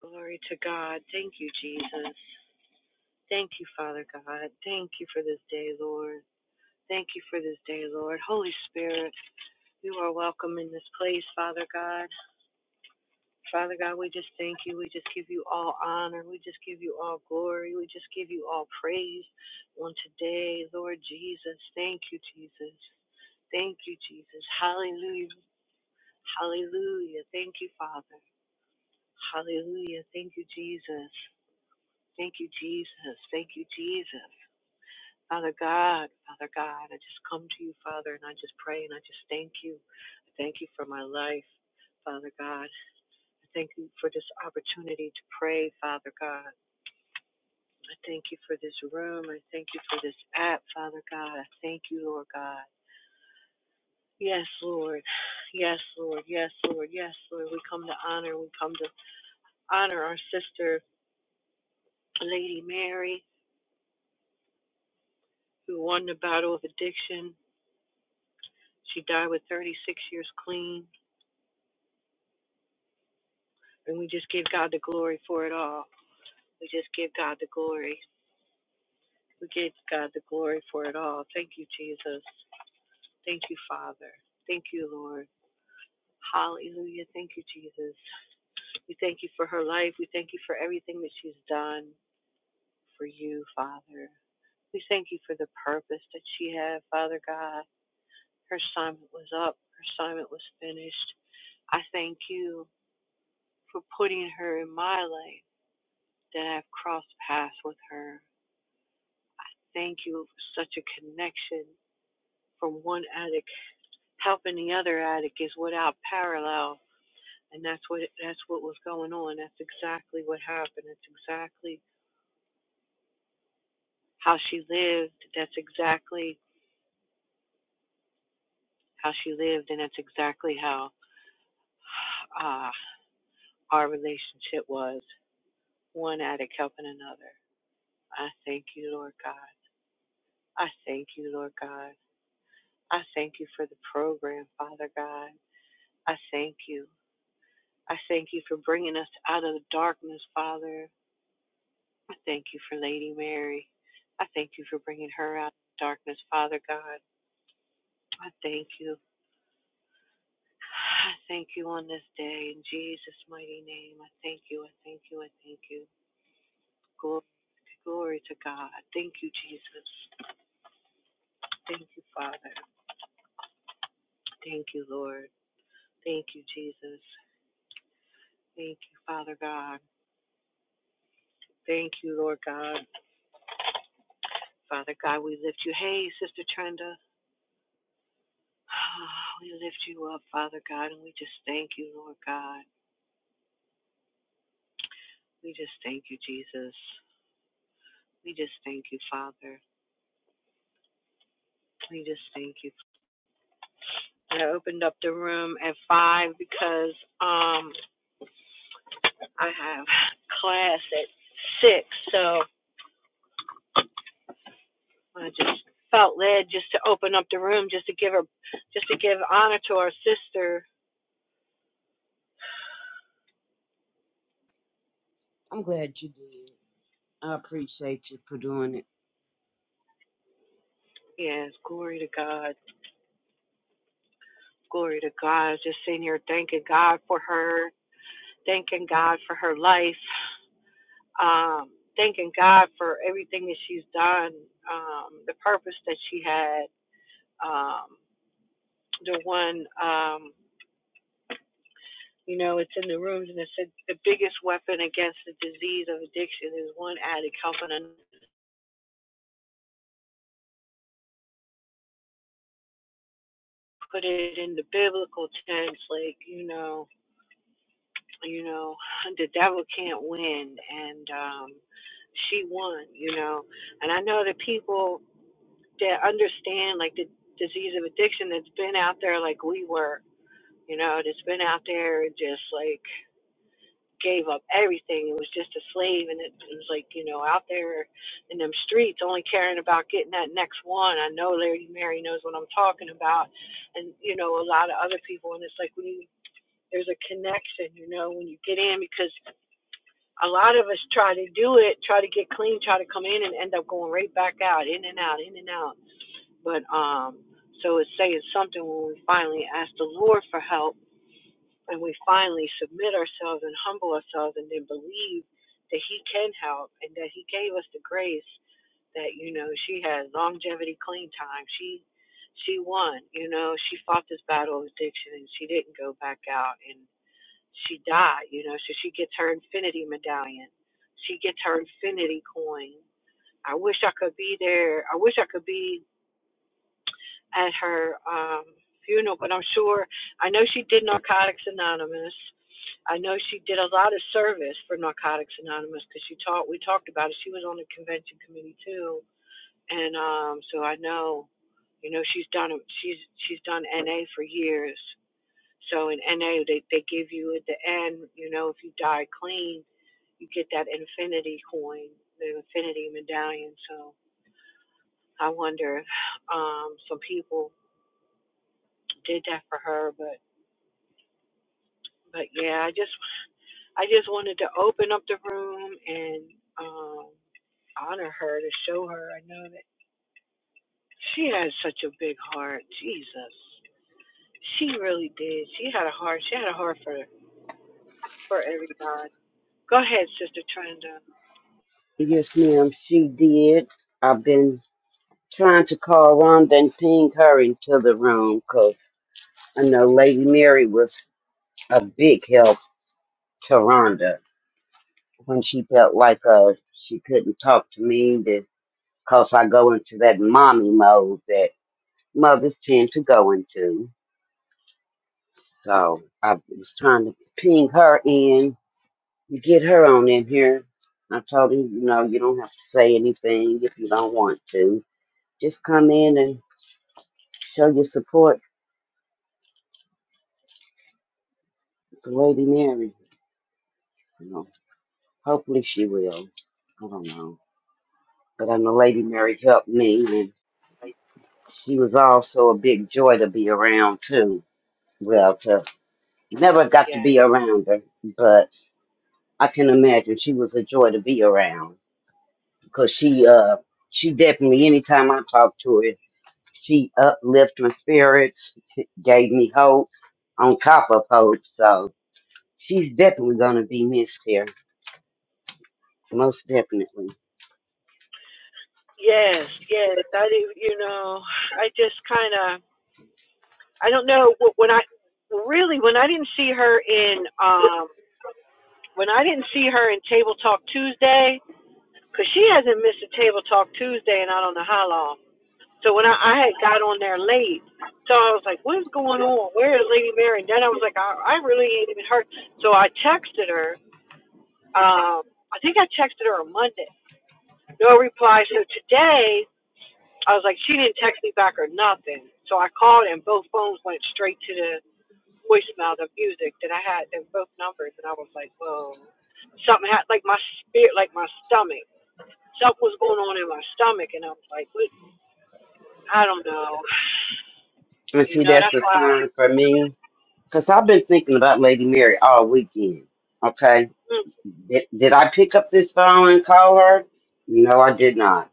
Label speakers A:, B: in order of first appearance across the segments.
A: Glory to God. Thank you, Jesus. Thank you, Father God. Thank you for this day, Lord. Thank you for this day, Lord. Holy Spirit, you are welcome in this place, Father God. Father God, we just thank you. We just give you all honor. We just give you all glory. We just give you all praise on today, Lord Jesus. Thank you, Jesus. Thank you, Jesus. Hallelujah. Hallelujah. Thank you, Father. Hallelujah. Thank you, Jesus. Thank you, Jesus. Thank you, Jesus. Father God, Father God, I just come to you, Father, and I just pray and I just thank you. I thank you for my life, Father God. I thank you for this opportunity to pray, Father God. I thank you for this room. I thank you for this app, Father God. I thank you, Lord God. Yes, Lord. Yes, Lord. Yes, Lord. Yes, Lord. We come to honor. We come to honor our sister, Lady Mary, who won the battle of addiction. She died with 36 years clean. And we just give God the glory for it all. We just give God the glory. We give God the glory for it all. Thank you, Jesus. Thank you, Father. Thank you, Lord. Hallelujah. Thank you, Jesus. We thank you for her life. We thank you for everything that she's done for you, Father. We thank you for the purpose that she had, Father God. Her assignment was up, her assignment was finished. I thank you for putting her in my life that I've crossed paths with her. Thank you for such a connection from one addict helping the other addict is without parallel. And that's what that's what was going on. That's exactly what happened. That's exactly how she lived. That's exactly how she lived, and that's exactly how uh, our relationship was. One addict helping another. I thank you, Lord God. I thank you, Lord God. I thank you for the program, Father God. I thank you. I thank you for bringing us out of the darkness, Father. I thank you for Lady Mary. I thank you for bringing her out of the darkness, Father God. I thank you. I thank you on this day in Jesus' mighty name. I thank you. I thank you. I thank you. Glory, glory to God. Thank you, Jesus. Thank you, Father. Thank you, Lord. Thank you, Jesus. Thank you, Father God. Thank you, Lord God. Father God, we lift you. Hey, Sister Trenda. Oh, We lift you up, Father God, and we just thank you, Lord God. We just thank you, Jesus. We just thank you, Father. We just thank you. I opened up the room at five because um I have class at six, so I just felt led just to open up the room just to give her just to give honor to our sister.
B: I'm glad you did. I appreciate you for doing it.
A: Yes, glory to God. Glory to God. Just sitting here thanking God for her, thanking God for her life. um, thanking God for everything that she's done, um, the purpose that she had, um, the one, um, you know, it's in the rooms and it said the biggest weapon against the disease of addiction is one addict helping another. put it in the biblical tense, like, you know, you know, the devil can't win and um she won, you know. And I know that people that understand like the disease of addiction that's been out there like we were you know, that's been out there and just like gave up everything and was just a slave and it was like, you know, out there in them streets only caring about getting that next one. I know Lady Mary knows what I'm talking about and, you know, a lot of other people and it's like when you there's a connection, you know, when you get in because a lot of us try to do it, try to get clean, try to come in and end up going right back out, in and out, in and out. But um so it's saying something when we finally ask the Lord for help and we finally submit ourselves and humble ourselves and then believe that he can help and that he gave us the grace that you know she had longevity clean time she she won you know she fought this battle of addiction and she didn't go back out and she died you know so she gets her infinity medallion she gets her infinity coin i wish i could be there i wish i could be at her um, funeral, but I'm sure I know she did Narcotics Anonymous. I know she did a lot of service for Narcotics Anonymous because she taught. We talked about it. She was on the convention committee too, and um, so I know, you know, she's done she's she's done NA for years. So in NA, they they give you at the end, you know, if you die clean, you get that infinity coin, the infinity medallion. So I wonder if um, some people did that for her, but But yeah, I just I just wanted to open up the room and um honor her to show her. I know that she had such a big heart. Jesus. She really did. She had a heart. She had a heart for for everybody. Go ahead, Sister Trenda.
B: Yes, ma'am, she did. I've been trying to call Rhonda and ping her into the room because I know Lady Mary was a big help to Rhonda when she felt like uh she couldn't talk to me because I go into that mommy mode that mothers tend to go into. So I was trying to ping her in You get her on in here. I told him, you know, you don't have to say anything if you don't want to. Just come in and show your support to Lady Mary. You know, hopefully she will. I don't know. But I know Lady Mary helped me, and she was also a big joy to be around, too. Well, to never got to
A: Yes.
B: be around her, but I can imagine she was a joy to be around because she, uh, she definitely, anytime I talked to her, She uplifted my spirits, t- gave me hope on top of hope. So she's definitely going to be missed here, most definitely.
A: Yes, yes. I didn't, you know, I just kind of, I don't know wh- when I really when I didn't see her in um when I didn't see her in Table Talk Tuesday. because she hasn't missed a table talk Tuesday and I don't know how long. So when I, I had got on there late, so I was like, "What's going on? Where is Lady Mary?" And then I was like, "I, I really ain't even heard." So I texted her. Um, I think I texted her on Monday. No reply. So today I was like, she didn't text me back or nothing. So I called and both phones went straight to the voicemail, the music that I had, and both numbers. And I was like, "Whoa, something had like my spirit, like my stomach." something was going on in my stomach, and I was like, what? I don't know.
B: And
A: You
B: see,
A: know, that's
B: that's a
A: why.
B: sign for me because I've been thinking about Lady Mary all weekend. Okay.
A: mm,
B: Did, did I pick up this phone and call her? No, I did not.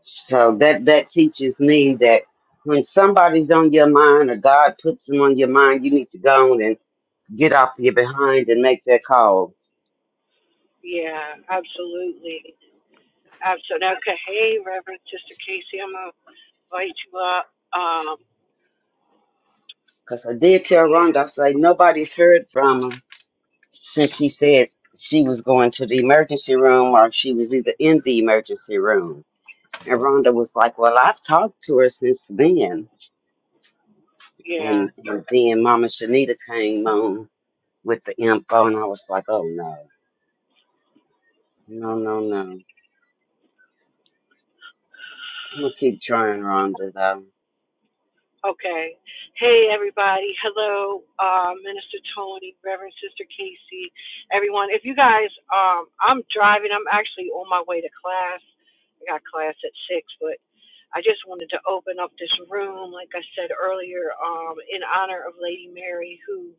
B: So that, that teaches me that when somebody's on your mind or God puts them on your mind, you need to go on and get off your behind and make that call
A: yeah, absolutely. Absolutely. Okay. Hey, Reverend Sister Casey, I'm going to invite you up. Um,
B: Because I did tell
A: yeah.
B: Rhonda, I said, nobody's heard from her since she said she was going to the emergency room or she was either in the emergency room. And Rhonda was like, well, I've talked to her since then.
A: yeah.
B: And, and then Mama Shanita came on with the info, and I was like, oh, no, no, no, no. I'm going to keep trying, Rhonda, though.
A: Okay. Hey, everybody. Hello, uh, Minister Tony, Reverend Sister Casey, everyone. If you guys, um, I'm driving. I'm actually on my way to class. I got class at six, but I just wanted to open up this room, like I said earlier, um, in honor of Lady Mary, who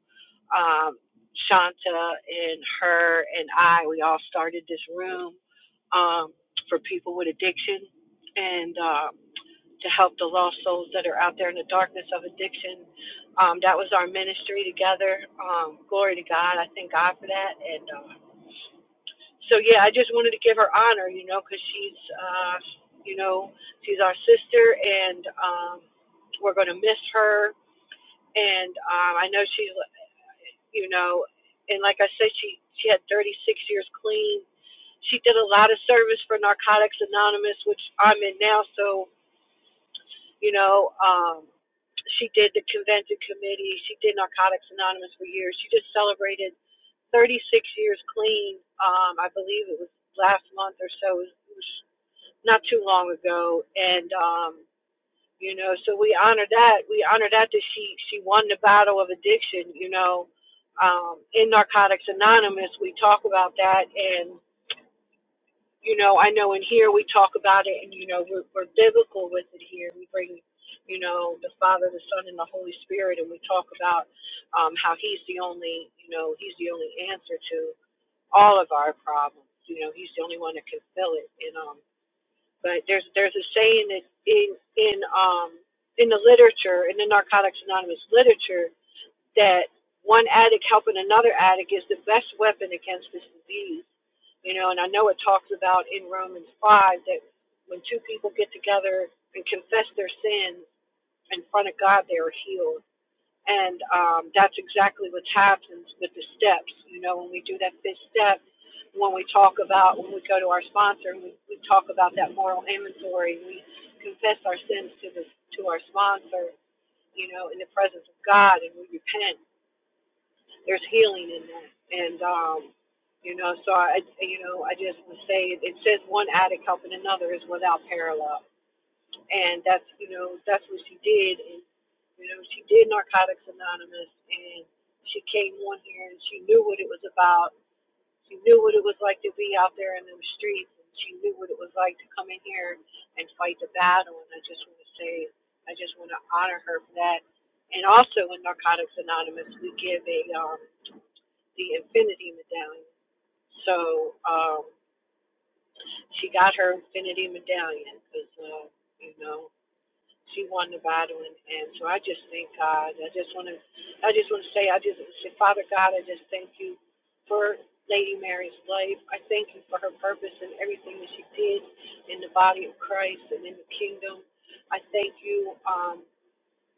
A: um, Shanta and her and I, we all started this room um, for people with addiction, and. Um, to help the lost souls that are out there in the darkness of addiction. Um, that was our ministry together. Um, glory to God. I thank God for that. And uh, so, yeah, I just wanted to give her honor, you know, because she's, uh, you know, she's our sister, and um, we're going to miss her. And um, I know she, you know, and like I said, she she had 36 years clean. She did a lot of service for Narcotics Anonymous, which I'm in now. So You know, um, she did the convention committee. She did Narcotics Anonymous for years. She just celebrated 36 years clean. Um, I believe it was last month or so. It was not too long ago. And, um, you know, so we honor that. We honor that that she, she won the battle of addiction, you know. Um, in Narcotics Anonymous, we talk about that. and you know, I know in here we talk about it, and you know, we're, we're biblical with it here. We bring, you know, the Father, the Son, and the Holy Spirit, and we talk about um, how He's the only, you know, He's the only answer to all of our problems. You know, He's the only one that can fill it. And um, but there's there's a saying that in in um in the literature, in the Narcotics Anonymous literature, that one addict helping another addict is the best weapon against this disease you know, and I know it talks about in Romans 5 that when two people get together and confess their sins in front of God, they are healed. And um, that's exactly what happens with the steps. You know, when we do that fifth step, when we talk about, when we go to our sponsor and we, we talk about that moral inventory, we confess our sins to, the, to our sponsor, you know, in the presence of God and we repent there's healing in that, and um, you know, so I, you know, I just would say it says one addict helping another is without parallel, and that's you know that's what she did, and you know she did Narcotics Anonymous, and she came on here and she knew what it was about. She knew what it was like to be out there in those streets, and she knew what it was like to come in here and fight the battle. And I just want to say, I just want to honor her for that. And also in Narcotics Anonymous, we give a um, the Infinity Medallion. So um, she got her Infinity Medallion because, uh, you know, she won the battle, and, and so I just thank God. I just want to, I just want to say, I just say, Father God, I just thank you for Lady Mary's life. I thank you for her purpose and everything that she did in the body of Christ and in the kingdom. I thank you. Um,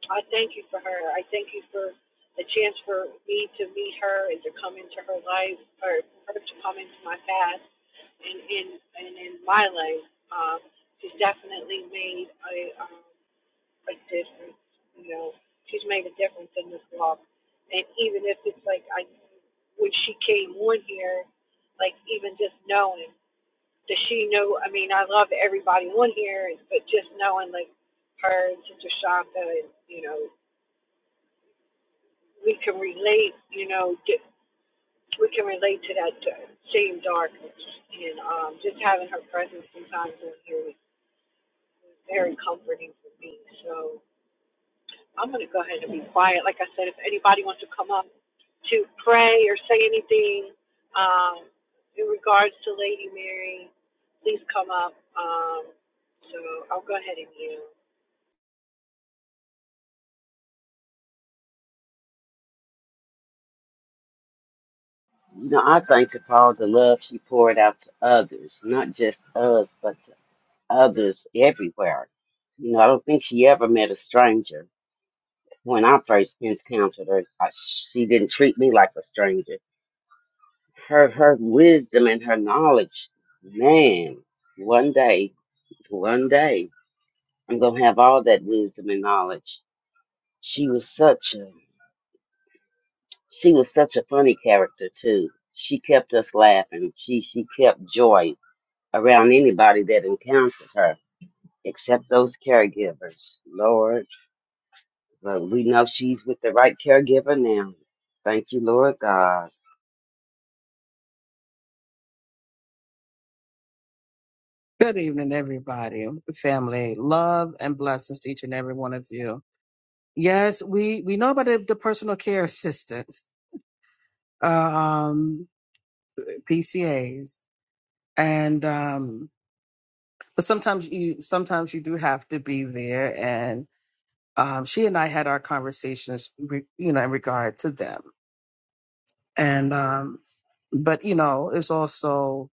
A: I thank you for her. I thank you for the chance for me to meet her and to come into her life, or her to come into my past, and in and in my life, um, she's definitely made a um, a difference. You know, she's made a difference in this walk, and even if it's like I when she came on here, like even just knowing that she knew. I mean, I love everybody on here, but just knowing like her and Sister Shaka, and you know. we can relate, you know, we can relate to that uh, same darkness. And um, just having her presence sometimes in here is very comforting for me. So I'm going to go ahead and be quiet. Like I said, if anybody wants to come up to pray or say anything um, in regards to Lady Mary, please come up. Um, so I'll go ahead and yield.
B: You know, I thank her for all the love she poured out to others, not just us, but to others everywhere. You know, I don't think she ever met a stranger. When I first encountered her, I, she didn't treat me like a stranger. Her her wisdom and her knowledge, man. One day, one day, I'm gonna have all that wisdom and knowledge. She was such a she was such a funny character too. She kept us laughing. She she kept joy around anybody that encountered her, except those caregivers. Lord. But we know she's with the right caregiver now. Thank you, Lord God.
C: Good evening, everybody, family. Love and blessings to each and every one of you. Yes, we we know about the, the personal care assistants, um, PCAs, and um, but sometimes you sometimes you do have to be there. And um, she and I had our conversations, re, you know, in regard to them. And um, but you know, it's also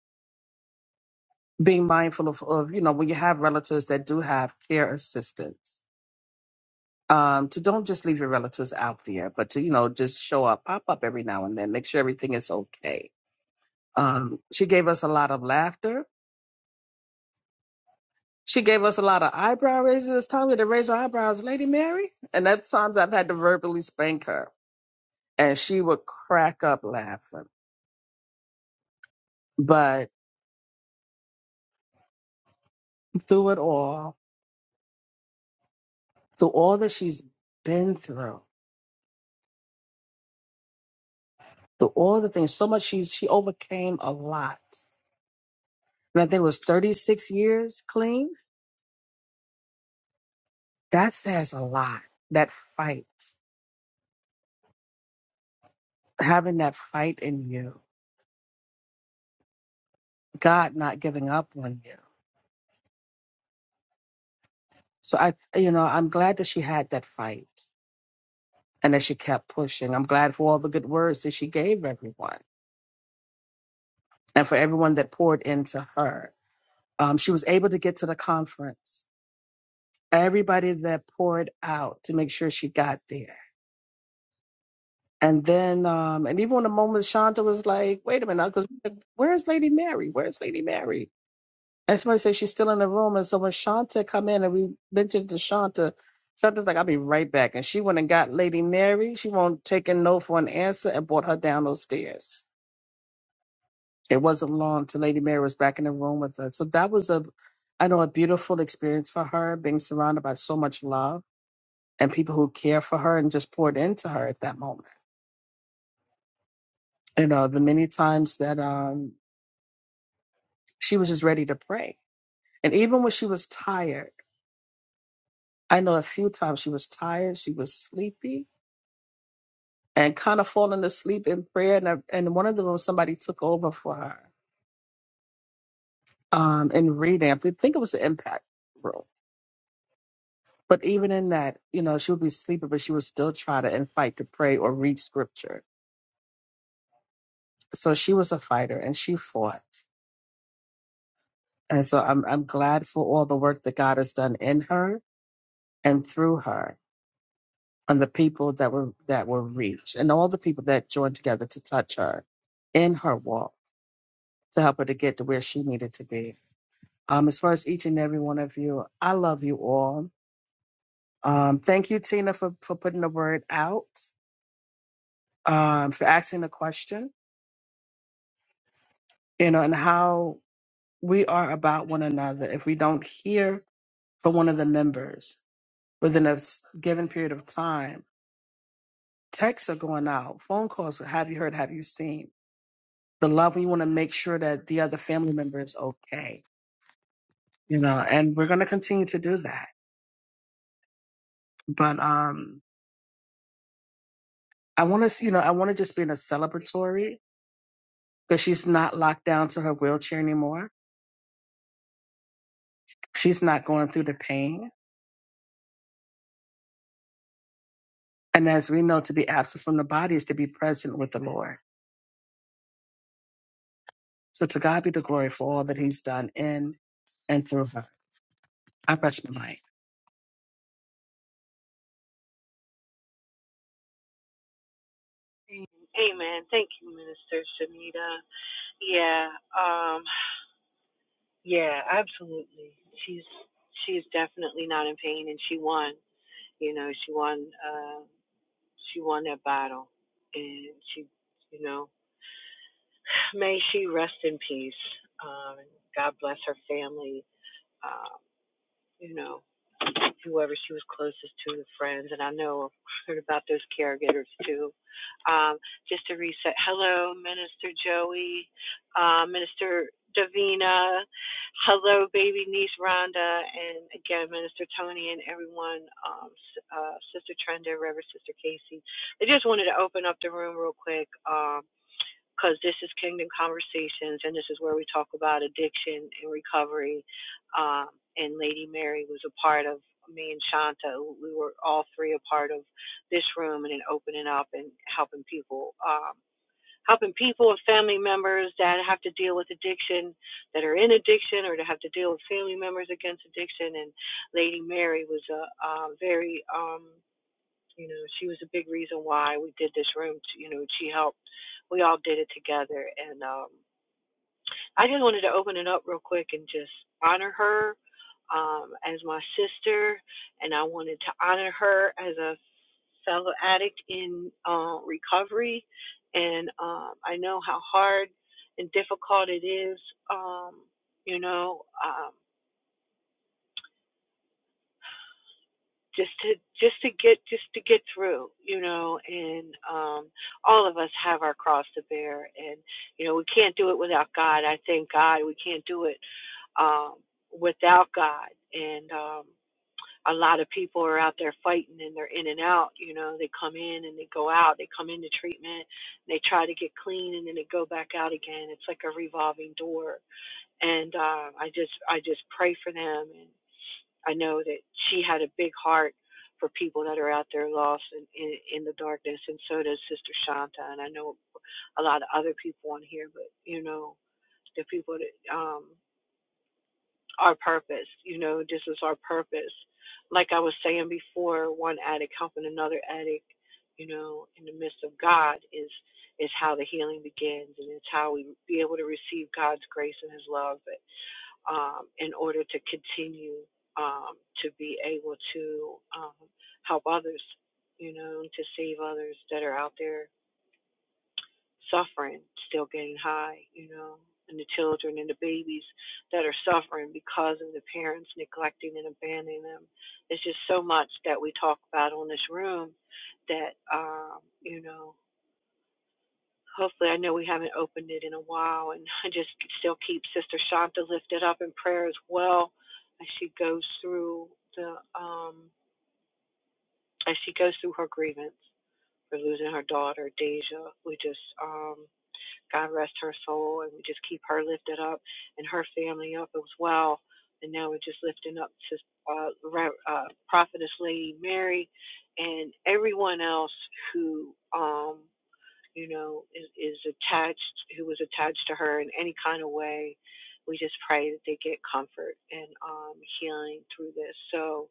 C: being mindful of, of you know when you have relatives that do have care assistants um, to don't just leave your relatives out there, but to, you know, just show up, pop up every now and then, make sure everything is okay. Um, she gave us a lot of laughter. She gave us a lot of eyebrow raises. It's time to raise her eyebrows, Lady Mary. And at times I've had to verbally spank her and she would crack up laughing. But through it all, through all that she's been through, through all the things, so much she's, she overcame a lot. And I think it was 36 years clean That says a lot. That fight, having that fight in you, God not giving up on you. So I, you know, I'm glad that she had that fight and that she kept pushing. I'm glad for all the good words that she gave everyone and for everyone that poured into her. Um, she was able to get to the conference. Everybody that poured out to make sure she got there. And then, um, and even when the moment Shanta was like, wait a minute, because where's Lady Mary? Where's Lady Mary? And somebody says she's still in the room. And so when Shanta come in and we mentioned to Shanta, Shanta's like, I'll be right back. And she went and got Lady Mary. She won't take a no for an answer and brought her down those stairs. It wasn't long till Lady Mary was back in the room with her. So that was a, I know, a beautiful experience for her, being surrounded by so much love and people who care for her and just poured into her at that moment. You know, the many times that um, she was just ready to pray. And even when she was tired, I know a few times she was tired, she was sleepy, and kind of falling asleep in prayer. And, I, and one of them, was somebody took over for her um, and revamped. I think it was the impact room. But even in that, you know, she would be sleeping, but she would still try to and fight to pray or read scripture. So she was a fighter and she fought. And so I'm, I'm glad for all the work that God has done in her and through her and the people that were, that were reached and all the people that joined together to touch her in her walk to help her to get to where she needed to be. Um, as far as each and every one of you, I love you all. Um, thank you, Tina, for, for putting the word out, um, for asking the question, you know, and how we are about one another. If we don't hear from one of the members within a s- given period of time, texts are going out, phone calls, have you heard, have you seen? The love, we want to make sure that the other family member is okay, you know, and we're going to continue to do that. But, um, I want to, you know, I want to just be in a celebratory because she's not locked down to her wheelchair anymore. She's not going through the pain. And as we know, to be absent from the body is to be present with the Lord. So to God be the glory for all that He's done in and through her. I press my mic.
A: Amen. Thank you, Minister Shanita. Yeah. Um, Yeah, absolutely. She's she is definitely not in pain, and she won. You know, she won. Uh, she won that battle, and she, you know, may she rest in peace. Um, and God bless her family. Um, you know, whoever she was closest to, the friends, and I know I've heard about those caregivers too. Um, just to reset. Hello, Minister Joey, uh, Minister Davina. Hello, baby niece Rhonda, and again, Minister Tony and everyone, um, uh, Sister Trenda, Reverend Sister Casey. I just wanted to open up the room real quick. Um, because this is Kingdom Conversations, and this is where we talk about addiction and recovery. Um, and Lady Mary was a part of me and Shanta. We were all three a part of this room and then opening up and helping people, um, helping people and family members that have to deal with addiction, that are in addiction, or that have to deal with family members against addiction. And Lady Mary was a, a very um, you know, she was a big reason why we did this room. You know, she helped. We all did it together, and um, I just wanted to open it up real quick and just honor her um, as my sister, and I wanted to honor her as a fellow addict in uh, recovery, and um, I know how hard and difficult it is. Um, you know. Um, just to just to get just to get through you know and um all of us have our cross to bear and you know we can't do it without god i thank god we can't do it um without god and um a lot of people are out there fighting and they're in and out you know they come in and they go out they come into treatment they try to get clean and then they go back out again it's like a revolving door and um i just i just pray for them and I know that she had a big heart for people that are out there lost in, in, in the darkness, and so does Sister Shanta. And I know a lot of other people on here, but you know, the people that um, our purpose, you know, this is our purpose. Like I was saying before, one addict helping another addict, you know, in the midst of God is is how the healing begins, and it's how we be able to receive God's grace and His love. But um, in order to continue um, to be able to um, help others, you know, to save others that are out there suffering, still getting high, you know, and the children and the babies that are suffering because of the parents neglecting and abandoning them. It's just so much that we talk about on this room that, um, you know, hopefully I know we haven't opened it in a while and I just still keep Sister Shanta lifted up in prayer as well as she goes through the um as she goes through her grievance for losing her daughter Deja. We just um God rest her soul and we just keep her lifted up and her family up as well. And now we're just lifting up to uh, uh, Prophetess Lady Mary and everyone else who um, you know, is, is attached, who was attached to her in any kind of way. We just pray that they get comfort and um, healing through this. So,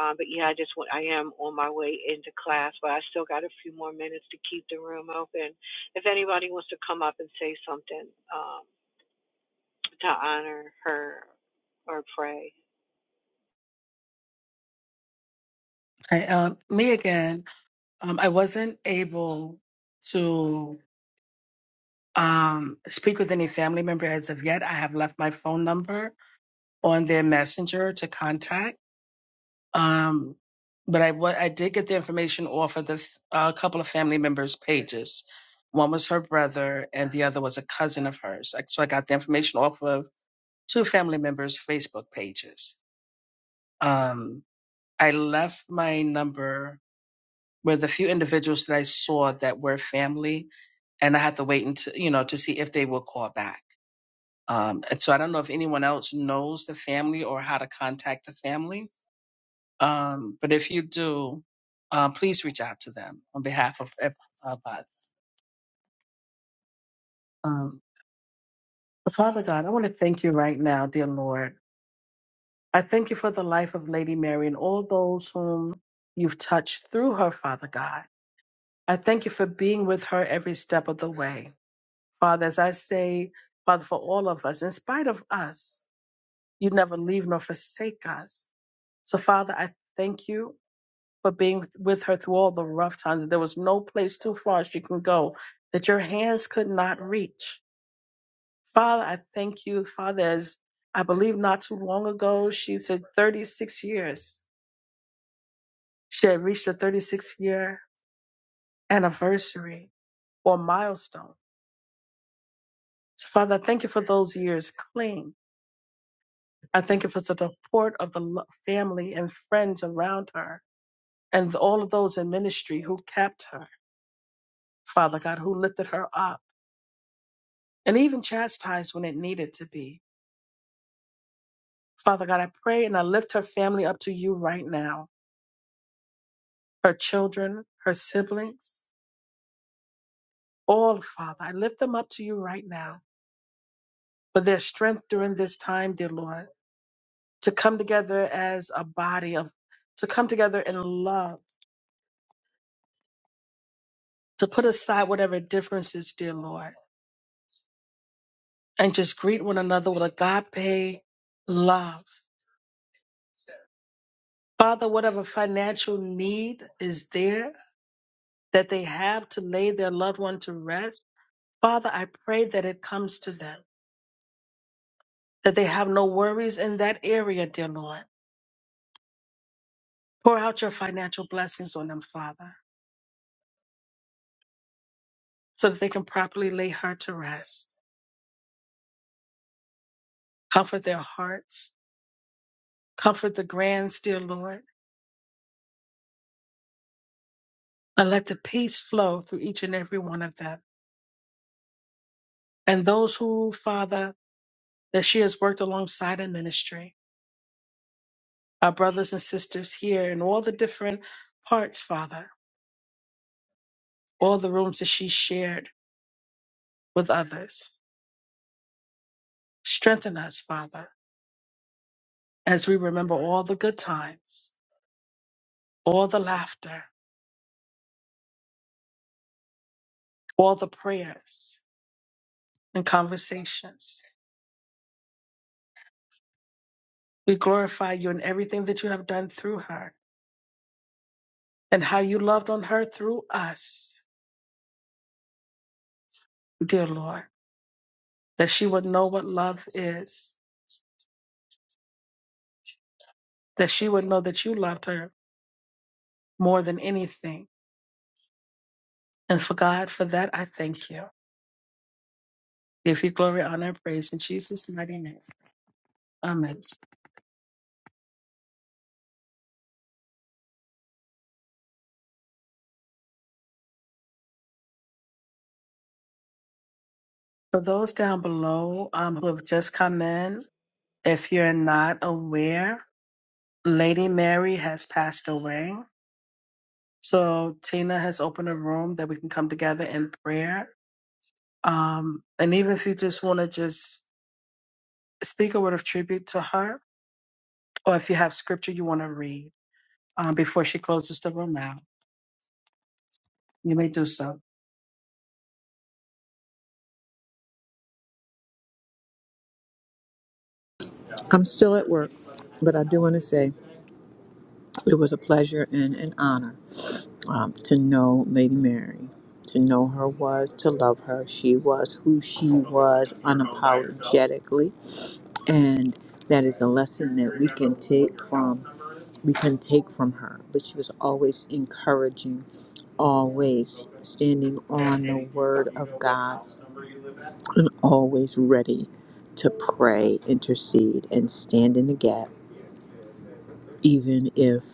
A: um, but yeah, I just want, I am on my way into class, but I still got a few more minutes to keep the room open. If anybody wants to come up and say something um, to honor her or pray,
C: I, um, me again. Um, I wasn't able to um, speak with any family member as of yet. I have left my phone number on their messenger to contact. Um, but I wa- I did get the information off of the f- a couple of family members' pages. One was her brother, and the other was a cousin of hers. Like, So I got the information off of two family members' Facebook pages. Um, I left my number with a few individuals that I saw that were family, and I had to wait until you know to see if they would call back. Um, and so I don't know if anyone else knows the family or how to contact the family Um, but if you do, uh, please reach out to them on behalf of ev- of us. Um, Father God, I want to thank you right now, dear Lord. I thank you for the life of Lady Mary and all those whom you've touched through her, Father God. I thank you for being with her every step of the way. Father, as I say, Father, for all of us, in spite of us, you never leave nor forsake us. So, Father, I thank you but being with her through all the rough times. There was no place too far she can go that your hands could not reach. Father, I thank you, Father, as I believe not too long ago, she said 36 years. She had reached the 36 year anniversary or milestone. So, Father, I thank you for those years clean. I thank you for the support of the lo- family and friends around her and all of those in ministry who kept her, Father God, who lifted her up. and even chastised when it needed to be. Father God, I pray and I lift her family up to you right now. Her children, her siblings, all, Father, I lift them up to you right now for their strength during this time, dear Lord, to come together as a body of, to come together in love, to put aside whatever differences, dear Lord, and just greet one another with agape love. Father, whatever financial need is there that they have to lay their loved one to rest, Father, I pray that it comes to them, that they have no worries in that area, dear Lord. Pour out your financial blessings on them, Father, so that they can properly lay her to rest. Comfort their hearts, comfort the grands, dear Lord, and let the peace flow through each and every one of them. And those who, Father, that she has worked alongside in ministry, our brothers and sisters here in all the different parts, Father, all the rooms that she shared with others. Strengthen us, Father as we remember all the good times, all the laughter, all the prayers and conversations. We glorify you in everything that you have done through her and how you loved on her through us, dear Lord, that she would know what love is, that she would know that you loved her more than anything. And for God, for that, I thank you. Give you glory, honor, and praise in Jesus' mighty name. Amen. For those down below um, who have just come in, if you're not aware, Lady Mary has passed away. So Tina has opened a room that we can come together in prayer. Um, and even if you just want to just speak a word of tribute to her, or if you have scripture you want to read um, before she closes the room out, you may do so.
D: I'm still at work, but I do want to say it was a pleasure and an honor um, to know Lady Mary, to know her was, to love her. She was who she was unapologetically, and that is a lesson that we can take from we can take from her. But she was always encouraging, always standing on the word of God, and always ready to pray, intercede, and stand in the gap even if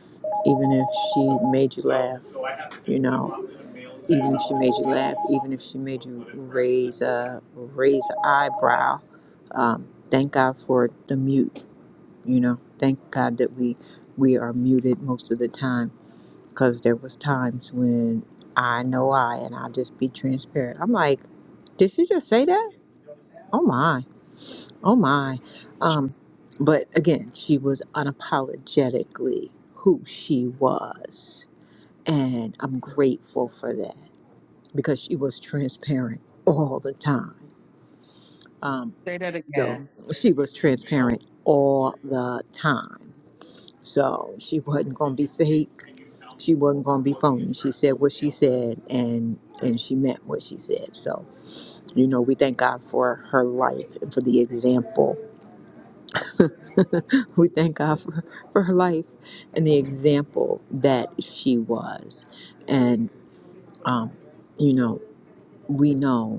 D: even if she made you laugh you know even if she made you laugh even if she made you raise a raise a eyebrow um, thank god for the mute you know thank god that we we are muted most of the time because there was times when i know i and i'll just be transparent i'm like did she just say that oh my oh my um but again she was unapologetically who she was And I'm grateful for that because she was transparent all the time. Um,
C: Say that
D: so
C: again.
D: she was transparent all the time. So she wasn't going to be fake. She wasn't going to be phony. She said what she said and and she meant what she said. So, you know, we thank God for her life and for the example. we thank God for, for her life and the example that she was. And, um, you know, we know.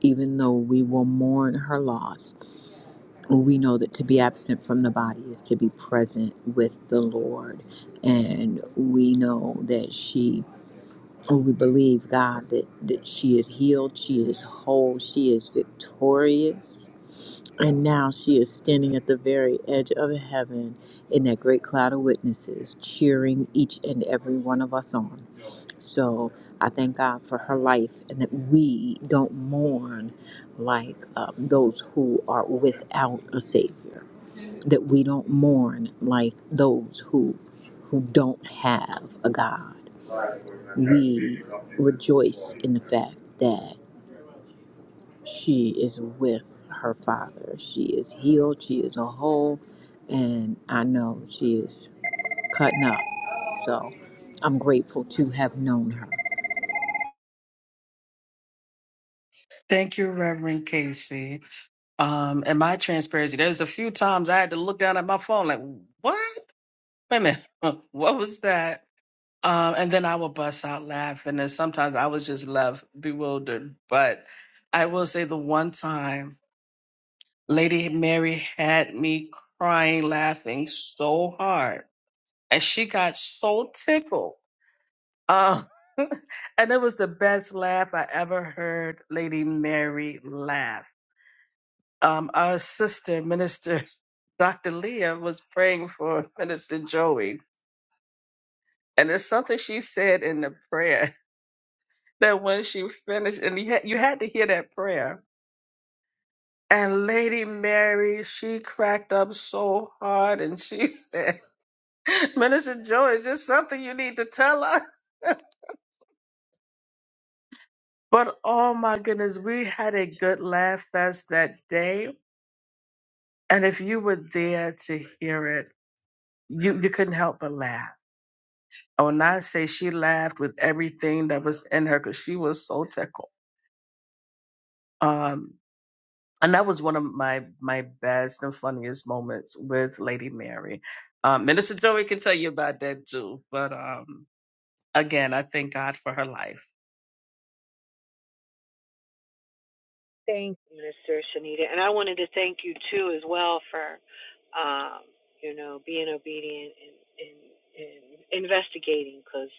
D: even though we will mourn her loss, we know that to be absent from the body is to be present with the Lord. And we know that she, or we believe, God, that, that she is healed, she is whole, she is victorious. And now she is standing at the very edge of heaven in that great cloud of witnesses, cheering each and every one of us on. So I thank God for her life and that we don't mourn like um, those who are without a Savior, that we don't mourn like those who, who don't have a God. We rejoice in the fact that she is with her Father. She is healed, she is whole, and I know she is cutting up. So I'm grateful to have known her.
C: Thank you, Reverend Casey. Um, and my transparency, there's a few times I had to look down at my phone like, what? Wait a minute. What was that? Um, and then I would bust out laughing, and sometimes I was just left bewildered. But I will say the one time Lady Mary had me crying, laughing so hard, and she got so tickled. Uh, and it was the best laugh I ever heard Lady Mary laugh. Um, our sister, Minister Dr. Leah, was praying for Minister Joey, and there's something she said in the prayer. that when she finished, and you had, you had to hear that prayer. And Lady Mary, she cracked up so hard and she said, Minister Joy, is this something you need to tell us? But oh my goodness, we had a good laugh fest that day. And if you were there to hear it, you, you couldn't help but laugh. Oh, and I say she laughed with everything that was in her because she was so tickled. Um. and that was one of my my best and funniest moments with Lady Mary. Um, Minister Joey can tell you about that too. But um, again, I thank God for her life.
A: Thank you, Minister Shanita. And I wanted to thank you too as well for um, you know, being obedient and, and, and investigating because,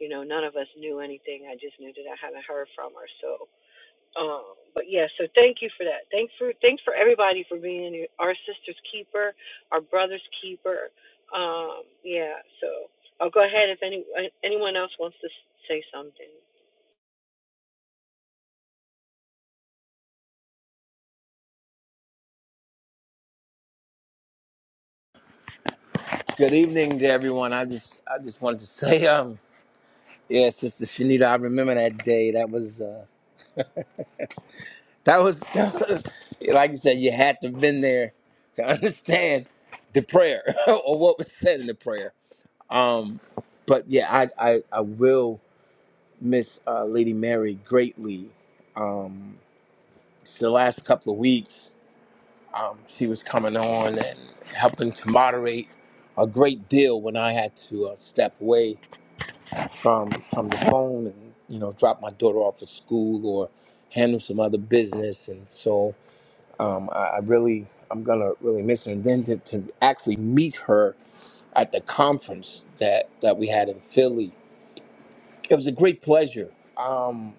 A: you know, none of us knew anything. I just knew that I hadn't heard from her. So um but yeah, so thank you for that. Thanks for thanks for everybody for being our sister's keeper, our brother's keeper. Um, yeah, so I'll go ahead if any anyone else wants to say something.
E: Good evening to everyone. I just I just wanted to say, um, yeah, Sister Shanita, I remember that day. That was uh that was, that was like you said, you had to have been there to understand the prayer or what was said in the prayer. Um but yeah, I I, I will miss uh, Lady Mary greatly. Um the last couple of weeks, um, she was coming on and helping to moderate a great deal when I had to uh, step away from from the phone and you know drop my daughter off at school or handle some other business and so um, I, I really I'm gonna really miss her and then to, to actually meet her at the conference that that we had in Philly it was a great pleasure um,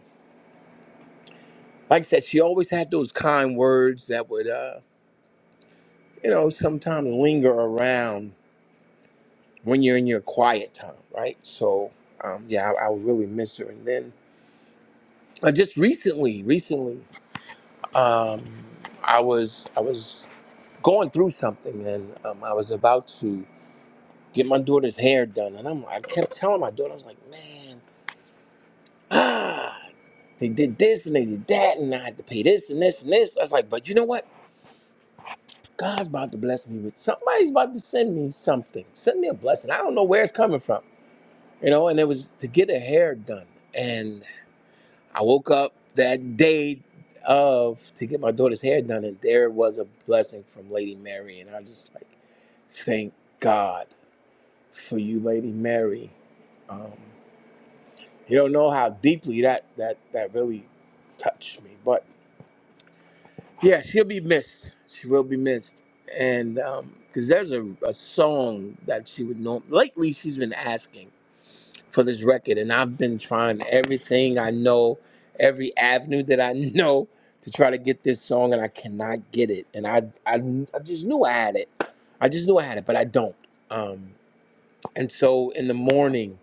E: like I said she always had those kind words that would uh, you know sometimes linger around when you're in your quiet time right so um, yeah I, I would really miss her and then uh, just recently recently um, I was I was going through something, and um, I was about to get my daughter's hair done, and I'm I kept telling my daughter, I was like, man, ah, they did this and they did that, and I had to pay this and this and this. I was like, but you know what? God's about to bless me with somebody's about to send me something, send me a blessing. I don't know where it's coming from, you know. And it was to get a hair done, and. I woke up that day of to get my daughter's hair done, and there was a blessing from Lady Mary, and I just like thank God for you, Lady Mary. Um, you don't know how deeply that that that really touched me, but yeah, she'll be missed. She will be missed, and because there's a, a song that she would know. Lately, she's been asking. for this record. And I've been trying everything I know, every avenue that I know to try to get this song, and I cannot get it. And I, I, I just knew I had it. I just knew I had it, but I don't. Um, and so in the morning,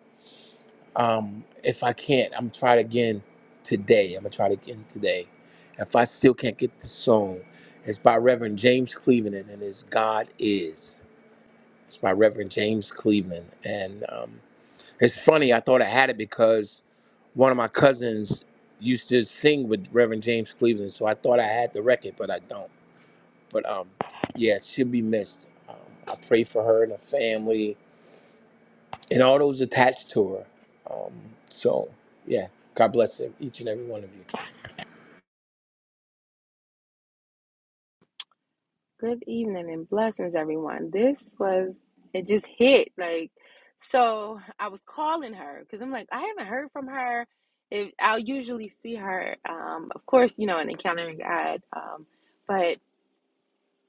E: um, if I can't, I'm trying again today. I'm gonna try it again today. If I still can't get the song, it's by Reverend James Cleveland, and it's God is. It's by Reverend James Cleveland, and um, it's funny. I thought I had it because one of my cousins used to sing with Reverend James Cleveland, so I thought I had the record, but I don't. But um, yeah, she'll be missed. Um, I pray for her and her family and all those attached to her. Um, so yeah, God bless them, each and every one of you.
F: Good evening and blessings, everyone. This was, it just hit. Like, so I was calling her because I'm like, I haven't heard from her. If I'll usually see her, um, of course, you know, in Encountering God, um, but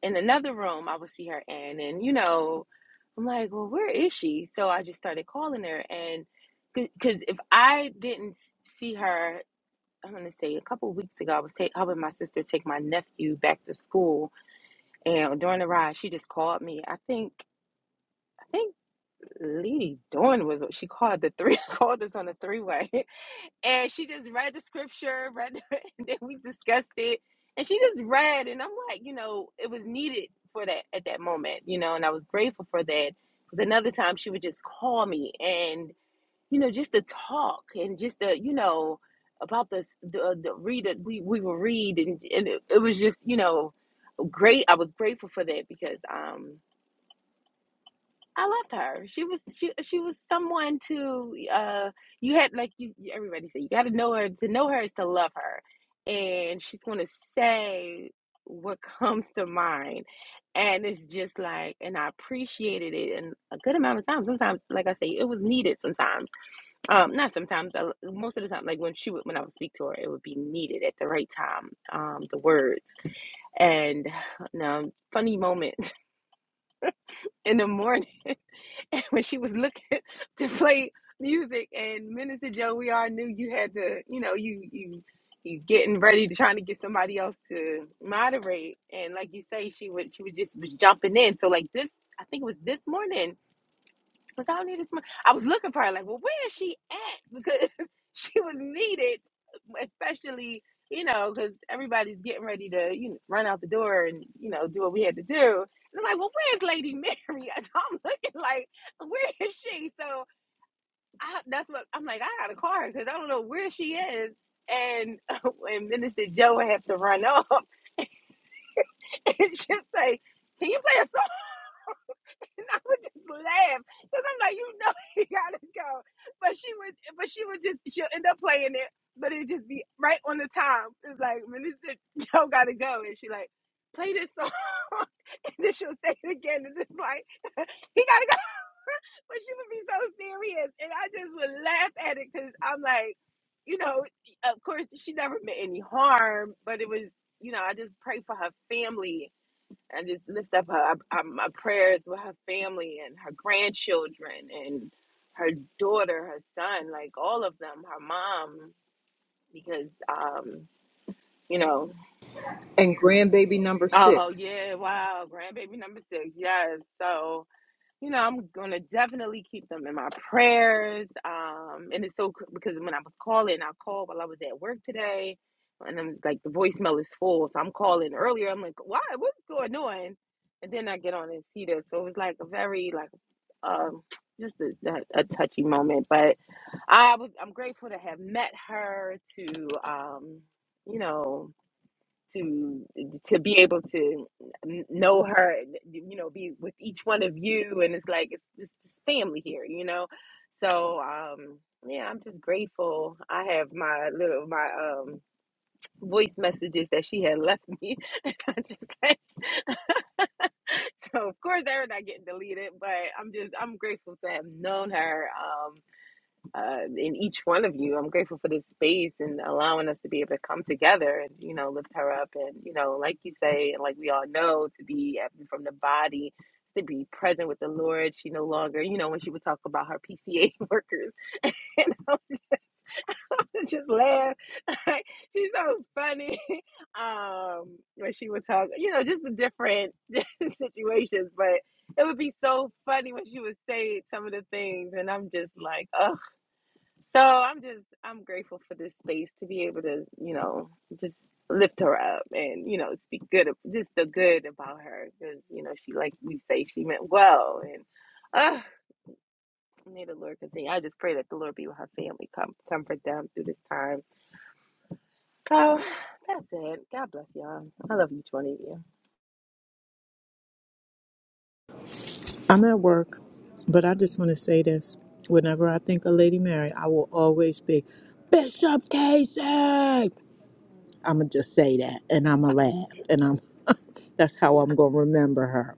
F: in another room I would see her in. And, you know, I'm like, well, where is she? So I just started calling her. And because if I didn't see her, I'm going to say a couple of weeks ago, I was ta- helping my sister take my nephew back to school and during the ride, she just called me. I think I think Lady Dawn was she called the three called us on the three way, and she just read the scripture, read the, and then we discussed it, and she just read, and I'm like, you know, it was needed for that at that moment, you know, and I was grateful for that because another time she would just call me and you know just to talk and just to you know about this the, the read that we we will read and, and it, it was just you know great i was grateful for that because um I loved her. She was she she was someone to uh you had like you everybody said you got to know her to know her is to love her, and she's gonna say what comes to mind, and it's just like and I appreciated it and a good amount of time. Sometimes, like I say, it was needed. Sometimes, um, not sometimes. uh, Most of the time, like when she would when I would speak to her, it would be needed at the right time. Um, the words and now funny moments in the morning. And when she was looking to play music and Minister Joe, we all knew you had to, you know, you you you getting ready to trying to get somebody else to moderate. And like you say, she would she would just was jumping in. So like this, I think it was this morning Cause I don't need this money. I was looking for her, like, well, where is she at? Because she was needed, especially, you know, because everybody's getting ready to, you know, run out the door and, you know, do what we had to do. And I'm like, well, where's Lady Mary? So I'm looking like, where is she? So I, that's what I'm like, I gotta call her because I don't know where she is. And when Minister Joe had to run off, and she's like, can you play a song? And I would just laugh because I'm like, you know, he gotta go. But she would, but she would just, she'll end up playing it, but it'd just be right on the time. It's like, Minister Joe gotta go, and she like, play this song, and then she'll say it again, and it's like, he gotta go. But she would be so serious, and I just would laugh at it because I'm like, you know, of course she never meant any harm, but it was, you know, I just pray for her family I just lift up her, up- my prayers with her family and her grandchildren and her daughter, her son, like all of them, her mom, because, um, you know,
D: And grandbaby number
F: oh
D: six.
F: yeah, wow, grandbaby number six, yes. So you know, I'm gonna definitely keep them in my prayers. Um, and it's so because when I was calling, I called while I was at work today, and I'm like the voicemail is full, so I'm calling earlier. I'm like, why? What's going on? And then I get on and see this, so it was like a very like, um, just a, a, a touchy moment. But I was I'm grateful to have met her to, um, you know to to be able to know her you know be with each one of you and it's like it's, it's just family here you know so um yeah i'm just grateful i have my little my um voice messages that she had left me and I just like- so of course they're not getting deleted but i'm just i'm grateful to have known her Um, uh, in each one of you. I'm grateful for this space and allowing us to be able to come together and, you know, lift her up. And, you know, like you say, and like we all know, to be absent from the body, to be present with the Lord. She no longer, you know, when she would talk about her PCA workers, and I would just laugh. She's so funny. Um, when she would talk, you know, just the different situations, but it would be so funny when she would say some of the things, and I'm just like, oh. So I'm just I'm grateful for this space to be able to you know just lift her up and you know speak good of- just the good about her because you know she like we say she meant well and uh may the Lord continue. I just pray that the Lord be with her family, come comfort them through this time. so that's it. God bless y'all. I love each one of you.
D: I'm at work, but I just want to say this. Whenever I think of Lady Mary, I will always be Bishop Casey. I'ma just say that, and I'ma laugh, and I'm. that's how I'm gonna remember her.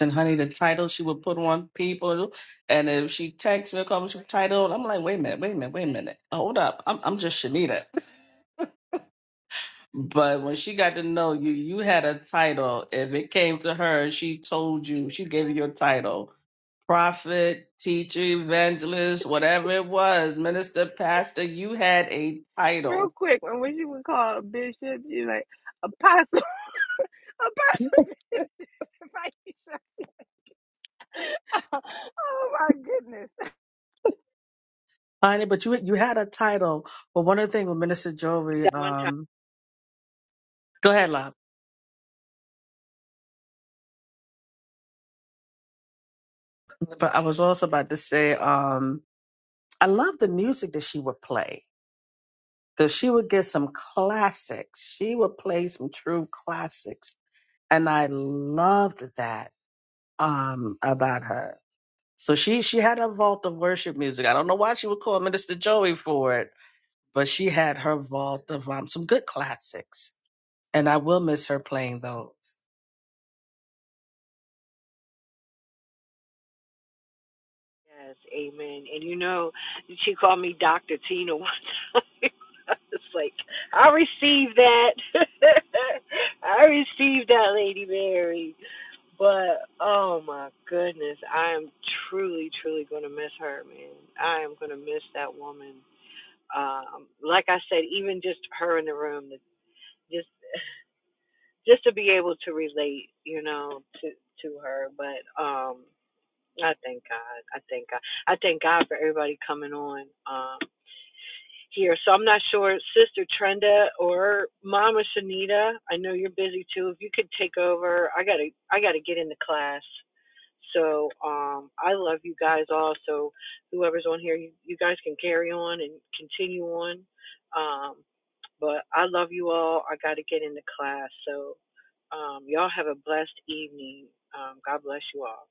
C: And honey, the title she would put on people, and if she texts me or calls me title, I'm like, wait a minute, wait a minute, wait a minute, hold up, I'm I'm just Shanita. But when she got to know you, you had a title. If it came to her, she told you, she gave you your title. prophet, teacher, evangelist, whatever it was, minister, pastor, you had a
F: Real
C: title.
F: quick, when when she would call Bishop, she like Apostle Apostle Bishop Aisha. Oh my goodness.
C: Honey, but you you had a title. But one of the things with Minister Joey, um, go ahead, love. But I was also about to say, um, I love the music that she would play. Because she would get some classics. She would play some true classics. And I loved that um about her. So she she had a vault of worship music. I don't know why she would call Minister Joey for it but she had her vault of um, some good classics, and I will miss her playing those.
A: Yes, amen. And you know, she called me Dr. Tina one time. I was like, I received that. I received that, Lady Mary. But oh my goodness, I am truly, truly going to miss her, man. I am going to miss that woman. Um, like I said, even just her in the room, just just to be able to relate, you know, to to her. But um I thank God. I thank God. I thank God for everybody coming on um, here. So I'm not sure, Sister Trenda or Mama Shanita. I know you're busy too. If you could take over, I gotta, I gotta get into class. So um, I love you guys all. So whoever's on here, you, you guys can carry on and continue on. Um, but I love you all. I gotta get into class. So um, y'all have a blessed evening. Um, God bless you all.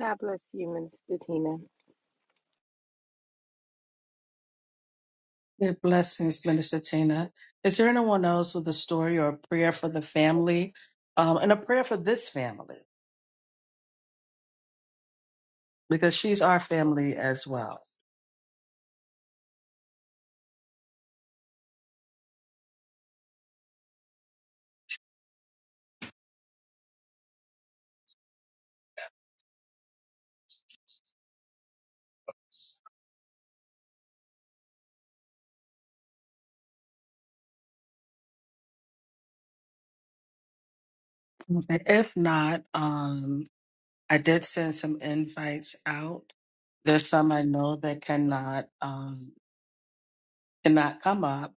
F: God bless you, Minister Tina.
C: Good blessings, Minister Tina. Is there anyone else with a story or a prayer for the family, um, and a prayer for this family because she's our family as well? Okay. If not, um, I did send some invites out. There's some I know that cannot um, cannot come up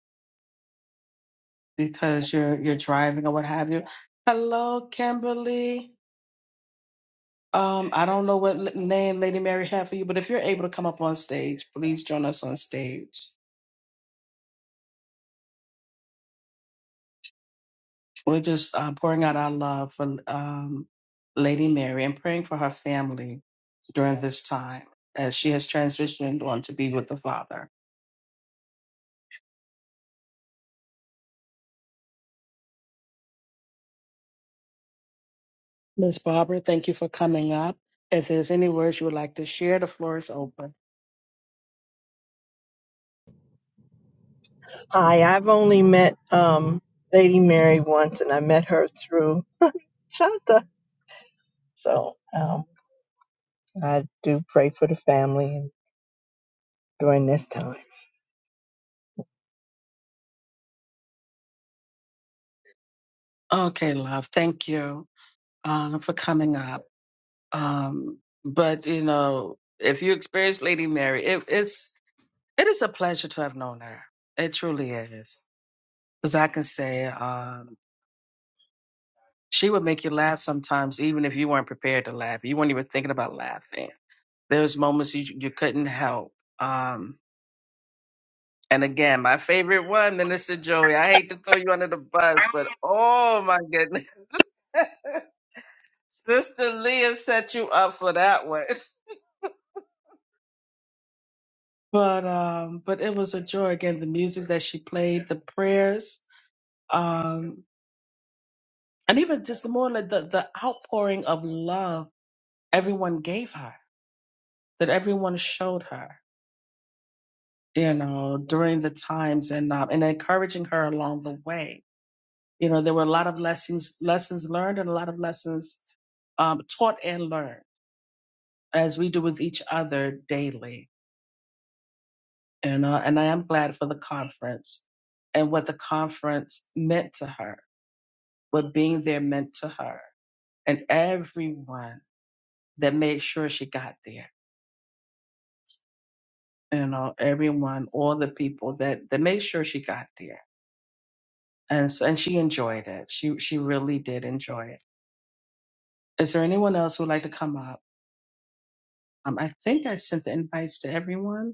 C: because you're you're driving or what have you. Hello, Kimberly. Um, I don't know what l- name Lady Mary had for you, but if you're able to come up on stage, please join us on stage. We're just uh, pouring out our love for um, Lady Mary and praying for her family during this time as she has transitioned on to be with the Father. Miss Barbara, thank you for coming up. If there's any words you would like to share, the floor is open.
G: Hi, I've only met um, Lady Mary once, and I met her through Shanta. So um, I do pray for the family during this time.
C: Okay, love, thank you um, for coming up. Um, but you know, if you experience Lady Mary, it, it's it is a pleasure to have known her. It truly is, because I can say um, she would make you laugh sometimes, even if you weren't prepared to laugh. You weren't even thinking about laughing. There was moments you you couldn't help. Um, And again, my favorite one, Minister Joey. I hate to throw you under the bus, but oh my goodness. Sister Leah set you up for that one. But um, but it was a joy. Again, the music that she played, the prayers, um, and even just more like the, the outpouring of love everyone gave her, that everyone showed her, you know, during the times and um, and encouraging her along the way You know, there were a lot of lessons lessons learned and a lot of lessons um, taught and learned as we do with each other daily. You know, and I am glad for the conference and what the conference meant to her, what being there meant to her, and everyone that made sure she got there. You know, everyone, all the people that that made sure she got there, and so and she enjoyed it. She she really did enjoy it. Is there anyone else who would like to come up? Um, I think I sent the invites to everyone.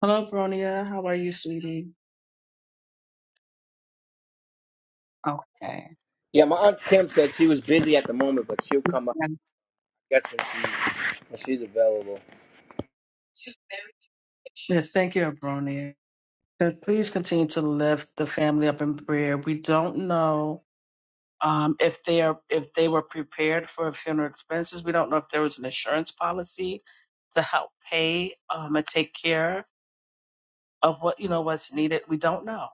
C: Hello, Bronia. How are you, sweetie? Okay.
E: Yeah, my aunt Kim said she was busy at the moment, but she'll come up.
C: And-
E: I guess when she's when she's available.
C: Yes, thank you, Bronia. So please continue to lift the family up in prayer. We don't know um, if they are if they were prepared for funeral expenses. We don't know if there was an insurance policy to help pay um, and take care of what you know what's needed. We don't know,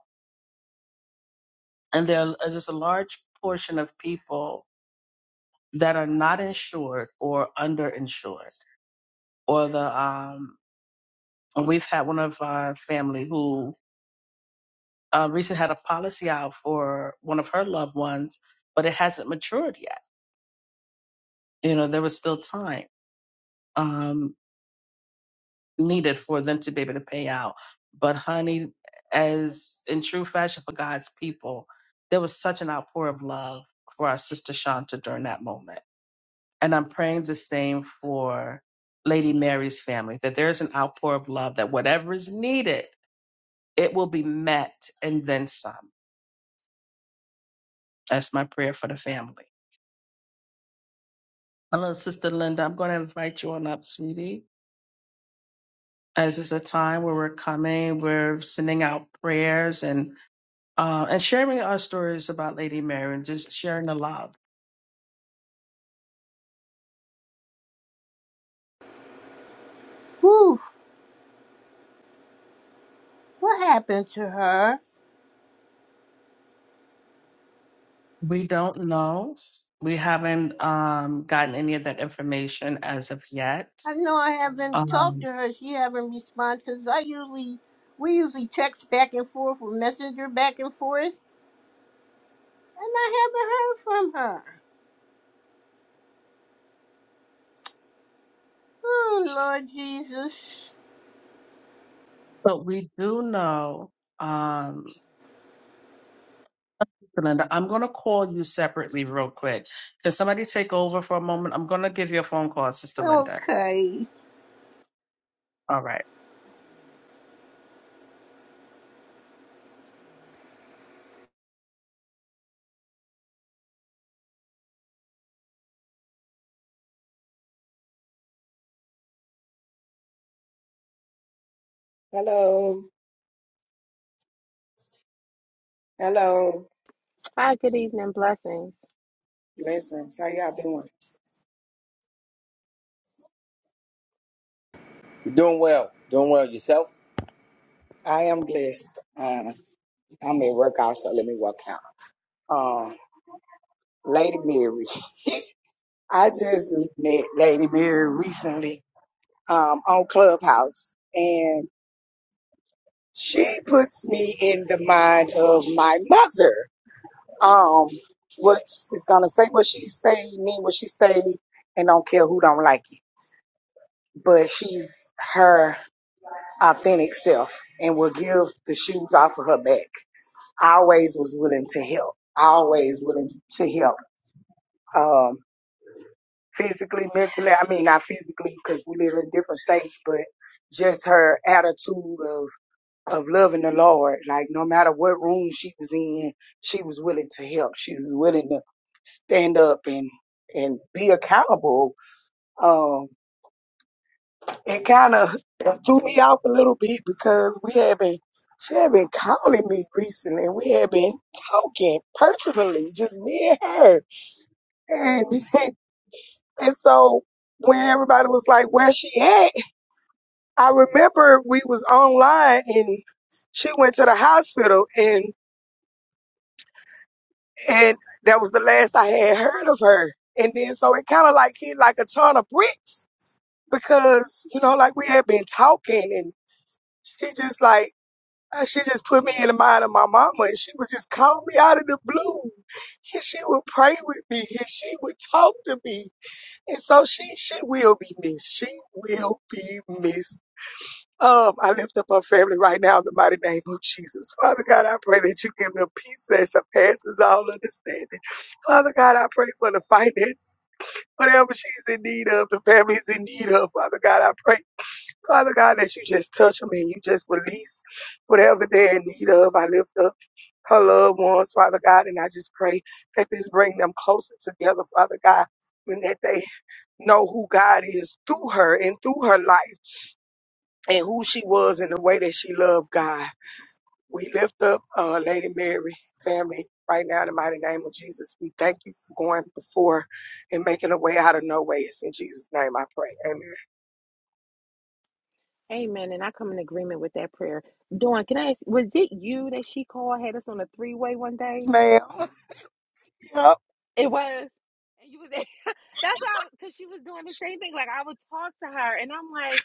C: and there are just a large portion of people that are not insured or underinsured, or the um, And we've had one of our family who uh, recently had a policy out for one of her loved ones, but it hasn't matured yet. You know, there was still time um, needed for them to be able to pay out. But honey, as in true fashion for God's people, there was such an outpour of love for our sister Shanta during that moment. And I'm praying the same for Lady Mary's family, that there is an outpour of love, that whatever is needed, it will be met and then some That's my prayer for the family. Hello, Sister Linda. I'm going to invite you on up, sweetie. As it's a time where we're coming, we're sending out prayers and uh, and sharing our stories about Lady Mary and just sharing the love.
H: Whew, what happened to her?
C: We don't know. We haven't um, gotten any of that information as of yet.
H: I know I haven't talked
C: Um,
H: to her. She haven't responded because I usually, we usually text back and forth or messenger back and forth, and I haven't heard from her. Oh, Lord Jesus.
C: but we do know, um, Sister Linda, I'm going to call you separately real quick. Can somebody take over for a moment? I'm going to give you a phone call, Sister Linda.
H: Okay.
C: All right.
I: Hello, hello.
F: Hi, good evening, blessings.
I: Blessings. How y'all doing?
E: You're doing well. Doing well yourself.
I: I am blessed. Uh, I'm at work out, so Let me walk out. Um, Lady Mary. I just met Lady Mary recently um, on Clubhouse, and she puts me in the mind of my mother. Um, what she's gonna say, what she say, mean what she say, and don't care who don't like it. But she's her authentic self, and will give the shoes off of her back. always was willing to help, always willing to help. Um, physically, mentally, I mean, not physically because we live in different states, but just her attitude of, of loving the Lord. Like, no matter what room she was in, she was willing to help. She was willing to stand up and, and be accountable. Um, it kind of threw me off a little bit because we had been she had been calling me recently we had been talking personally just me and her and and so when everybody was like where she at i remember we was online and she went to the hospital and and that was the last i had heard of her and then so it kind of like hit like a ton of bricks because you know like we had been talking and she just like Uh, She just put me in the mind of my mama and she would just call me out of the blue. And she would pray with me and she would talk to me. And so she she will be missed. She will be missed. Um, I lift up her family right now in the mighty name of Jesus. Father God, I pray that you give them peace that surpasses all understanding. Father God, I pray for the finances. Whatever she's in need of, the family's in need of. Father God, I pray. Father God, that you just touch them and you just release whatever they're in need of. I lift up her loved ones, Father God, and I just pray that this bring them closer together, Father God, and that they know who God is through her and through her life and who she was in the way that she loved God. We lift up uh, Lady Mary family right now in the mighty name of Jesus. We thank you for going before and making a way out of no way. It's in Jesus' name I pray. Amen.
F: Amen. And I come in agreement with that prayer. Dawn, can I ask, was it you that she called, had us on a three way one day?
I: Ma'am. Yep.
F: It was. And you was that's why, because she was doing the same thing. Like I would talk to her and I'm like,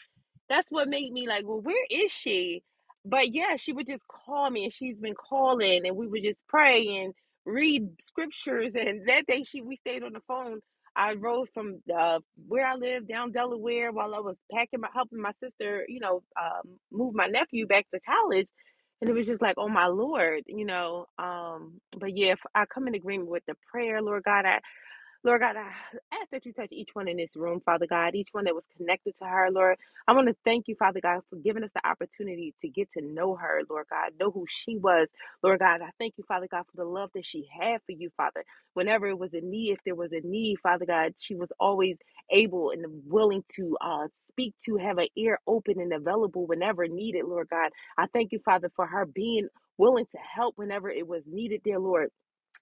F: that's what made me like, well, where is she? But yeah, she would just call me and she's been calling and we would just pray and read scriptures and that day she we stayed on the phone. I rode from uh, where I lived down Delaware while I was packing my helping my sister, you know, um, move my nephew back to college and it was just like, oh my Lord, you know. Um, but yeah, if I come in agreement with the prayer, Lord God. I. Lord God, I ask that you touch each one in this room, Father God, each one that was connected to her, Lord. I want to thank you, Father God, for giving us the opportunity to get to know her, Lord God, know who she was, Lord God. I thank you, Father God, for the love that she had for you, Father. Whenever it was a need, if there was a need, Father God, she was always able and willing to uh, speak to, have an ear open and available whenever needed, Lord God. I thank you, Father, for her being willing to help whenever it was needed, dear Lord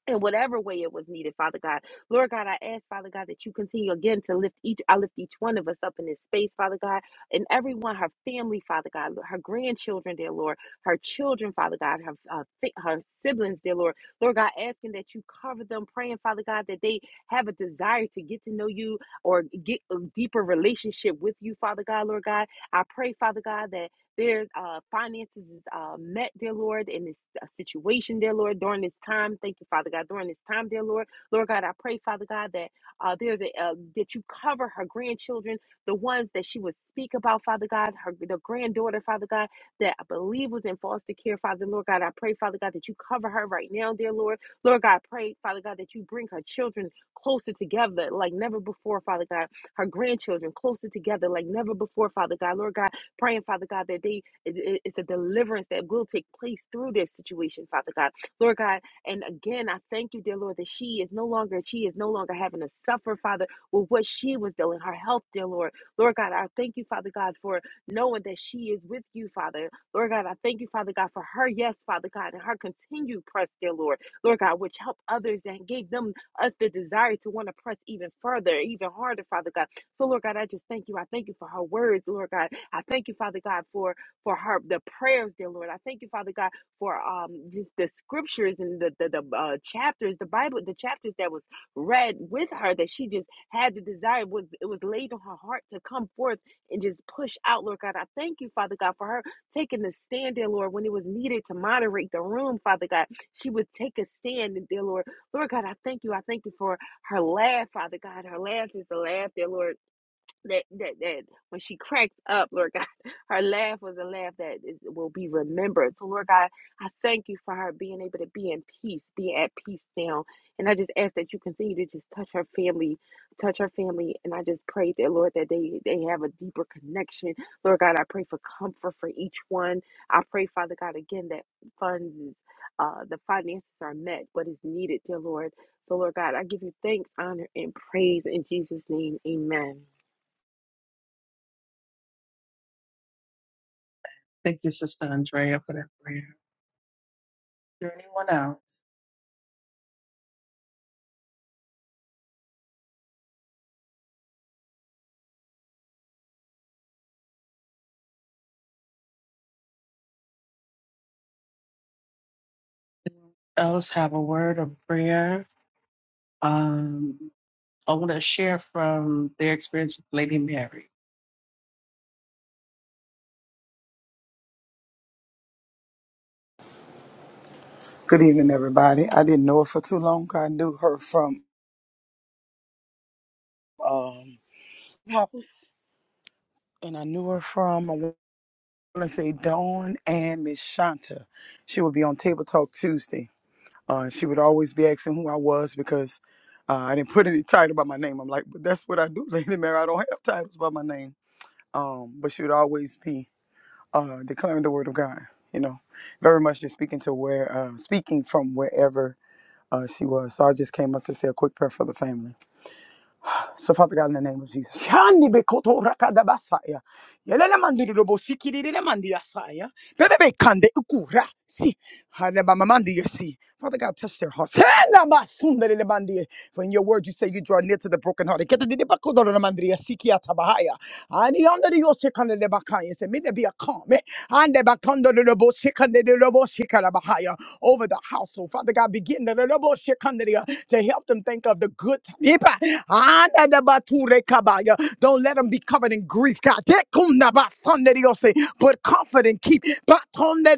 F: in whatever way it was needed, Father God. Lord God, I ask, Father God, that you continue again to lift each, I lift each one of us up in this space, Father God, and everyone, her family, Father God, her grandchildren, dear Lord, her children, Father God, her, uh, fi- her siblings, dear Lord. Lord God, asking that you cover them, praying, Father God, that they have a desire to get to know you or get a deeper relationship with you, Father God, Lord God. I pray, Father God, that there's uh, finances is uh, met, dear Lord, in this uh, situation, dear Lord, during this time. Thank you, Father God, during this time, dear Lord. Lord God, I pray, Father God, that uh, there's a, uh, that you cover her grandchildren, the ones that she would speak about, Father God, her the granddaughter, Father God, that I believe was in foster care, Father Lord God. I pray, Father God, that you cover her right now, dear Lord. Lord God, I pray, Father God, that you bring her children closer together like never before, Father God. Her grandchildren closer together like never before, Father God. Lord God. Praying, Father God, that they it- it's a deliverance that will take place through this situation, Father God. Lord God, and again, I thank you, dear Lord, that she is no longer, she is no longer having to suffer, Father, with what she was dealing, her health, dear Lord. Lord God, I thank you, Father God, for knowing that she is with you, Father. Lord God, I thank you, Father God, for her yes, Father God, and her continued press, dear Lord. Lord God, which helped others and gave them us the desire to want to press even further, even harder, Father God. So, Lord God, I just thank you. I thank you for her words, Lord God. I thank you, Father God, for for her the prayers, dear Lord. I thank you, Father God, for um just the scriptures and the the, the uh, chapters, the Bible, the chapters that was read with her that she just had the desire was it was laid on her heart to come forth and just push out, Lord God. I thank you, Father God, for her taking the stand, dear Lord, when it was needed to moderate the room, Father God. She would take a stand, and dear Lord, Lord God, I thank you. I thank you for her laugh, Father God. Her laugh is the laugh, dear Lord that that that when she cracked up, Lord God, her laugh was a laugh that is, will be remembered. So, Lord God, I thank you for her being able to be in peace, be at peace now. And I just ask that you continue to just touch her family, touch her family. And I just pray that, Lord, that they they have a deeper connection. Lord God, I pray for comfort for each one. I pray, Father God, again that funds, uh, the finances are met, what is needed, dear Lord. So, Lord God, I give you thanks, honor, and praise in Jesus' name. Amen.
C: Thank you, Sister Andrea, for that prayer. Does anyone else? Anyone else have a word of prayer? Um, I want to share from their experience with Lady Mary.
J: Good evening, everybody. I didn't know her for too long. I knew her from um Hoppers, and I knew her from I want to say Dawn and Miss Shanta. She would be on Table Talk Tuesday. Uh, she would always be asking who I was because uh, I didn't put any title by my name. I'm like, but that's what I do, Lady Mary. I don't have titles by my name. Um, but she would always be uh, declaring the word of God. You know, very much just speaking to where, uh, speaking from wherever uh, she was. So I just came up to say a quick prayer for the family. So, Father God, in the name of Jesus. Shandi be koto raka da basaya. Yelele mandi do bo sikiri de mandi asaya. Bebe be kande ikura. si Hanabamamandiyasi. Father God, touch their hearts. Hanamasundelelebandiye. For in your word, you say you draw near to the brokenhearted. Ketadidibakodoromandriyasi kiyatabahaya. Aniyanderiyoshikandedebakaya. Say, May there be a calm eh? Andebakondododoboshikandedodoboshikadabahaya. over the household. Father God, begin dododoboshikandedia, to help them think of the good. Ipa. Andadabaturekabaya. Don't let them be covered in grief, God. Tekundabasondediose. But confident, keep.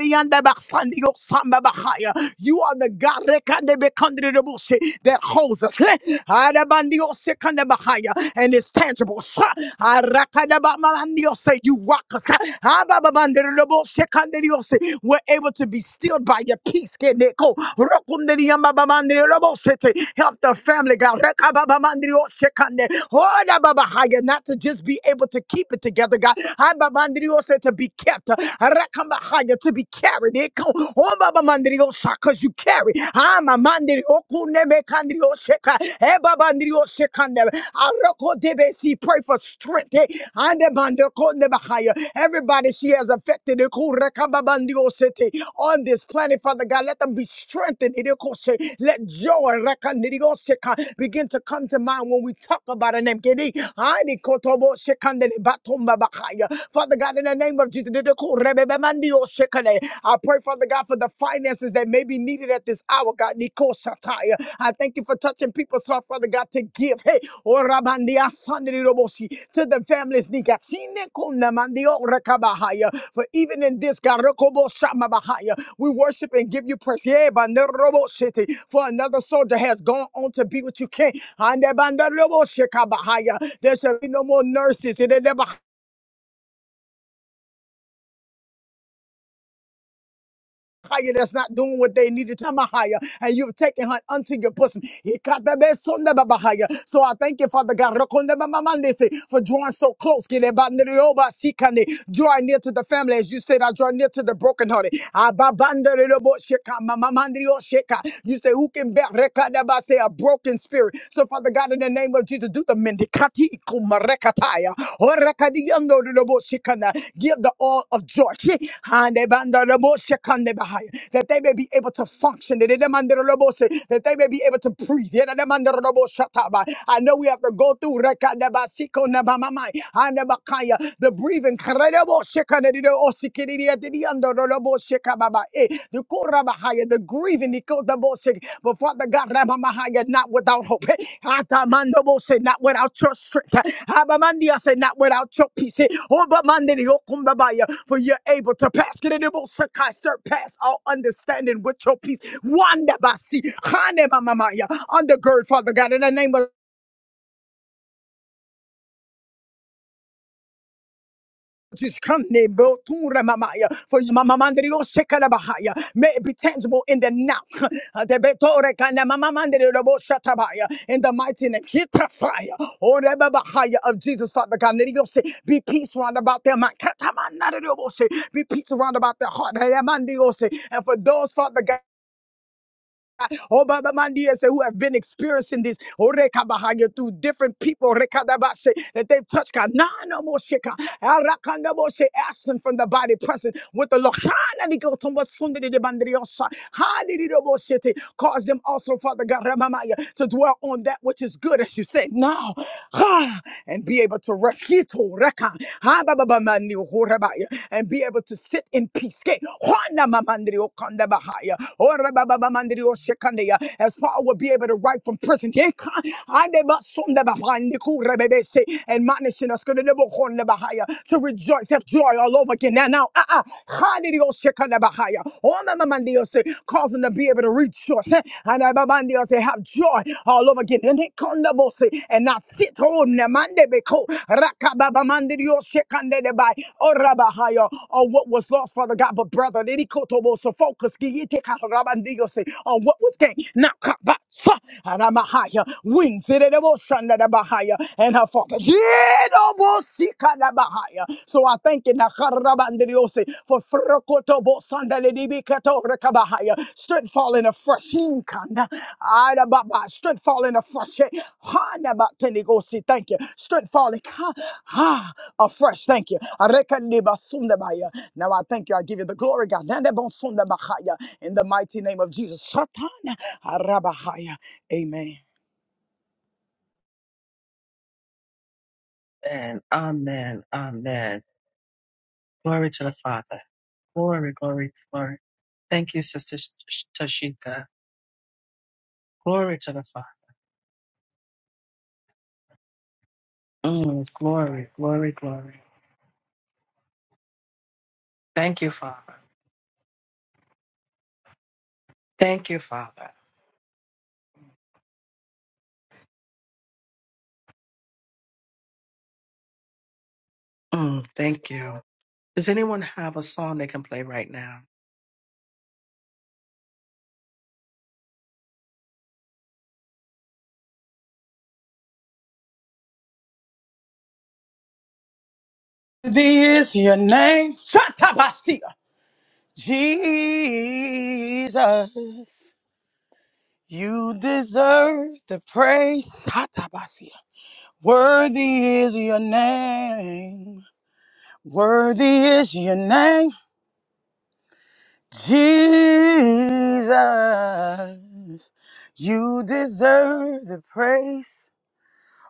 J: Rianda Baksandi Yoksamba Bahaya. You are the God Rekande Bekandri Rebushe, that holds us. Heh. Arabandi Yosekanda Bahaya. And it's tangible. Sa- Arakada Bamandi Yose. You rock us. Heh. Abababandi Rebushe Kandri Yose. We're able to be stilled by your peace. Keneko. Rokunde Riamba Bamandi Rebushe Te. Help the family, God. Rekababamandi Yose Kande. Oda Babahaya. Not to just be able to keep it together, God. Ababandi Yose To be kept. Arakambahaya, to be carried. Eko- Ombabamandiriosha, Cause you carry. Amamandiriokunemekandirioseka, Ebabandirioseka. Arokodebesi, Pray for strength. eh. Andebandokonebahaya. Everybody she has affected Ekurekambabandiosete, on this planet, Father God, let them be strengthened. Idekose. Let joy Rekanirioseka, begin to come to mind when we talk about a name. Kedi, Anikotobosekandele, Batombabahaya. Father God, God, in the name of Jesus. I pray, Father God, for the finances that may be needed at this hour, God. I thank you for touching people's heart, Father God, to give. Hey, to the families. For even in this, God, we worship and give you praise. Yeah, For another soldier has gone on to be with you, King. There shall be no more nurses. Higher that's not doing what they need to tell my higher, and you've taken her unto your bosom. He cut the best son of a bahaya. So I thank you, Father God, Rokonde ba mamande for drawing so close. Get it, but Kile ba nere can sikane. draw near to the family, as you said, I draw near to the brokenhearted. Aba bandere lobo sheka, ma mamande yo sheka. You say, Who can bear reka da ba say a broken spirit? So, Father God, in the name of Jesus, do the mendicati kumarekataya orakadiando shikana. Give the all of joy. and hande banda robo shikande bahaya. That they may be able to function. That they demand the robo se- that they may be able to breathe. Yeah, that demand the robo shataba. I know we have to go through rekadabasiko nabamamai, handabakaya, the bakaya, the breathing. Karebo shikane dido osikiri Baba, eh, the Korabahaya, the grieving, the Kodabosik, but Father God, Ramamahaya, not without hope. eh. Atamandobo say, not without your strength. eh. Abamandia say, not without your peace. eh. Obamandi, Yokumbabaya, For you're able to pass. Kididibosakai, Surpass all understanding with your peace. Wanda basi, Hane mamamaya. Undergird, Father God, in the name of Just come ne bo tu ra For mama mandrio shekala bahaya. May it be tangible in the now. Uh, de beto re kana mama mandrio robo shata In the mighty name. Kita fire. O re ba bahaya Of Jesus, Father God. Let it go say, Be peace round about their mind. Kata mandrio bo say, Be peace round about their heart. Re ya mandrio say. And for those, Father God. Oh, Baba Mandia say who have been experiencing this Oh, Rekabahaya, through different people Rekadabashe, that they've touched. God. na no more shit, God. Arakandaboshe, Absent from the body, present with the Lord. Hana ni go tombo sunde de de bandriosa. Hani di do? Hananikotombasundidibandriosa, Hanididoboshete. Cause them also, Father God, Ramamaya, to dwell on that which is good, as you said now, Ha, and be able to rescue to Reka, Ha, Baba Bamani, Horabaya, and be able to sit in peace. Ke, Hwana Mamandriokandabahaya, as Paul would be able to write from prison. Admonishing us to rejoice, have joy all over again. Now, now, ah, ah, causing to be able to rejoice eh, and they have joy all over again. And they come to boss, eh, and now sit on the Monday because or what was lost, Father God, but brother, let it to boss, so focus. Rabandiyose, on what was gained. Nakabasa, Aramahaya, wings it in the motion that Bahaya, and her father. Jedobosika da Bahaya. So I thank you, Nakarabandiyose, for Frakotobo Sandalibikato Rekabahaya, strength falling afresh. Inkanda, Adababa, strength falling afresh. Hanabatenigosi, thank you. Strength falling ha, ha, afresh, thank you. Arekandibasundabaya. Now I thank you, I give you the glory, God. Nandebosundabahaya. In the mighty name of Jesus. Satan. Arabahaya. Amen.
C: And amen, amen. Glory to the Father. Glory, glory, glory. Thank you, Sister Sh- Tashika. Glory to the Father. Mm, glory, glory, glory. Thank you, Father. Thank you, Father. Mm, thank you. Does anyone have a song they can play right now?
J: This is your name. Shatabasia. Jesus. You deserve the praise. Shatabasia. Worthy is your name. Worthy is your name. Jesus. You deserve the praise.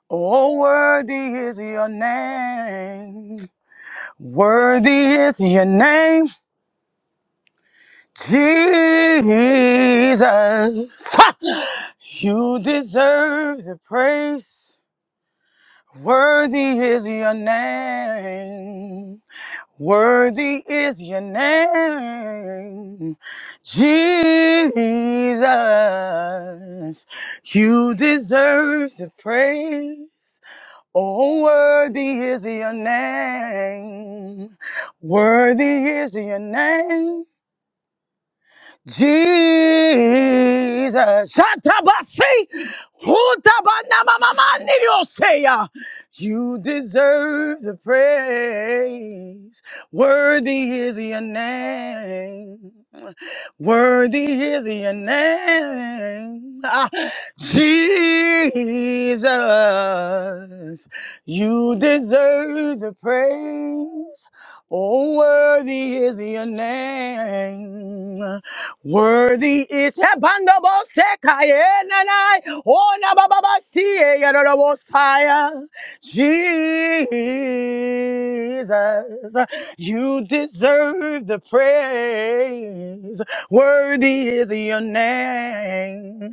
J: Oh, worthy is your name. Worthy is your name, Jesus. Ha! You deserve the praise. Worthy is your name. Worthy is your name, Jesus. You deserve the praise. Oh, worthy is your name. Worthy is your name. Jesus. Shatabasi, hutabanamamamanirioseya. You deserve the praise. Worthy is your name. Worthy is your name. Ah, Jesus. You deserve the praise. Oh, worthy is your name. Worthy is Ebandabo Sekayenanai. Oh, Nababa Siya Jesus. You deserve the praise. Worthy is your name.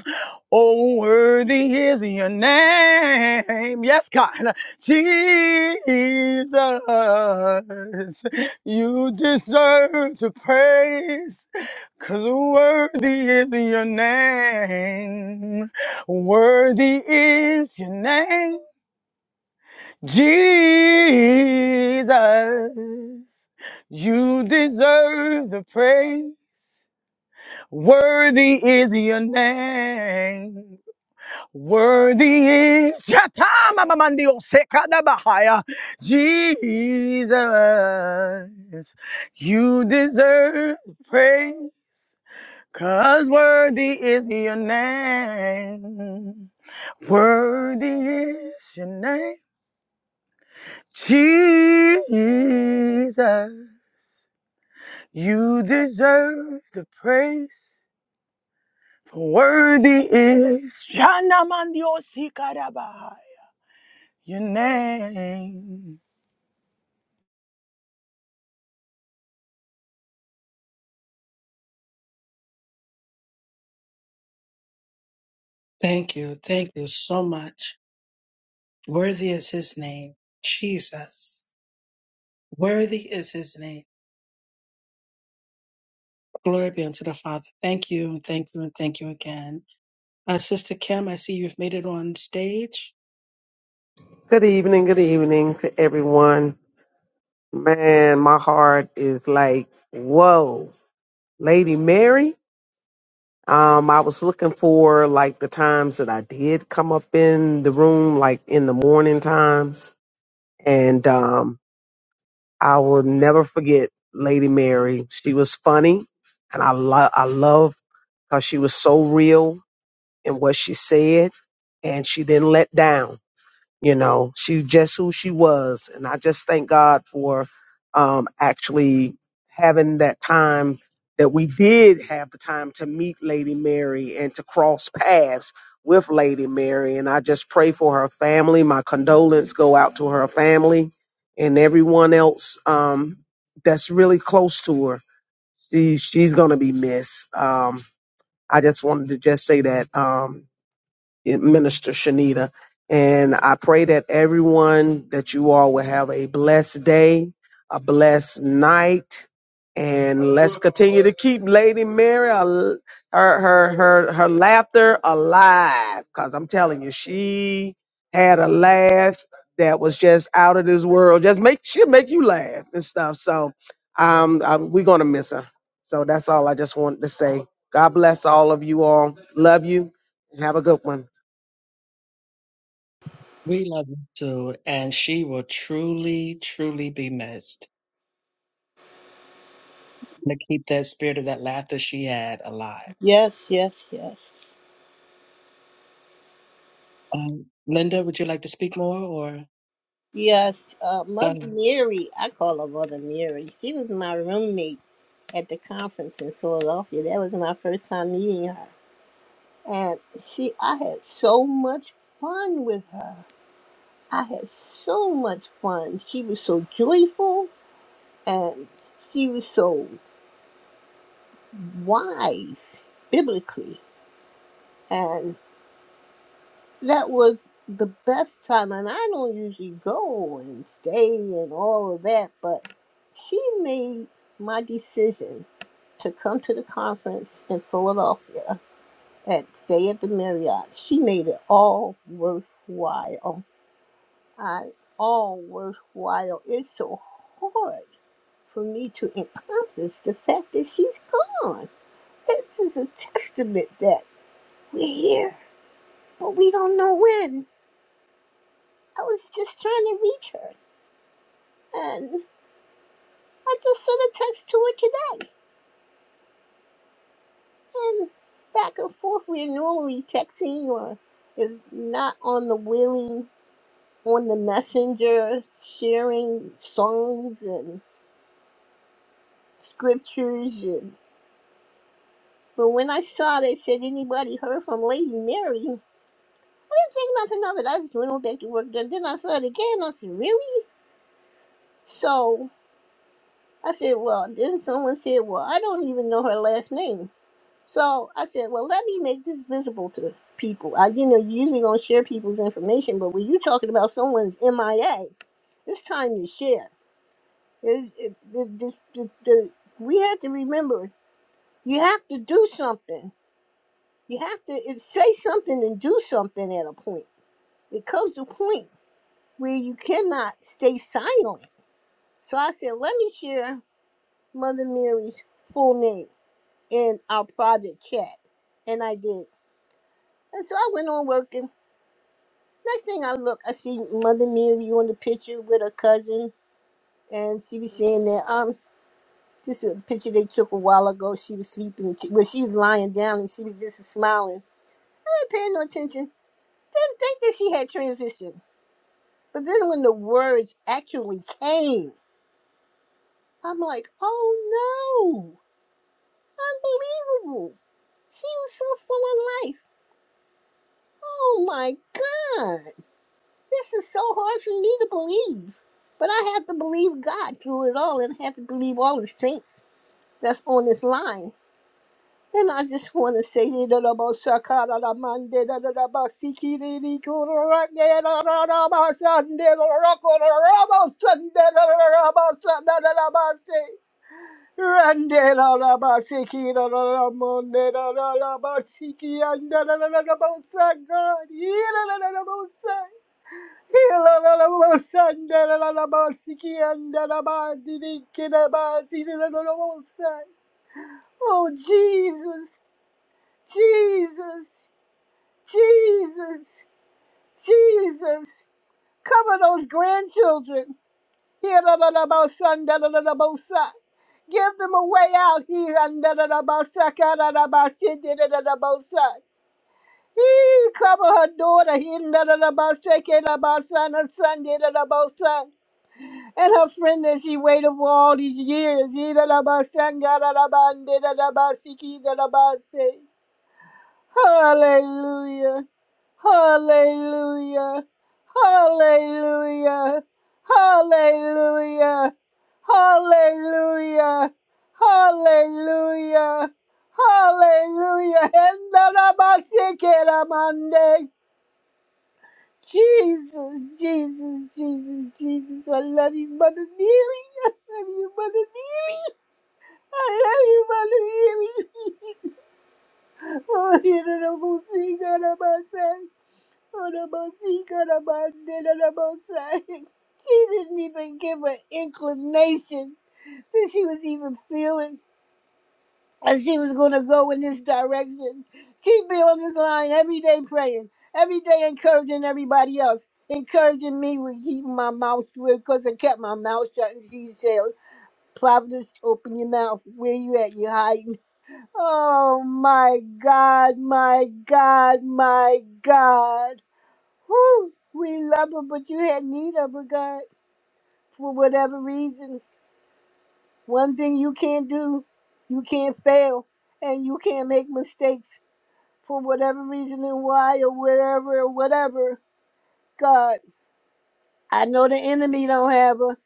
J: Oh, worthy is your name. Yes, God. Jesus. You deserve the praise, 'cause worthy is your name. Worthy is your name, Jesus. You deserve the praise. Worthy is your name. Worthy is Yatamamamandio Sekadabahaya. Jesus. You deserve praise. Cause worthy is your name. Worthy is your name. Jesus. You deserve the praise. For worthy is Yanamandio Sikadabahaya. Your name.
C: Thank you. Thank you so much. Worthy is his name, Jesus. Worthy is his name. Glory be unto the Father. Thank you, and thank you, and thank you again. Uh, Sister Kim, I see you've made it on stage.
K: Good evening, good evening to everyone. Man, my heart is like, whoa, Lady Mary. Um, I was looking for like the times that I did come up in the room, like in the morning times. And um, I will never forget Lady Mary. She was funny and I love I love how she was so real in what she said and she didn't let down. you know she just who she was and i just thank god for um actually having that time that we did have the time to meet lady mary and to cross paths with lady mary and i just pray for her family my condolence go out to her family and everyone else um that's really close to her she she's gonna be missed um i just wanted to just say that Um, Minister Shanita. And I pray that everyone, that you all will have a blessed day, a blessed night. And let's continue to keep Lady Mary, al- her, her, her, her laughter alive. Cause I'm telling you, she had a laugh that was just out of this world. Just make, she'll make you laugh and stuff. So, um, um, we're going to miss her. So that's all I just wanted to say. God bless all of you all. Love you and have a good one.
C: We love you too, and she will truly, truly be missed. To keep that spirit of that laughter she had alive.
H: Yes, yes, yes.
C: Um, Linda, would you like to speak more, or?
H: Yes, uh,
C: Glory
H: Mother Mary, I call her Mother Mary. She was my roommate at the conference in Philadelphia. That was my first time meeting her. And she, I had so much fun with her. I had so much fun. She was so joyful and she was so wise biblically. And that was the best time. And I don't usually go and stay and all of that, but she made my decision to come to the conference in Philadelphia and stay at the Marriott. She made it all worthwhile. I all worthwhile. It's so hard for me to encompass the fact that she's gone. This is a testament that we're here, but we don't know when. I was just trying to reach her, and I just sent a text to her today. And back and forth, we're normally texting, or if not on the wheeling, on the messenger, sharing songs and scriptures and. But when I saw they said anybody heard from Lady Mary, didn't think nothing of it. I just went on back to work. Then, then I saw it again. I said, really? So I said, well, then someone said, well, I don't even know her last name. So I said, well, let me make this visible to people. I, you know, you usually don't share people's information, but when you're talking about someone's MIA, it's time to share. It, it, it, the, the, the, we have to remember, you have to do something. You have to if, say something and do something at a point. It comes to a point where you cannot stay silent. So I said, let me share Mother Mary's full name in our private chat. And I did. And so I went on working. Next thing I look, I see Mother Mary on the picture with her cousin. And she was saying that, um, just a picture they took a while ago. She was sleeping. She, well, she was lying down and she was just smiling. I didn't pay no attention. Didn't think that she had transitioned. But then when the words actually came, I'm like, oh no, unbelievable. She was so full of life. Oh my God. This is so hard for me to believe. But I have to believe God through it all and I have to believe all the saints that's on this line. And I just want to say, Rande la la ba siki la la la monde la la la ba siki ande la la la la ba sa God la la la la ba sa la la la ba sa ande la la la ba siki ande la ba diri ke la ba diri la la la ba Oh Jesus Jesus Jesus Jesus cover those grandchildren Here, da, da, da, bo, son, da da, da, da, bo, son. Give them a way out here. Andarabasa, kararabasa, son. ka, da, da, ba, shit, da, da, da, da, bo, son. He cover her daughter, hindarabasa, kerabasa, and her son, da da, da, bo, son. And her friend that she waited for all these years. He Hidarabasa, ngararabandidarabasikidabase. Hallelujah. Hallelujah. Hallelujah. Hallelujah. Hallelujah. Hallelujah. Hallelujah. And Mande. Jesus, Jesus, Jesus, Jesus. I love you, Mother Mary. I love you, Mother Mary. I love you, Mother Mary. Oh, you don't know who's singing about that. Onamasi Karamande Onamosai. She didn't even give an inclination that she was even feeling that she was going to go in this direction. She'd be on this line every day praying, every day encouraging everybody else, encouraging me with keeping my mouth shut because I kept my mouth shut and she said, Providence, open your mouth. Where you at? You hiding? Oh my God, my God, my God. Whew, we love her, but you had need of her, God, for whatever reason. One thing you can't do, you can't fail, and you can't make mistakes for whatever reason and why or wherever or whatever. God, I know the enemy don't have her.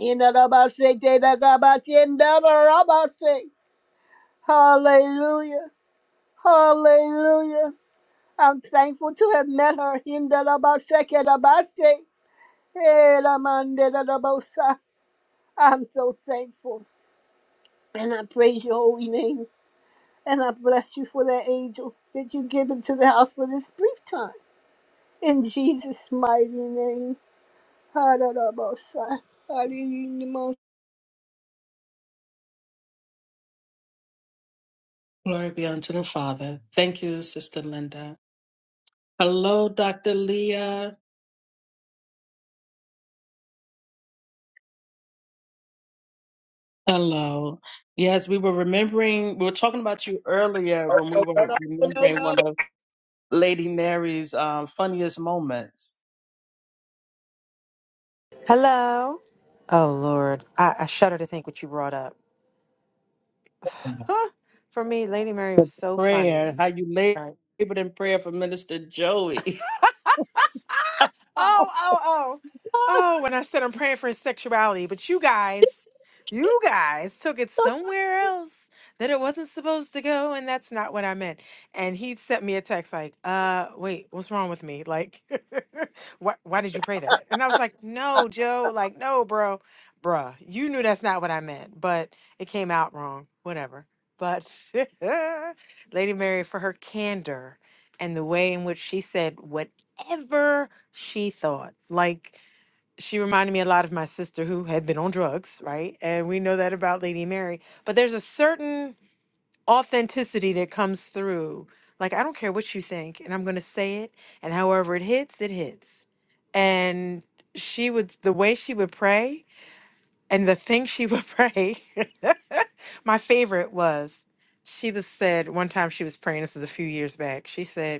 H: In that about say, day that God about say, in that about say. Hallelujah. Hallelujah. I'm thankful to have met her in the name of say, in Labaseke Labase. Hey, Lamande I'm so thankful and I praise your holy name and I bless you for that angel that you give into the house for this brief time. In Jesus' mighty name. Ha-da-da-ba-sa. Ha-dee-dee-dee-ma.
C: glory be unto the Father. Thank you, Sister Linda. Hello, Dr. Leah. Hello. Yes, we were remembering, we were talking about you earlier
E: Oh,
C: when we
E: no, no,
C: were
E: no, no,
C: remembering
E: no.
C: one of Lady Mary's um, funniest moments.
L: Hello. Oh Lord, I, I shudder to think what you brought up. Huh. For me, Lady Mary was
C: The
L: so
C: prayer,
L: funny.
C: how you labored in prayer for Minister Joey.
L: Oh, oh, oh. Oh, when I said I'm praying for his sexuality, but you guys, you guys took it somewhere else that it wasn't supposed to go, and that's not what I meant. And he sent me a text like, uh, wait, what's wrong with me? Like, why, why did you pray that? And I was like, no, Joe, like, no, bro, bruh, you knew that's not what I meant, but it came out wrong, whatever. But Lady Mary, for her candor and the way in which she said what ever she thought. Like she reminded me a lot of my sister who had been on drugs, right? And we know that about Lady Mary. But there's a certain authenticity that comes through. Like I don't care what you think, and I'm gonna say it, and however it hits, it hits. And she would the way she would pray and the thing she would pray. my favorite was she was said one time she was praying, this was a few years back. She said,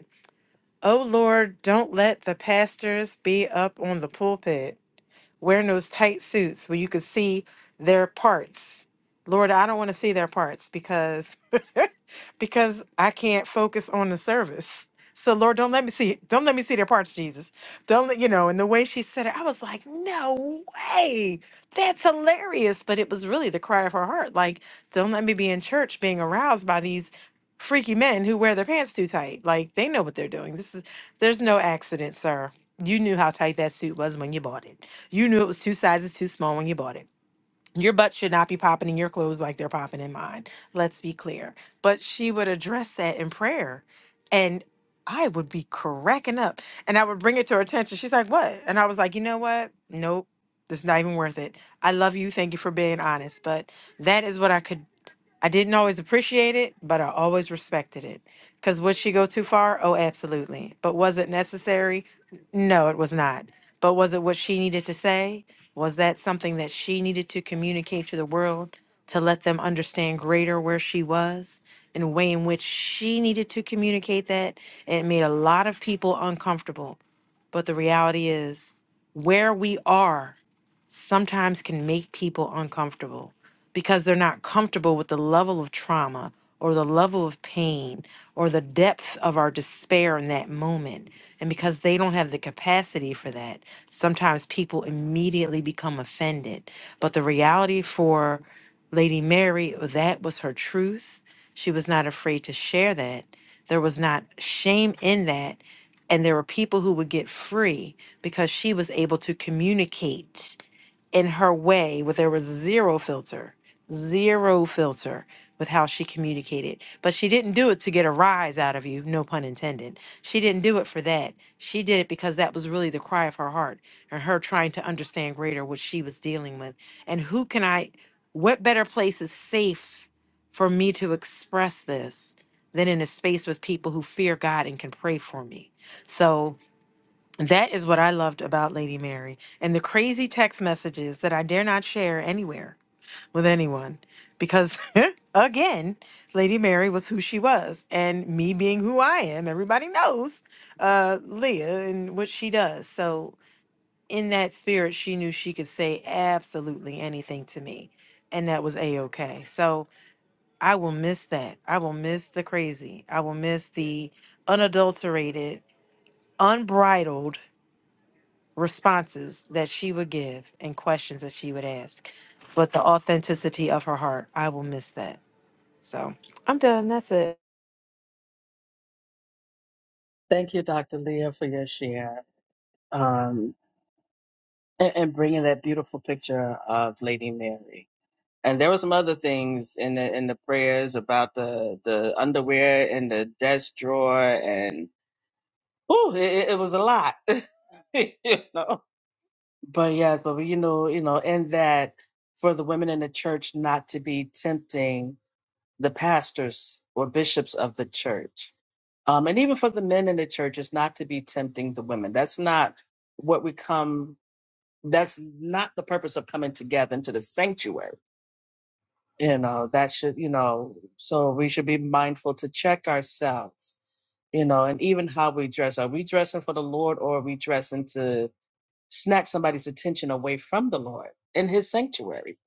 L: Oh Lord, don't let the pastors be up on the pulpit wearing those tight suits where you could see their parts. Lord, I don't want to see their parts because because I can't focus on the service. So Lord, don't let me see, don't let me see their parts, Jesus. Don't let you know. And the way she said it, I was like, no way. That's hilarious. But it was really the cry of her heart. Like, don't let me be in church being aroused by these freaky men who wear their pants too tight. Like they know what they're doing. This is there's no accident, sir. You knew how tight that suit was when you bought it. You knew it was two sizes too small when you bought it your butt should not be popping in your clothes like they're popping in mine. Let's be clear. But she would address that in prayer. And I would be cracking up and I would bring it to her attention. She's like, What? And I was like, You know what? Nope. It's not even worth it. I love you. Thank you for being honest. But that is what I could I didn't always appreciate it, but I always respected it. Because would she go too far? Oh, absolutely. But was it necessary? No, it was not. But was it what she needed to say? Was that something that she needed to communicate to the world to let them understand greater where she was and the way in which she needed to communicate that? And it made a lot of people uncomfortable. But the reality is, where we are sometimes can make people uncomfortable because they're not comfortable with the level of trauma or the level of pain or the depth of our despair in that moment. And because they don't have the capacity for that, sometimes people immediately become offended. But the reality for Lady Mary, that was her truth. She was not afraid to share that. There was not shame in that. And there were people who would get free because she was able to communicate in her way where there was zero filter, zero filter with how she communicated. But she didn't do it to get a rise out of you, no pun intended. She didn't do it for that. She did it because that was really the cry of her heart and her trying to understand greater what she was dealing with. And who can I, what better place is safe for me to express this than in a space with people who fear God and can pray for me? So, that is what I loved about Lady Mary and the crazy text messages that I dare not share anywhere with anyone because, again, Lady Mary was who she was. And me being who I am, everybody knows uh, Leah and what she does. So, in that spirit, she knew she could say absolutely anything to me. And that was a okay. So, I will miss that. I will miss the crazy. I will miss the unadulterated, unbridled responses that she would give and questions that she would ask, but the authenticity of her heart, I will miss that. So I'm done. That's it.
C: Thank you, Dr. Leah, for your share um, and, and bringing that beautiful picture of Lady Mary. and there were some other things in the in the prayers about the the underwear in the desk drawer and oh it, it was a lot you know but yes but we, you know you know in that for the women in the church not to be tempting the pastors or bishops of the church um and even for the men in the church is not to be tempting the women that's not what we come that's not the purpose of coming together into the sanctuary you know that should you know so we should be mindful to check ourselves you know and even how we dress are we dressing for the lord or are we dressing to snatch somebody's attention away from the lord in his sanctuary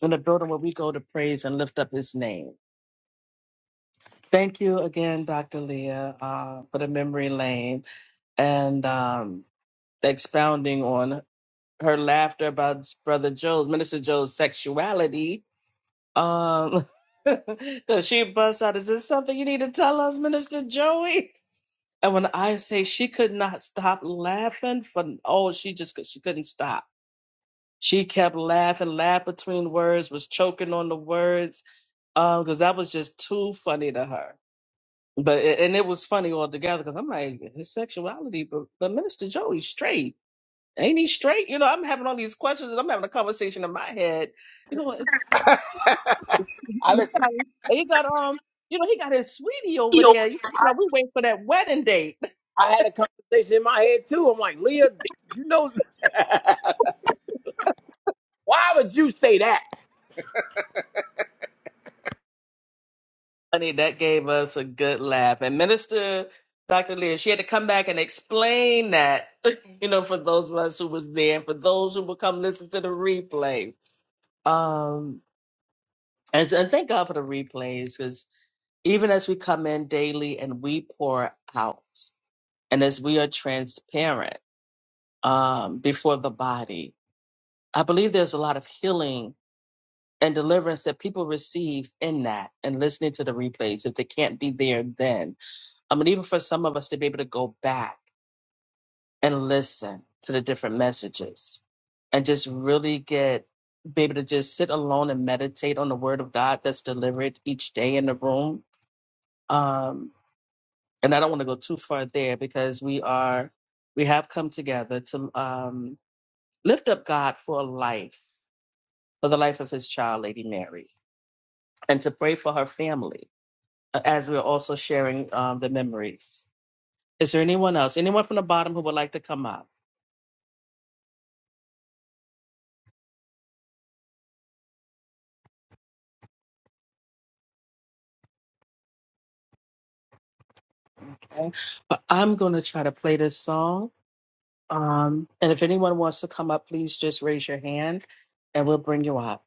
C: in the building where we go to praise and lift up his name thank you again dr leah uh, for the memory lane and um, expounding on her laughter about brother joe's minister joe's sexuality Um, because she busts out, is this something you need to tell us, Minister Joey? And when I say she could not stop laughing for oh, she just she couldn't stop. She kept laughing, laughed between words, was choking on the words, um, because that was just too funny to her. But and it was funny altogether because I'm like his sexuality, but but Minister Joey's straight, ain't he straight? You know, I'm having all these questions and I'm having a conversation in my head. You know,
E: I
C: He
E: listen.
C: got, he got um, you know, he got his sweetie over there. You know, we wait for that wedding date.
E: I had a conversation in my head too. I'm like, Leah, you know, why would you say that?
C: Honey, that gave us a good laugh. And Minister Dr. Lear, she had to come back and explain that, you know, for those of us who was there, and for those who will come listen to the replay. Um, and, and thank God for the replays, because even as we come in daily and we pour out, and as we are transparent um, before the body, I believe there's a lot of healing and deliverance that people receive in that and listening to the replays if they can't be there then. I mean, even for some of us to be able to go back and listen to the different messages and just really get, be able to just sit alone and meditate on the word of God that's delivered each day in the room. Um, and I don't want to go too far there because we are, we have come together to um, lift up God for life, for the life of his child, Lady Mary, and to pray for her family as we're also sharing um, the memories. Is there anyone else? Anyone from the bottom who would like to come up? Okay. But I'm going to try to play this song. Um, and if anyone wants to come up, please just raise your hand and we'll bring you up.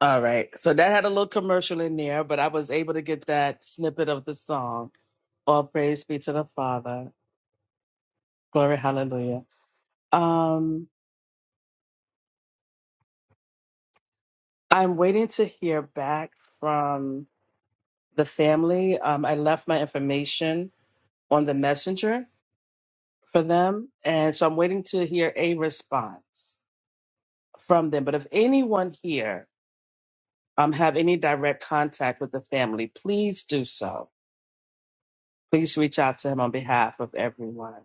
C: All right. So that had a little commercial in there, but I was able to get that snippet of the song. All praise be to the Father. Glory, hallelujah. Um, I'm waiting to hear back from the family. Um, I left my information on the messenger for them. And so I'm waiting to hear a response from them. But if anyone here um, have any direct contact with the family, please do so. Please reach out to him on behalf of everyone.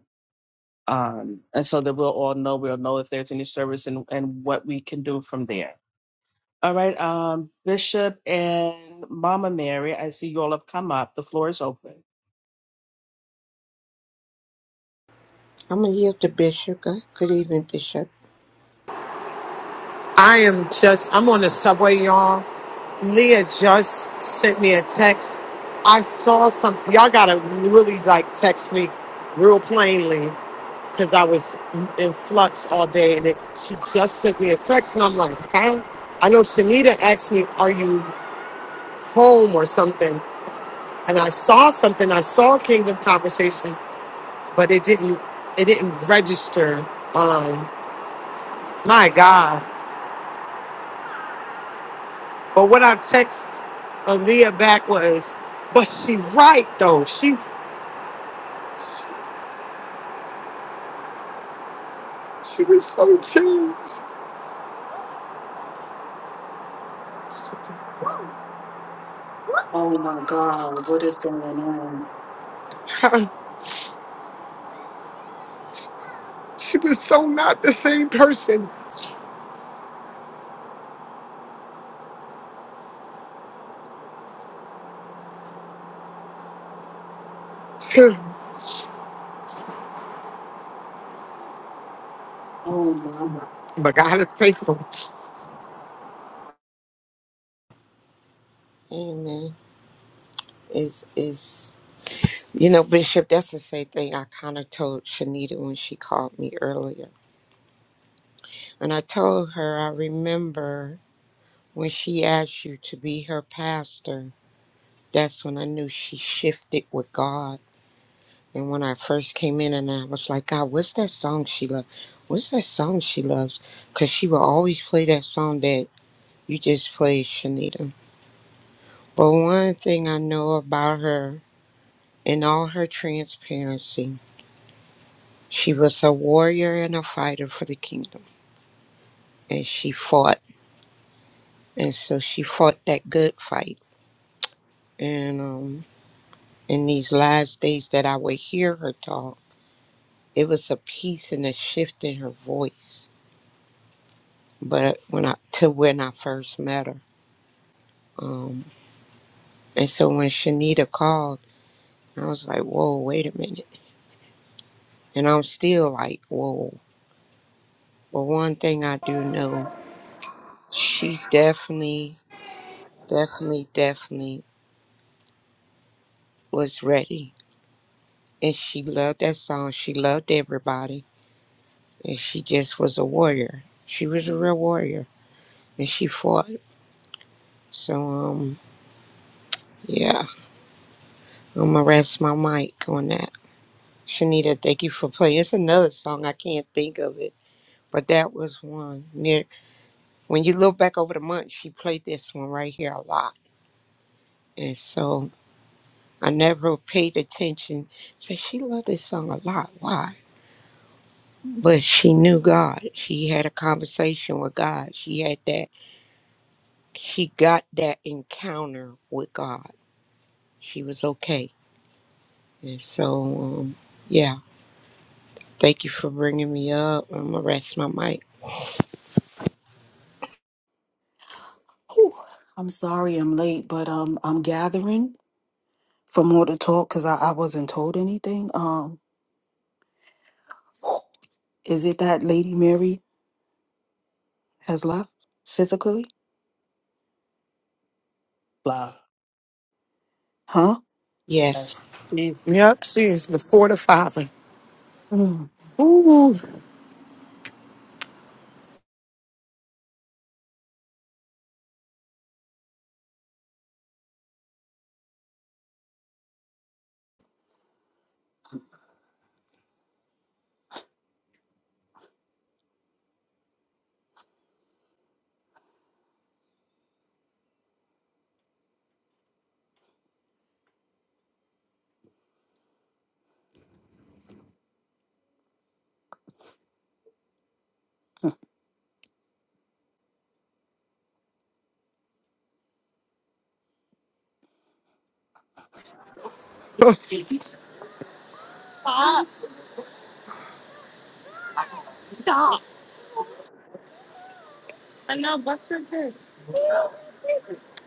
C: Um, and so that we'll all know, we'll know if there's any service and, and what we can do from there. All right, um, Bishop and Mama Mary, I see you all have come up. The floor is open.
M: I'm gonna yield to Bishop. Go- Good evening, Bishop.
N: I am just, I'm on the subway, y'all. Leah just sent me a text. I saw something. Y'all gotta really like text me real plainly because I was in flux all day and it, she just sent me a text and I'm like, huh? I know Shanita asked me, are you home or something? And I saw something. I saw Kingdom Conversation, but it didn't, it didn't register. Um, my God. But what I text Aaliyah back was, but she right though. She she, she was so changed.
O: Oh my God, what is going on?
N: she was so not the same person.
O: Oh my.
N: but God is faithful.
M: Amen. Is is you know, Bishop, that's the same thing I kind of told Shanita when she called me earlier. And I told her I remember when she asked you to be her pastor, that's when I knew she shifted with God. And when I first came in and I was like, God, what's that song she loves? What's that song she loves? Because she will always play that song that you just played, Shanita. But one thing I know about her In all her transparency, she was a warrior and a fighter for the kingdom, and she fought. And so she fought that good fight. And um, in these last days that I would hear her talk, it was a peace and a shift in her voice. But when I to when I first met her, um, and so when Shanita called, I was like, "Whoa, wait a minute!" And I'm still like, "Whoa." But one thing I do know, she definitely, definitely, definitely was ready and she loved that song. She loved everybody and she just was a warrior. She was a real warrior and she fought. So um yeah, I'm gonna rest my mic on that. Shanita, thank you for playing. It's another song I can't think of it, but that was one near. When you look back over the month, she played this one right here a lot, and so I never paid attention. So she loved this song a lot. Why? But she knew God. She had a conversation with God. She had that, she got that encounter with God. She was okay. And so, um, yeah, thank you for bringing me up. I'm going to rest my mic.
O: Whew. I'm sorry I'm late, but um, I'm gathering for more to talk because I, I wasn't told anything. Um, is it that Lady Mary has left physically?
C: Blah.
O: Huh?
C: That's-
M: Yes.
N: Yep, she is before the Father.
O: Mm.
N: Ooh,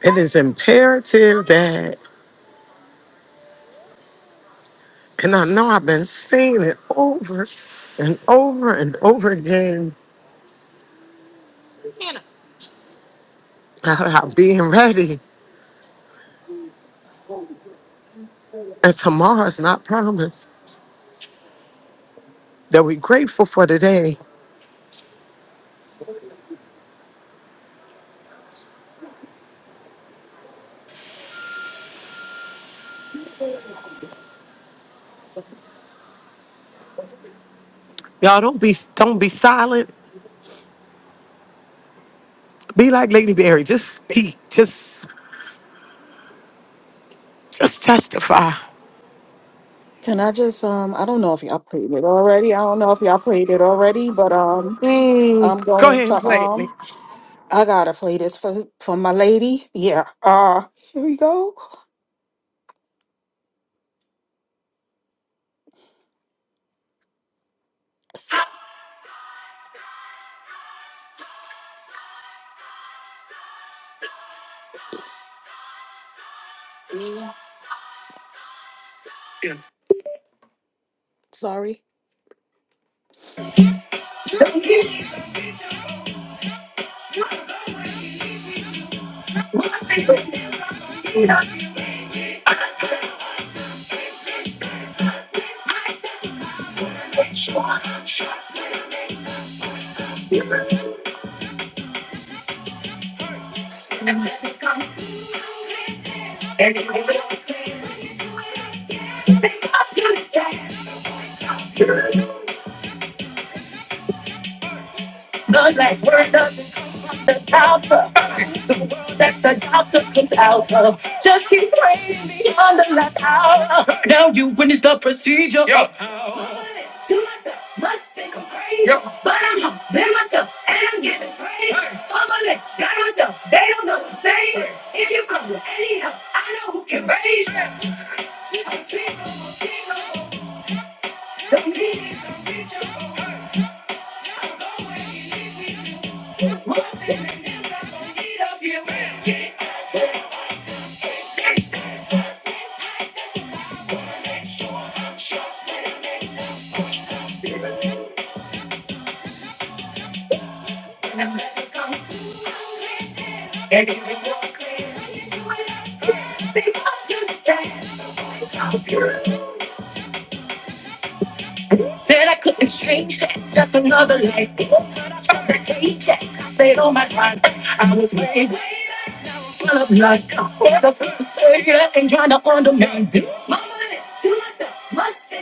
N: it is imperative that, and I know I've been saying it over and over and over again about being ready. And tomorrow's not promised. That we're grateful for today Y'all don't be don't be silent. Be like Lady Berry. Just speak. Just just testify.
O: Can I just um, I don't know if y'all played it already. I don't know if y'all played it already, but um,
N: Mm,
O: I'm
N: go
O: going
N: ahead and
O: to
N: play it. Nick.
O: um, I gotta play this for for my lady. Yeah. Uh, here we go. Yeah. Sorry. The last word doesn't come from the mouth of the world that the doctor comes out of. Just keep praying beyond the last hour. Now you witness the procedure. Yeah. To myself, must think I'm crazy. Yep. But I'm home, been myself, and I'm giving praise. Hey. Fuck my leg, got myself, they don't know what I'm saying. Hey. If you come with any help, I know who can raise you. Hey. I speak, speak, don't need it, don't need you. I'll go where you need me. More sin than them, I'm need of you. Yeah. Yeah. And the blessings come, and they make walk. Said I couldn't change that. That's another life. They all tried to turn the I stayed on my grind. I was way, way full of blood. Was I supposed to say that and trying to undermine it? My- Must be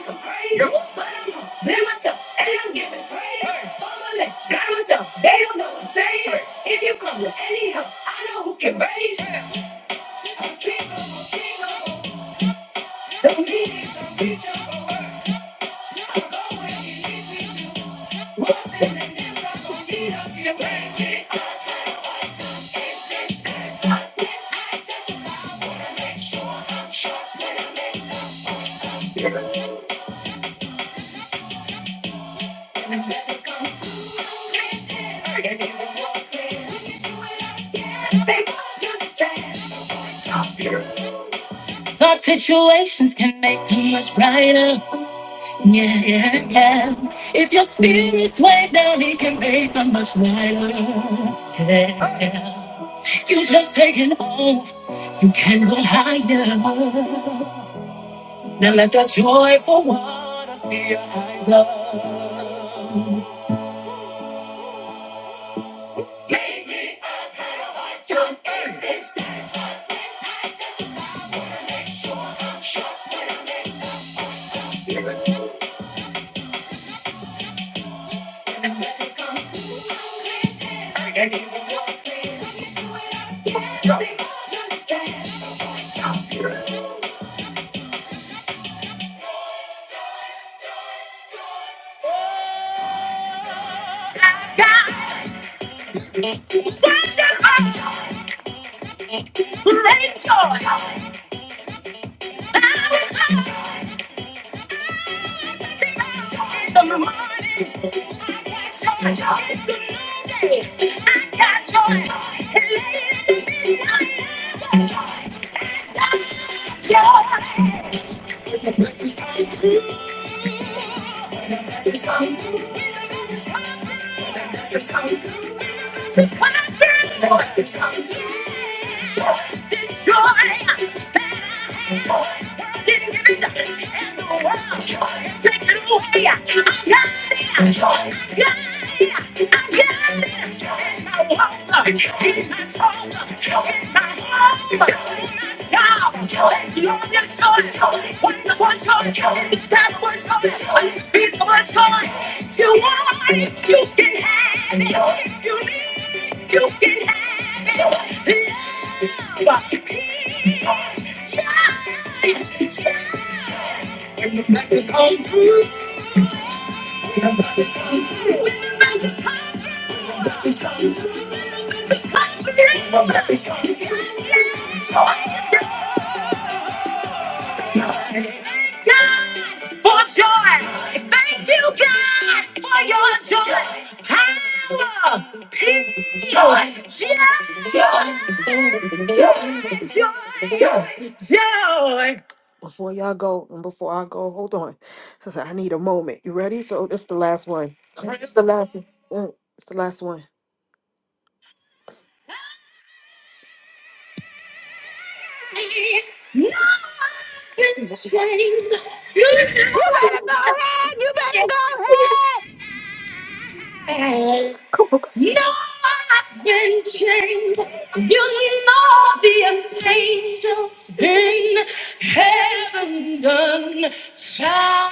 O: you, but I'm wrong. myself, and I'm giving praise. Fumbling, got myself. They don't know what I'm saying. It crumbled anyhow. I scream, don't need it. I'm going. Thought situations can make them much brighter. Yeah, yeah, yeah. If your spirit's way down, it can make them much brighter. Yeah. yeah. You just taking off. You can go higher. Now let the joyful water fill your eyes up. So if it says one thing, I just I wanna make sure that blessings come through. I can give it one thing. I can do it again. Yeah. Because of the sand. I want to come through. I got Joy gonna the world didn't give it to me. And can't Take it away. I got it. I got it. You want it, you can have it. If you need it, you can have it. Love, peace, joy, joy. And the message come through. God for joy. Thank you, God, for your joy. Power, peace, joy, joy, joy, joy. Before y'all go and before I go, hold on. I need a moment. You ready? So this the last one. It's the last. uh, It's the last one.
D: Better go ahead. You better go ahead.
O: You know I've been changed. You know the angels in heaven done shine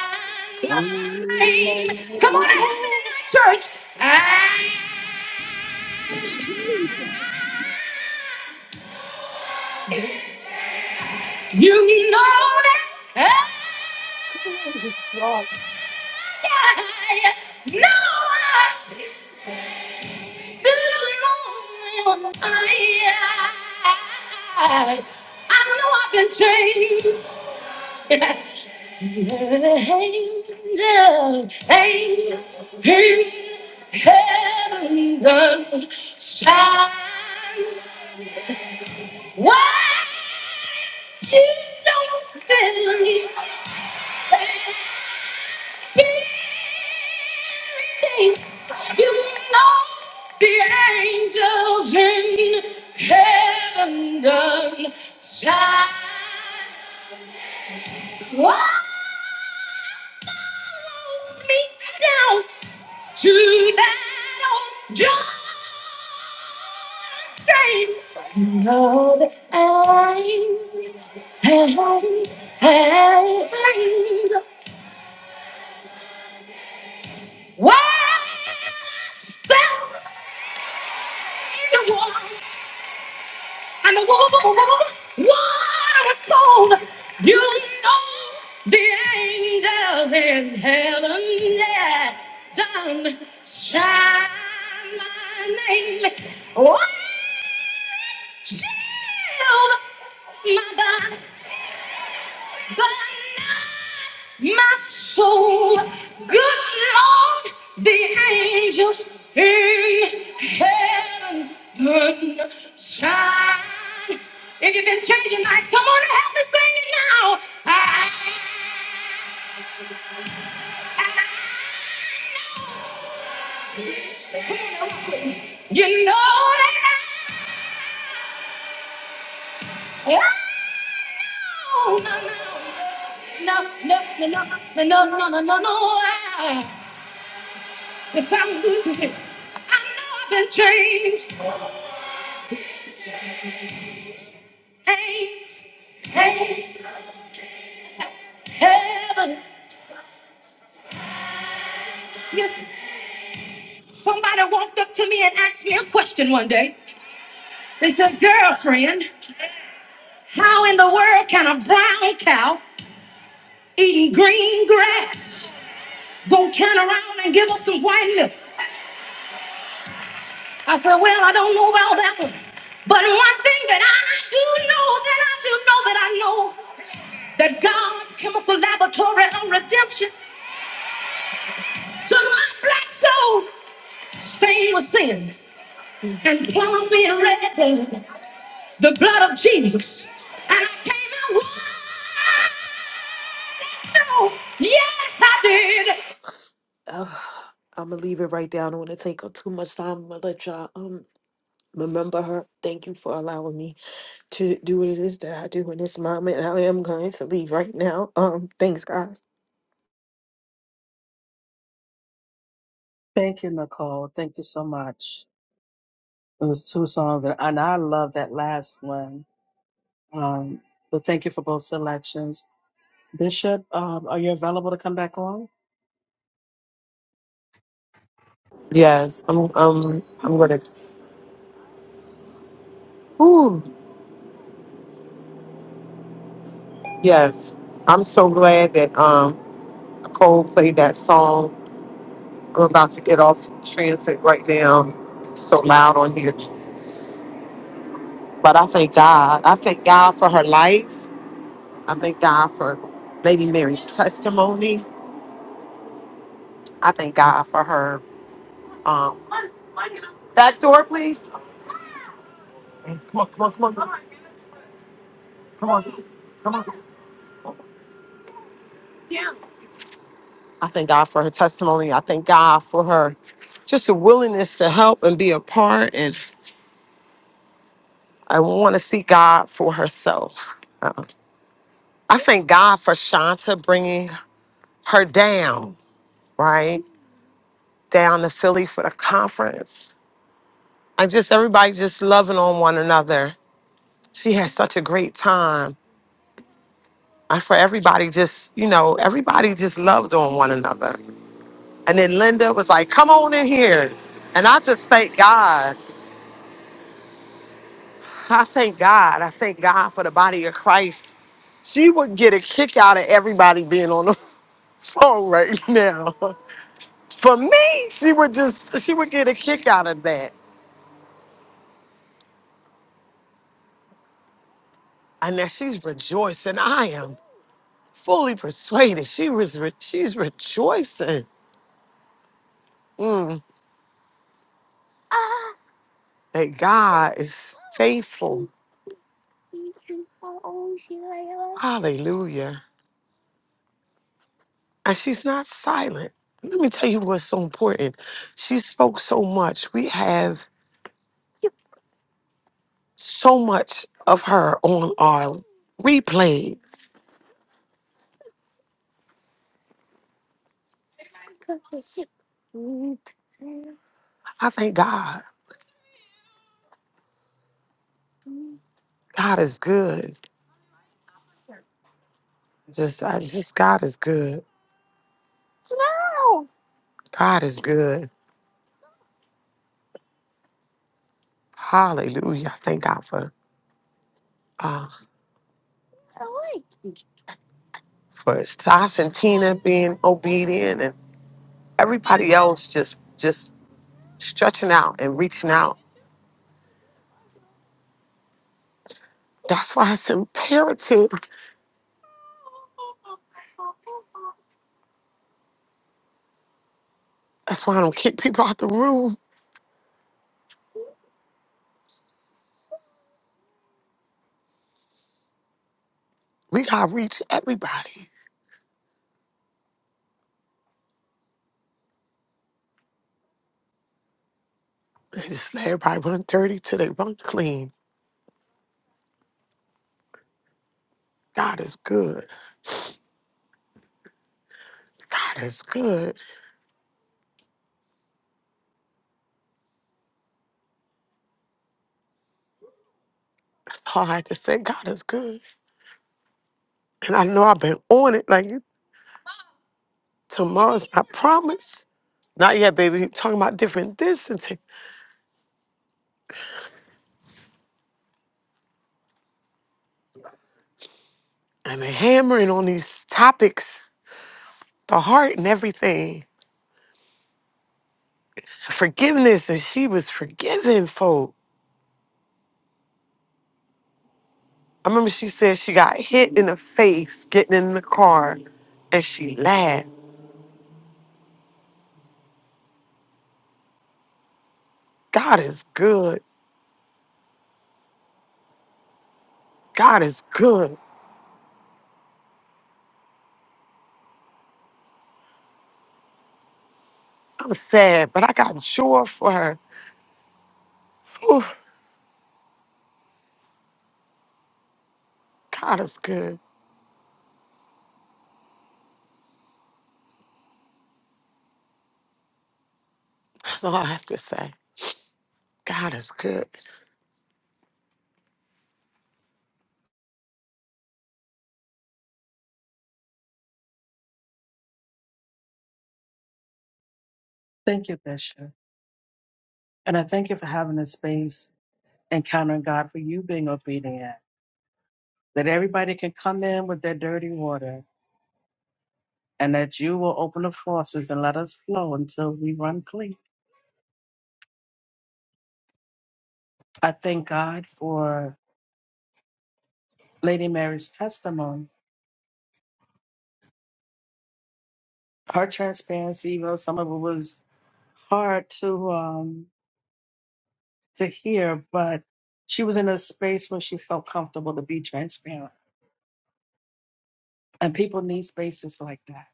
B: Find
O: my
B: her
O: name. Come on and
B: now.
O: help me tonight, church. I, you know that. I, I know Good morning. I I know I've been changed. Yes. Angels, angels in heaven shine. Why you don't believe? Get everything. You can know the angels in heaven done shine. Wallow me down to that old John Strain. You know that I'm, I'm, I'm, I'm, well, that's the one. and the water was cold. You know the angels in heaven, yeah, done shine my name, shield my body. But not my soul. Good Lord, the angels in heaven burden shine. If you've been changing life, come on and help me sing it now. I, I know. Come on, now, walk with me. You know that I, I no, no, no, no, no, no, no, no, no, no, no, no. It sounds good to me. I know I've been changed, changed, changed, heaven. Yes, somebody walked up to me and asked me a question one day. They said, girlfriend, how in the world can a brown cow eating green grass go turn around and give us some white milk? I said, well, I don't know about that one. But one thing that I do know, that I do know, that I know, that God's chemical laboratory of redemption So my black soul stained with sin and clothed me in red, blood, the blood of Jesus. And I came out white as snow. Yes, I did. I'm gonna leave it right there. I don't want to take up too much time. I'm gonna let y'all um remember her. Thank you for allowing me to do what it is that I do in this moment. I am going to leave right now. Um, thanks, guys.
C: Thank you, Nicole. Thank you so much. It was two songs, and, and I love that last one. Um, but thank you for both selections. Bishop, um, are you available to come back on?
N: Yes, I'm. Um, I'm gonna. Ooh, yes, I'm so glad that um Cole played that song. I'm about to get off transit right now. It's so loud on here, but I thank God. I thank God for her life. I thank God for Lady Mary's testimony. I thank God for her. Um, back door, please. I thank God for her testimony. I thank God for her just a willingness to help and be a part. And I want to see God for herself. Uh, I thank God for Shanta bringing her down, right? Down to Philly for the conference. I just, everybody just loving on one another. She had such a great time. And for everybody, just, you know, everybody just loved on one another. And then Linda was like, come on in here. And I just thank God. I thank God. I thank God for the body of Christ. She would get a kick out of everybody being on the phone right now. For me, she would just she would get a kick out of that. And now she's rejoicing. I am fully persuaded. She was re- she's rejoicing mm, that God is faithful. Hallelujah. And she's not silent. Let me tell you what's so important. She spoke so much. We have so much of her on our replays. I thank God. God is good. Just, I just, God is good. God is good. Hallelujah. I thank God for, uh, for Sas and Tina being obedient and everybody else just, just stretching out and reaching out. That's why it's imperative. That's why I don't kick people out the room. We got to reach everybody. And just let everybody run dirty till they run clean. God is good. God is good. That's all I had to say. God is good. And I know I've been on it. Like, you- tomorrow's not promised. Not yet, baby. you talking about different distances. and have hammering on these topics, the heart and everything. Forgiveness, and she was forgiving folk. I remember she said she got hit in the face getting in the car and she laughed. God is good. God is good. I'm sad, but I got joy for her. God is good. That's all I have to say. God is good.
C: Thank you, Bishop. And I thank you for having this space, encountering God, for you being obedient, that everybody can come in with their dirty water, and that you will open the faucets and let us flow until we run clean. I thank God for Lady Mary's testimony, her transparency, even though some of it was hard to. Um, to hear, but she was in a space where she felt comfortable to be transparent. And people need spaces like that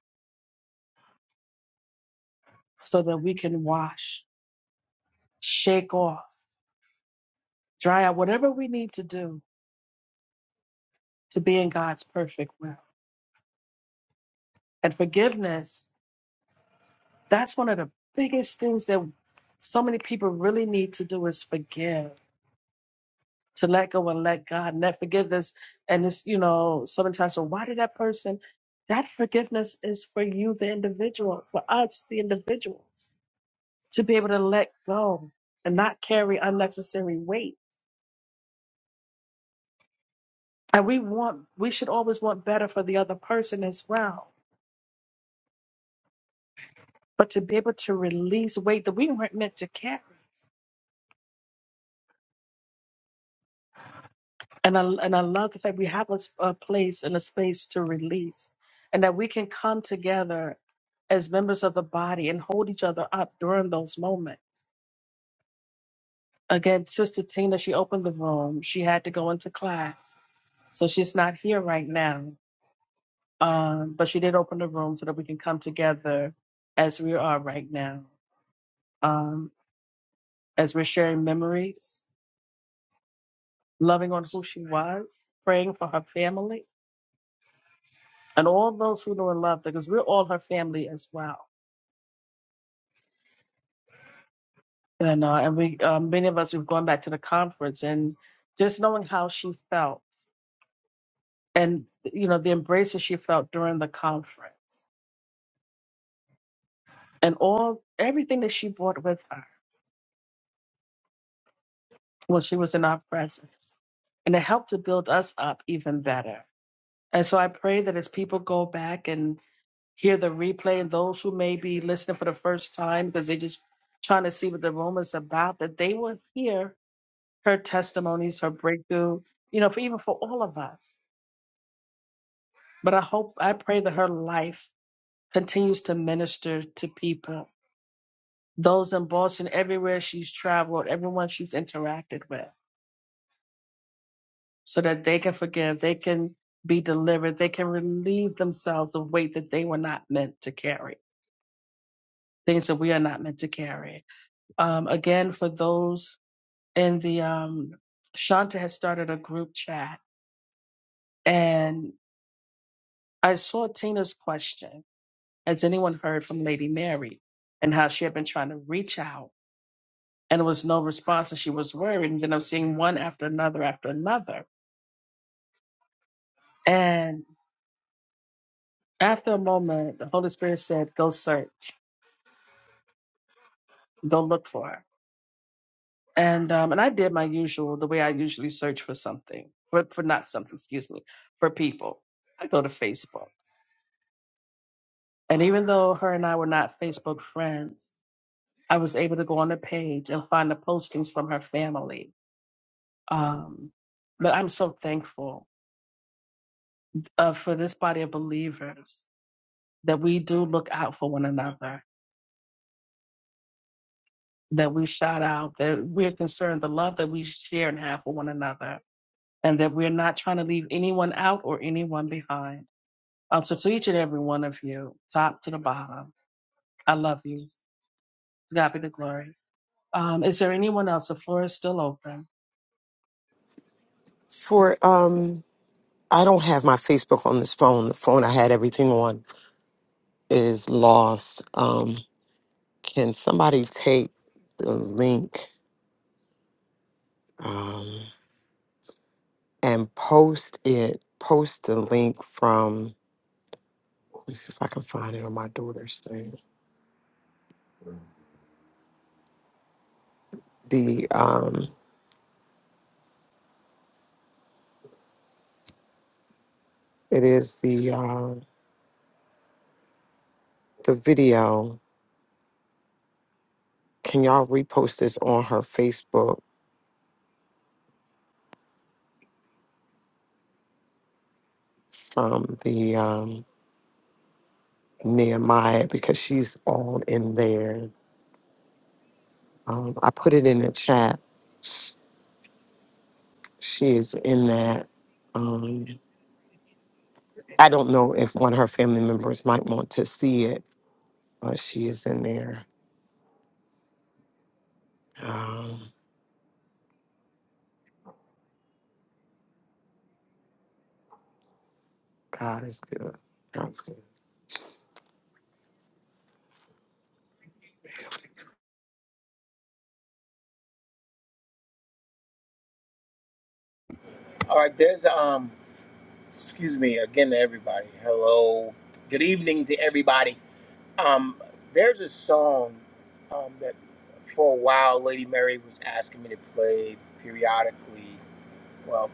C: so that we can wash, shake off, dry out, whatever we need to do to be in God's perfect will. And forgiveness, that's one of the biggest things that so many people really need to do is forgive. To let go and let God and that forgiveness. And it's, you know, so many times, so why did that person? That forgiveness is for you, the individual, for us, the individuals to be able to let go and not carry unnecessary weight. And we want, we should always want better for the other person as well. But to be able to release weight that we weren't meant to carry. And I, and I love the fact we have a, s- a place and a space to release and that we can come together as members of the body and hold each other up during those moments. Again, Sister Tina, she opened the room. She had to go into class. So she's not here right now Um, but she did open the room so that we can come together as we are right now, um, as we're sharing memories, loving on who she was, praying for her family, and all those who know and love her, because we're all her family as well. And uh, and we, um, many of us, we've gone back to the conference and just knowing how she felt, and you know the embraces she felt during the conference, and all everything that she brought with her when she was in our presence, and it helped to build us up even better And so I pray that as people go back and hear the replay, and those who may be listening for the first time because they're just trying to see what the room is about, that they will hear her testimonies, her breakthrough, you know, for even for all of us. But I hope, I pray that her life continues to minister to people, those in Boston, everywhere she's traveled, everyone she's interacted with, so that they can forgive, they can be delivered, they can relieve themselves of weight that they were not meant to carry. things that we are not meant to carry. Um, again, for those in the, um, Shanta has started a group chat and I saw Tina's question. Has anyone heard from Lady Mary and how she had been trying to reach out and there was no response and she was worried. And then I'm seeing one after another after another. And after a moment, the Holy Spirit said, go search, go look for her and um, and I did my usual, the way I usually search for something, for for not something, excuse me, for people. I go to Facebook, and even though her and I were not Facebook friends, I was able to go on the page and find the postings from her family. Um, but I'm so thankful uh, for this body of believers that we do look out for one another, that we shout out, that we're concerned the love that we share and have for one another, and that we're not trying to leave anyone out or anyone behind. Um, so to each and every one of you, top to the bottom, I love you. To God be the glory. Um, is there anyone else? The floor is still open.
N: For um, I don't have my Facebook on this phone. The phone I had everything on is lost. Um, can somebody take the link um, and post it? Post the link from. Let me see if I can find it on my daughter's thing. The um, it is the uh, the video. Can y'all repost this on her Facebook from the um, Nehemiah because she's all in there Um, I put it in the chat. She is in that. Um, I don't know if one of her family members might want to see it, but she is in there. Um, God is good. God's good.
E: All right, there's um, excuse me again to everybody. Hello, good evening to everybody. Um, there's a song um that for a while Lady Mary was asking me to play periodically. Well,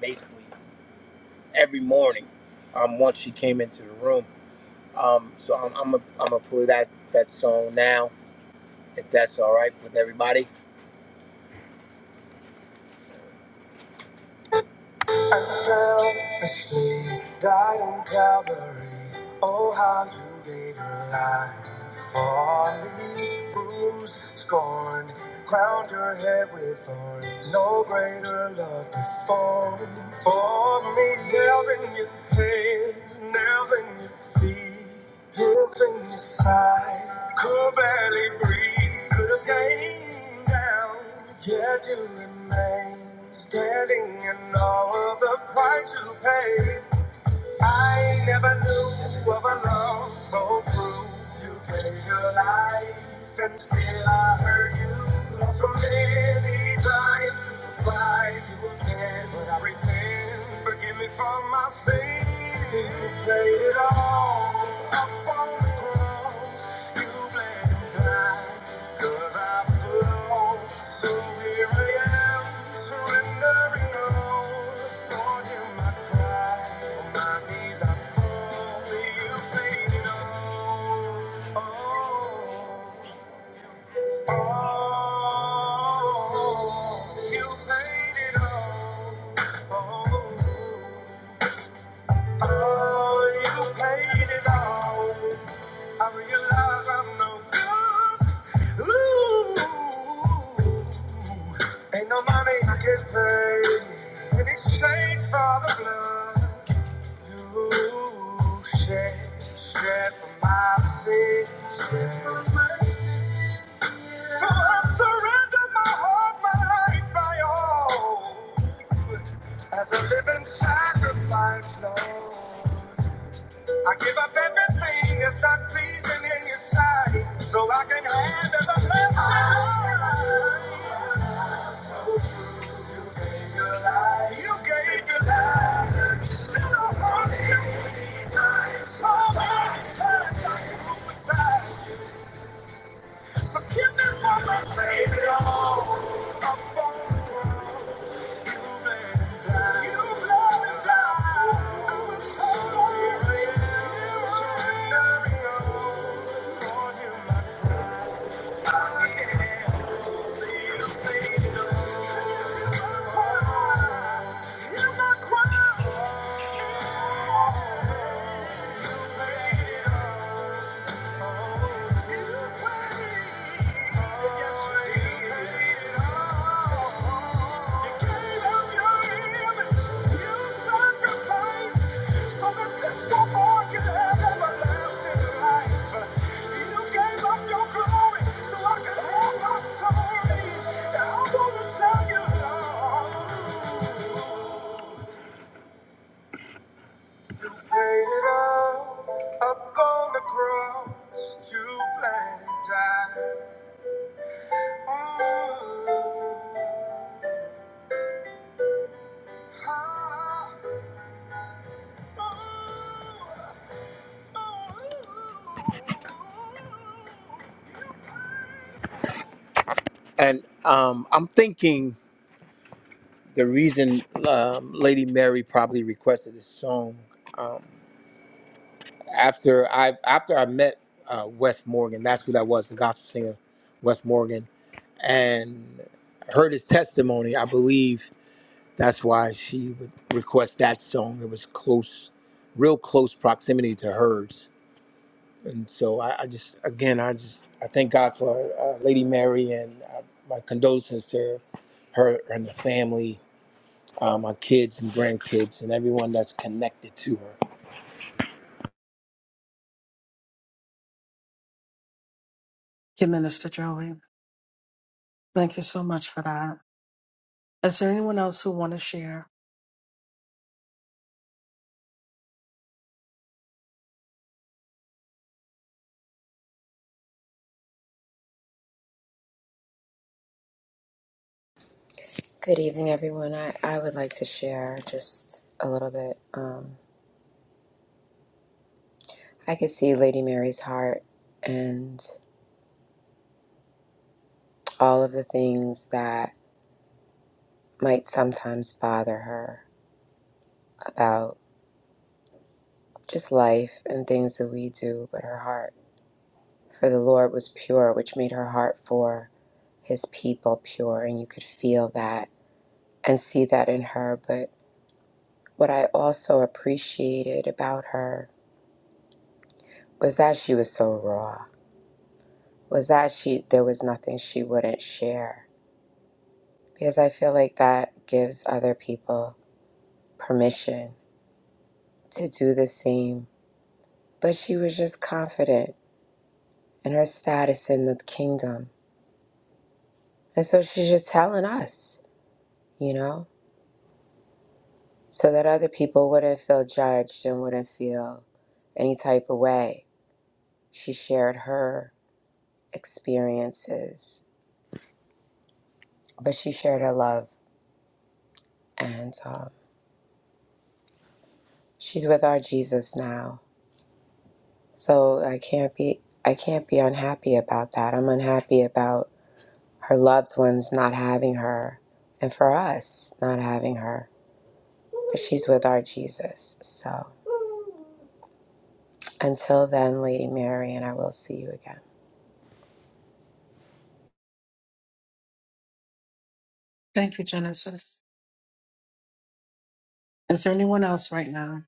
E: basically every morning. Um, once she came into the room. Um, so I'm I'm a, I'm gonna play that that song now if that's all right with everybody. Unselfishly died on Calvary. Oh, how you gave your life for me. Bruised, scorned, Crowned your head with thorns. No greater love before. For me, nailed in your hands, nailed in your feet, pierced in your side. Could barely breathe, could have came down. Yet you remain standing in all of the price you paid. I never knew of a love so true. You gave your life, and still I hurt you. So many times to fight you again, but I repent. Forgive me for my sin. You paid it all up on the cross. You bled and died, 'cause I was lost. So here I am, surrendering all oh, oh, oh. You paid all. Oh, oh, you paid it all. I realize I'm no good. Ooh. Ain't no money I can pay in exchange for the blood you shed, shed for my sins. So I surrender my heart, my life, my all as a living sacrifice, Lord. I give up everything that's not pleasing in your sight so I can handle the blessing. You gave your life. you gave your life. Still a hundred times. So many times I can look back. Forgive me for my Savior. I'm born. Yeah. Up on the cross, you blame time. And um, I'm thinking the reason um, Lady Mary probably requested this song um, after I after I met uh, Wes Morgan. That's who that was, the gospel singer, Wes Morgan, and heard his testimony. I believe that's why she would request that song. It was close, real close proximity to hers. And so I, I just, again, I just, I thank God for uh, Lady Mary and uh, my condolences to her and the family, uh, my kids and grandkids, and everyone that's connected to her.
C: To Minister Joey, thank you so much for that. Is there anyone else who want to share?
P: Good evening, everyone. I, I would like to share just a little bit. Um, I could see Lady Mary's heart and all of the things that might sometimes bother her about just life and things that we do, but her heart for the Lord was pure, which made her heart for his people pure. And you could feel that and see that in her. But what I also appreciated about her was that she was so raw, was that she there was nothing she wouldn't share because I feel like that gives other people permission to do the same. But she was just confident in her status in the kingdom. And so she's just telling us, you know, so that other people wouldn't feel judged and wouldn't feel any type of way. She shared her experiences, but she shared her love. And um, she's with our Jesus now. So I can't be. I can't be unhappy about that. I'm unhappy about her loved ones not having her, and for us not having her. But she's with our Jesus. So until then, Lady Mary, and I will see you again.
C: Thank you, Genesis. Is there anyone else right now?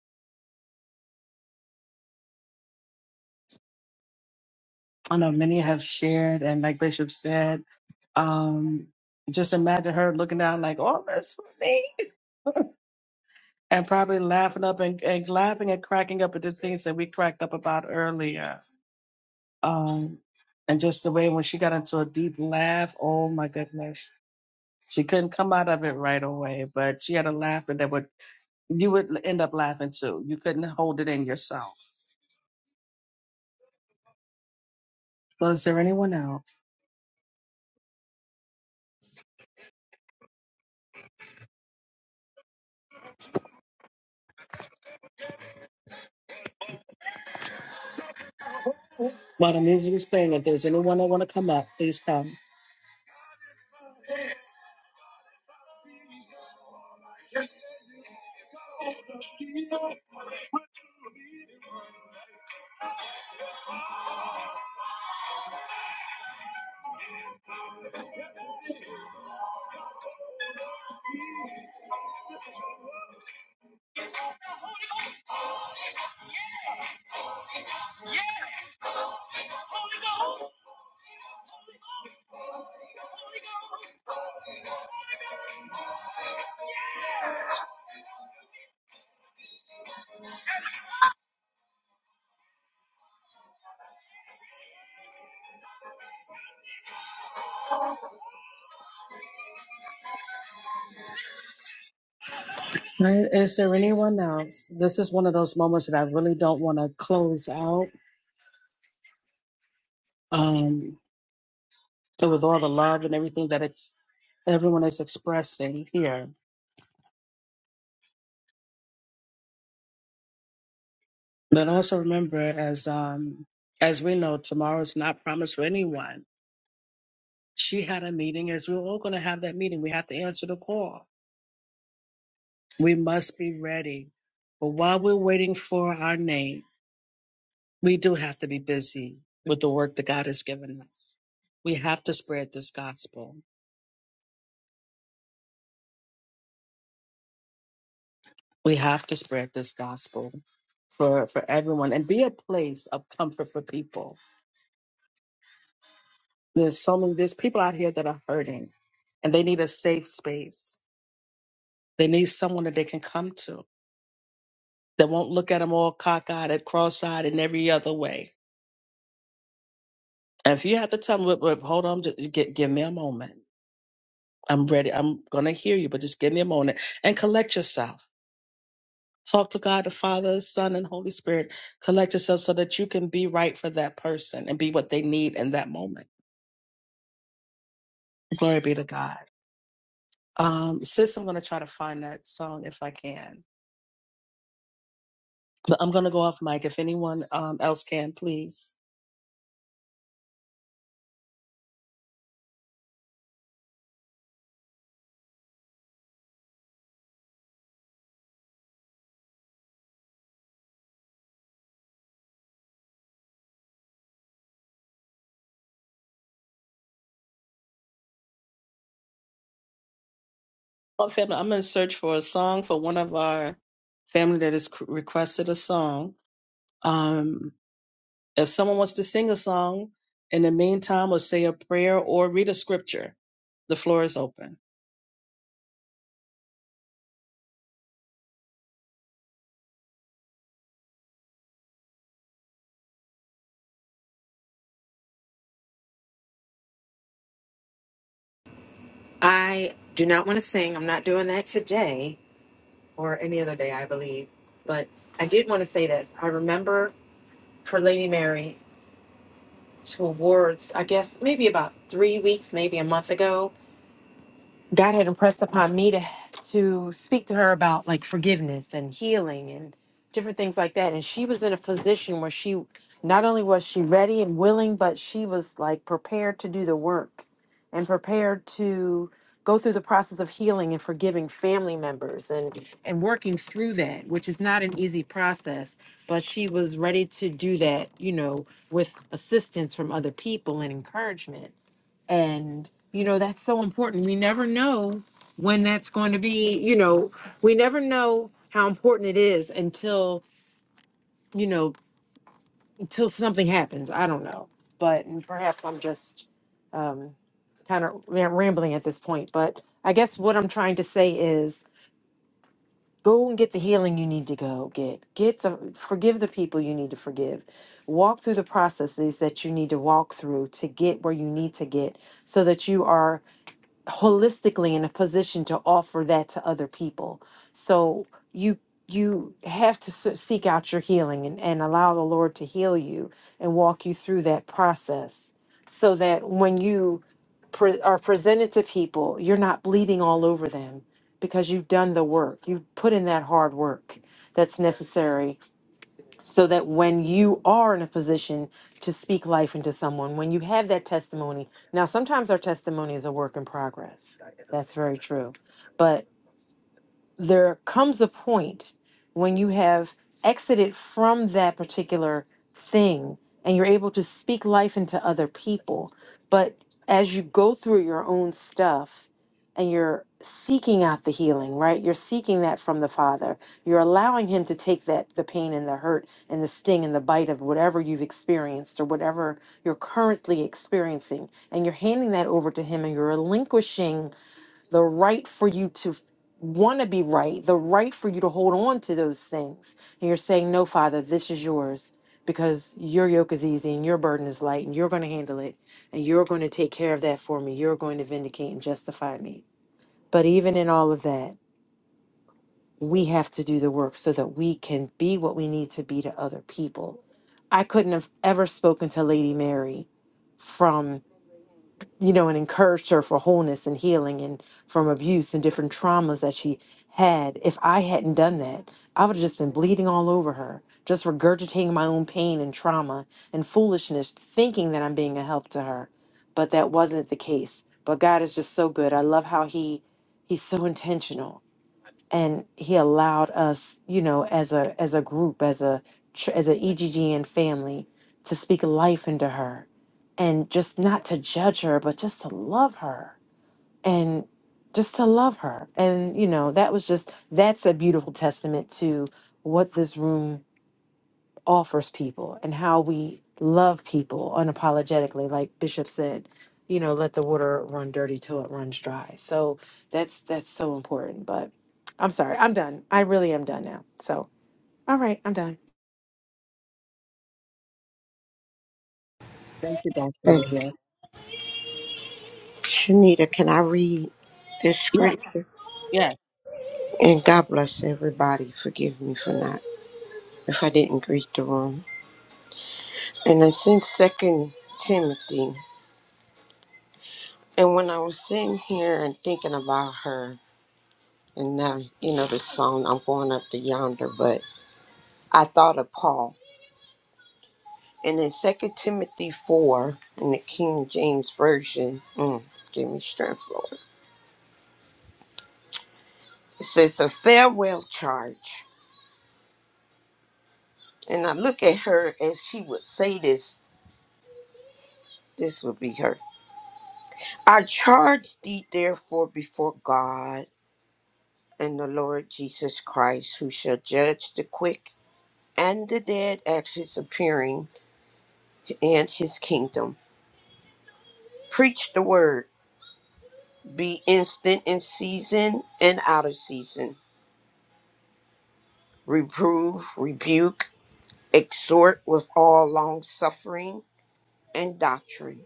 C: I know many have shared, and like Bishop said, um, just imagine her looking down like, "Oh, that's for me," and probably laughing up and, and laughing and cracking up at the things that we cracked up about earlier Um, and just the way when she got into a deep laugh, oh my goodness. She couldn't come out of it right away, but she had a laughter that would, you would end up laughing too. You couldn't hold it in yourself. So is there anyone else? While the music is playing, if there's anyone that want to come up, please come. All right, Is there anyone else? This is one of those moments that I really don't want to close out. Um, but with all the love and everything that it's everyone is expressing here, But also remember, as um, as we know, tomorrow is not promised for anyone. She had a meeting, as we're all going to have that meeting. We have to answer the call. We must be ready. But while we're waiting for our name, we do have to be busy with the work that God has given us. We have to spread this gospel. We have to spread this gospel for for everyone and be a place of comfort for people. There's so many. There's people out here that are hurting, and they need a safe space They need someone that they can come to that won't look at them all cockeyed, at cross-eyed, and every other way. And if you have to tell them, "Look, look, hold on, just gi- give me a moment. I'm ready. I'm going to hear you, but just give me a moment and collect yourself. Talk to God, the Father, Son, and Holy Spirit. Collect yourself so that you can be right for that person and be what they need in that moment. Glory be to God. Um, sis, I'm going to try to find that song if I can. But I'm going to go off mic. If anyone um, else can, please. Oh, family, I'm going to search for a song for one of our family that has c- requested a song. Um, if someone wants to sing a song in the meantime, or say a prayer or read a scripture, the floor is open.
L: I do not want to sing. I'm not doing that today or any other day, I believe. But I did want to say this. I remember for Lady Mary towards, I guess, maybe about three weeks, maybe a month ago. God had impressed upon me to to speak to her about like forgiveness and healing and different things like that. And she was in a position where she not only was she ready and willing, but she was like prepared to do the work and prepared to go through the process of healing and forgiving family members and and working through that, which is not an easy process, but she was ready to do that, you know, with assistance from other people and encouragement. And, you know, that's so important. We never know when that's going to be, you know, we never know how important it is until, you know, until something happens. I don't know. But and perhaps I'm just um, kind of rambling at this point. But I guess what I'm trying to say is go and get the healing you need to go get. Get the, forgive the people you need to forgive. Walk through the processes that you need to walk through to get where you need to get so that you are holistically in a position to offer that to other people. So you you have to se- seek out your healing and, and allow the Lord to heal you and walk you through that process so that when you pre- are presented to people, you're not bleeding all over them because you've done the work. You've put in that hard work that's necessary so that when you are in a position to speak life into someone, when you have that testimony, now sometimes our testimony is a work in progress. That's very true. But there comes a point when you have exited from that particular thing and you're able to speak life into other people. But as you go through your own stuff and you're seeking out the healing, right? You're seeking that from the Father. You're allowing Him to take that, the pain and the hurt and the sting and the bite of whatever you've experienced or whatever you're currently experiencing. And you're handing that over to Him and you're relinquishing the right for you to want to be right, the right for you to hold on to those things. And you're saying, No, Father, this is yours because your yoke is easy and your burden is light and you're going to handle it and you're going to take care of that for me. You're going to vindicate and justify me. But even in all of that, we have to do the work so that we can be what we need to be to other people. I couldn't have ever spoken to Lady Mary from you know, and encouraged her for wholeness and healing and from abuse and different traumas that she had. If I hadn't done that, I would have just been bleeding all over her, just regurgitating my own pain and trauma and foolishness, thinking that I'm being a help to her. But that wasn't the case. But God is just so good. I love how He He's so intentional and he allowed us you know as a as a group as a ch- as an eggn family to speak life into her and just not to judge her but just to love her and just to love her and you know that was just that's a beautiful testament to what this room offers people and how we love people unapologetically like bishop said you know let the water run dirty till it runs dry so that's that's so important but i'm sorry i'm done i really am done now so all right i'm done
C: Thank you, Dr.
M: Thank you.
C: Leah.
M: Shanita, can I read this
C: Yeah,
M: scripture?
C: yeah.
M: And God bless everybody. Forgive me for not, if I didn't greet the room. And it's in Second Timothy. And when I was sitting here and thinking about her, And now, you know, the song, I'm going up to yonder, but I thought of Paul. And in Second Timothy 4, in the King James Version, mm, give me strength, Lord. It says, a farewell charge. And I look at her as she would say this, this would be her. I charge thee therefore before God and the Lord Jesus Christ, who shall judge the quick and the dead at his appearing and his kingdom. Preach the word. Be instant in season and out of season. Reprove, rebuke, exhort with all long suffering and doctrine.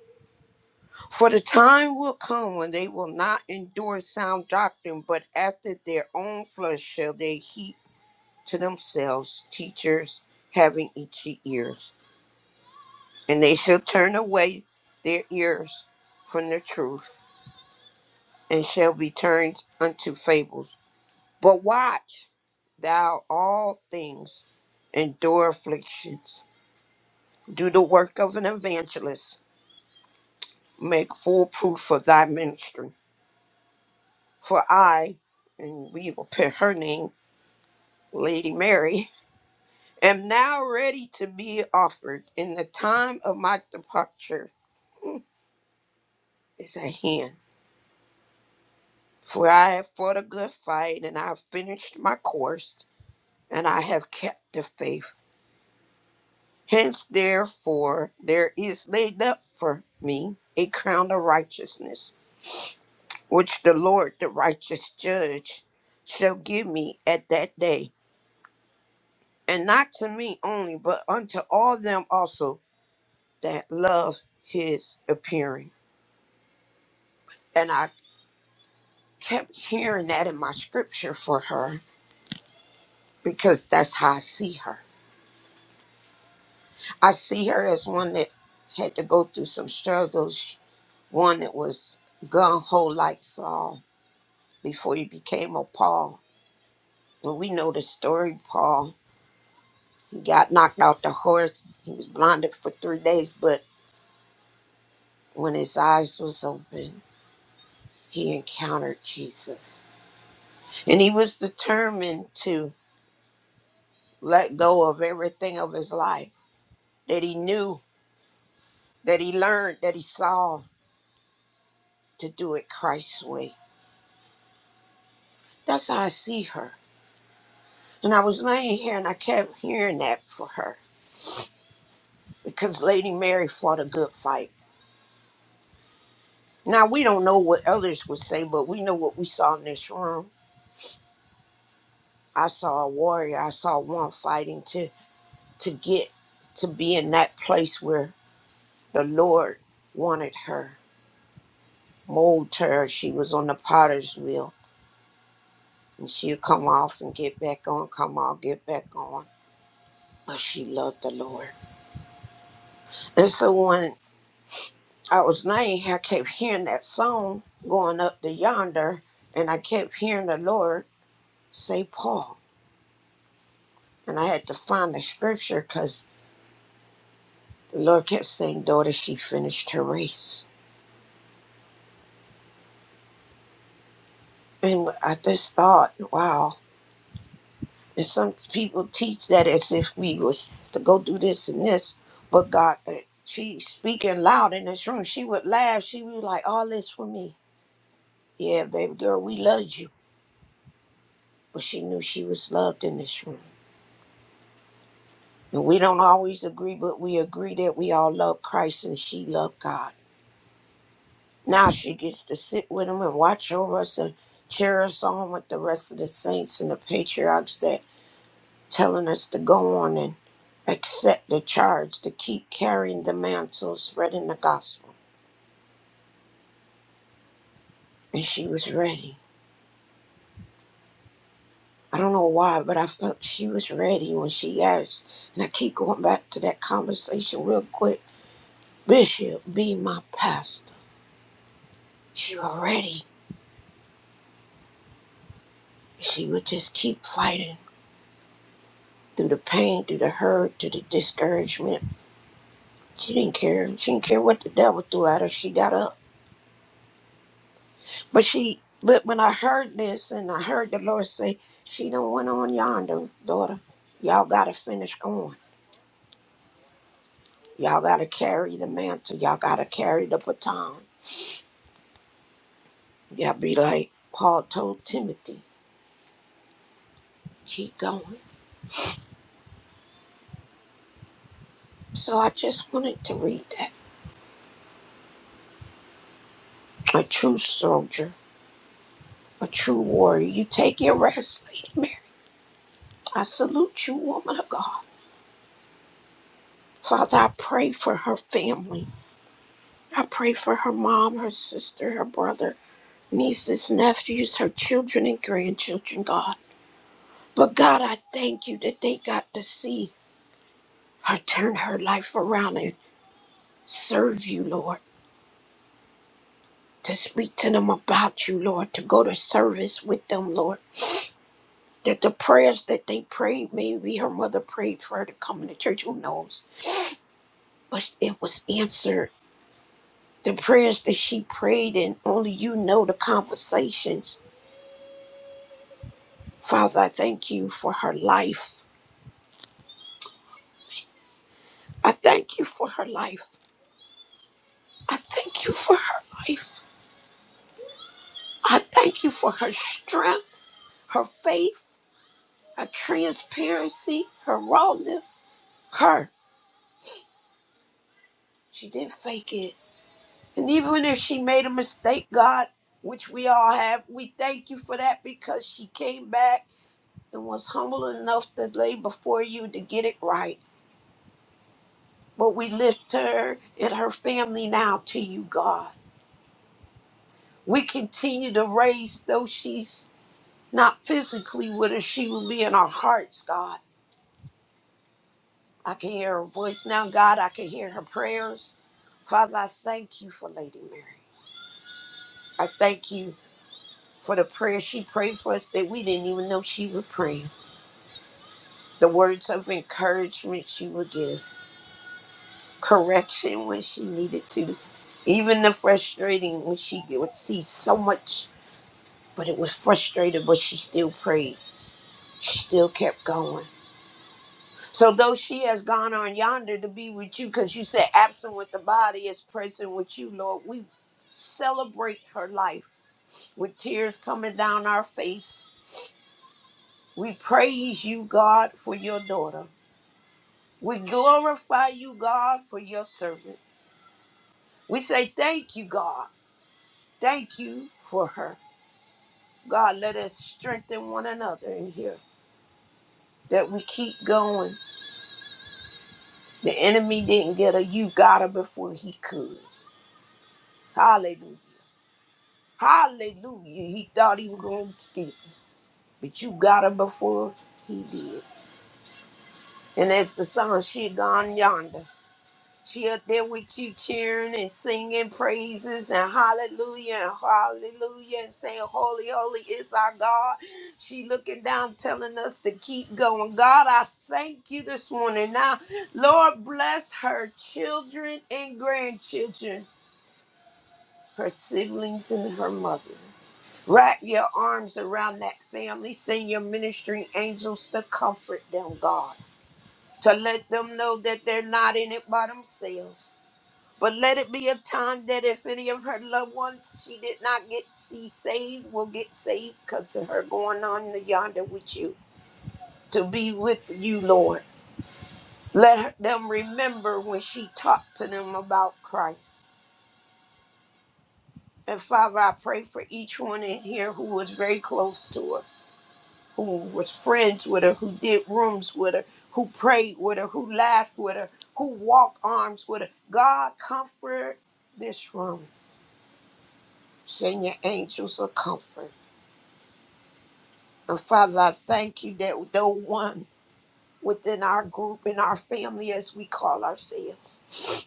M: For the time will come when they will not endure sound doctrine, but after their own flesh shall they heap to themselves teachers having itchy ears. And they shall turn away their ears from the truth and shall be turned unto fables. But watch. thou all things, endure afflictions, do the work of an evangelist, make full proof of thy ministry. For I, and we will put her name, Lady Mary, am now ready to be offered, and the time of my departure is at hand. For I have fought a good fight, and I have finished my course, and I have kept the faith. Hence, therefore, there is laid up for me a crown of righteousness which the Lord, the righteous judge, shall give me at that day, and not to me only, but unto all them also that love his appearing. And I kept hearing that in my scripture for her because that's how I see her. I see her as one that had to go through some struggles, one that was gun ho like Saul before he became a Paul. And we know the story, Paul He got knocked off the horse. He was blinded for three days, but when his eyes was open, he encountered Jesus. And he was determined to let go of everything of his life that he knew, that he learned, that he saw to do it Christ's way. That's how I see her. And I was laying here and I kept hearing that for her because Lady Mary fought a good fight. Now, we don't know what others would say, but we know what we saw in this room I saw a warrior. I saw one fighting to to get to be in that place where the Lord wanted her, mold her. She was on the potter's wheel, and she'd come off and get back on, come off, get back on. But she loved the Lord. And so when I was nine, I kept hearing that song going up to yonder, and I kept hearing the Lord say, Paul. And I had to find the scripture because the Lord kept saying, Daughter, she finished her race And I just thought, wow, and some people teach that as if we was to go do this and this, but God, uh, she speaking loud in this room, she would laugh. She was like, all this for me. Yeah, baby girl, we loved you. But she knew she was loved in this room. And we don't always agree, but we agree that we all love Christ and she loved God. Now she gets to sit with him and watch over us and cheer us on with the rest of the saints and the patriarchs that. telling us to go on and accept the charge to keep carrying the mantle, spreading the gospel. And she was ready. I don't know why, but I felt she was ready when she asked. And I keep going back to that conversation real quick. Bishop, be my pastor. She was ready. She would just keep fighting through the pain, through the hurt, through the discouragement. She didn't care. She didn't care what the devil threw at her. She got up. But she, but when I heard this and I heard the Lord say, she don't went on yonder, daughter. Y'all gotta finish on. Y'all gotta carry the mantle. Y'all gotta carry the baton. Y'all be like Paul told Timothy, keep going. So I just wanted to read that. A true soldier, a true warrior. You take your rest, Lady Mary. I salute you, woman of God. Father, I pray for her family. I pray for her mom, her sister, her brother. nieces, nephews, her children, and grandchildren, God. But God, I thank you that they got to see her turn her life around and serve you, Lord, to speak to them about you, Lord, to go to service with them, Lord. That the prayers that they prayed, maybe her mother prayed for her to come into church, who knows? But it was answered. The prayers that she prayed, and only you know the conversations. Father, I thank you for her life. I thank you for her life. I thank you for her life. I thank you for her strength, her faith, her transparency, her rawness. Her. She didn't fake it. And even if she made a mistake, God, which we all have, we thank you for that because she came back and was humble enough to lay before you to get it right. But we lift her and her family now to you, God. We continue to raise though she's not physically with her, she will be in our hearts, God. I can hear her voice now, God. I can hear her prayers. Father, I thank you for Lady Mary. I thank you for the prayer she prayed for us that we didn't even know she would pray. The words of encouragement she would give, correction when she needed to, even the frustrating when she would see so much, but it was frustrated, but she still prayed. She still kept going. So though she has gone on yonder to be with you, because you said absent with the body is present with you, Lord, we celebrate her life with tears coming down our face. We praise you, God, for your daughter. We glorify you, God, for your servant. We say thank you, God. Thank you for her. God, let us strengthen one another in here that we keep going. The enemy didn't get her. You got her before he could. Hallelujah. Hallelujah. He thought he was going to steal, but you got her before he did. And as the song, she gone yonder. She up there with you cheering and singing praises and hallelujah and hallelujah and saying, Holy, holy is our God. She looking down, telling us to keep going. God, I thank you this morning. Now, Lord, bless her children and grandchildren, her siblings and her mother. Wrap your arms around that family. Send your ministering angels to comfort them, God, to let them know that they're not in it by themselves. But let it be a time that if any of her loved ones she did not get see saved, will get saved because of her going on to yonder with you to be with you, Lord. Let her- them remember when she talked to them about Christ. And Father, I pray for each one in here who was very close to her. who was friends with her, who did rooms with her, who prayed with her, who laughed with her, who walked arms with her. God, comfort this room. Send your angels of comfort. And Father, I thank you that though one within our group and our family, as we call ourselves,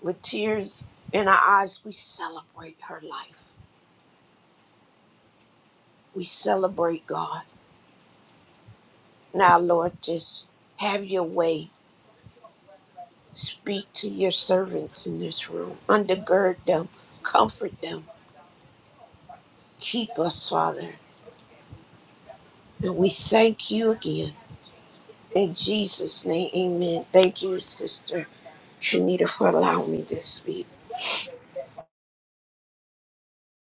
M: with tears in our eyes, we celebrate her life. We celebrate God. Now, Lord, just have your way Speak to your servants in this room. Undergird them, comfort them, keep us, Father. And we thank you again. In Jesus' name, amen. Thank you, Sister Shanita, for allowing me to speak.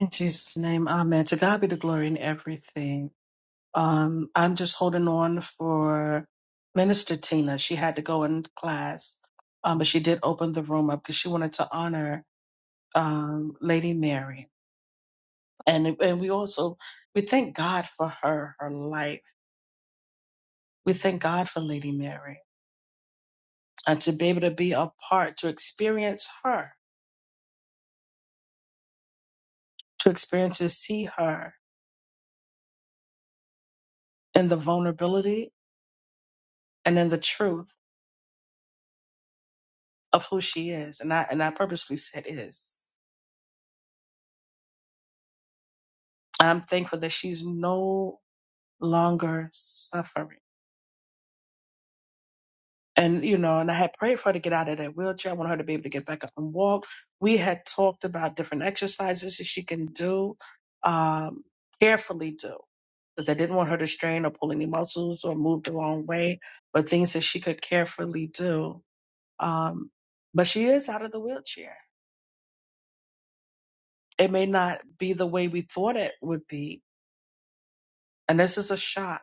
C: In Jesus' name, amen. To God be the glory in everything. Um, I'm just holding on for Minister Tina. She had to go in class, um, but she did open the room up because she wanted to honor um, Lady Mary. and and we also we thank God for her her life. We thank God for Lady Mary and to be able to be a part to experience her, to experience to see her in the vulnerability and in the truth of who she is. And I and I purposely said is. I'm thankful that she's no longer suffering. and you know, and I had prayed for her to get out of that wheelchair. I want her to be able to get back up and walk. We had talked about different exercises that she can do, um, carefully do, because I didn't want her to strain or pull any muscles or move the wrong way, but things that she could carefully do. Um, but she is out of the wheelchair. It may not be the way we thought it would be, and this is a shock,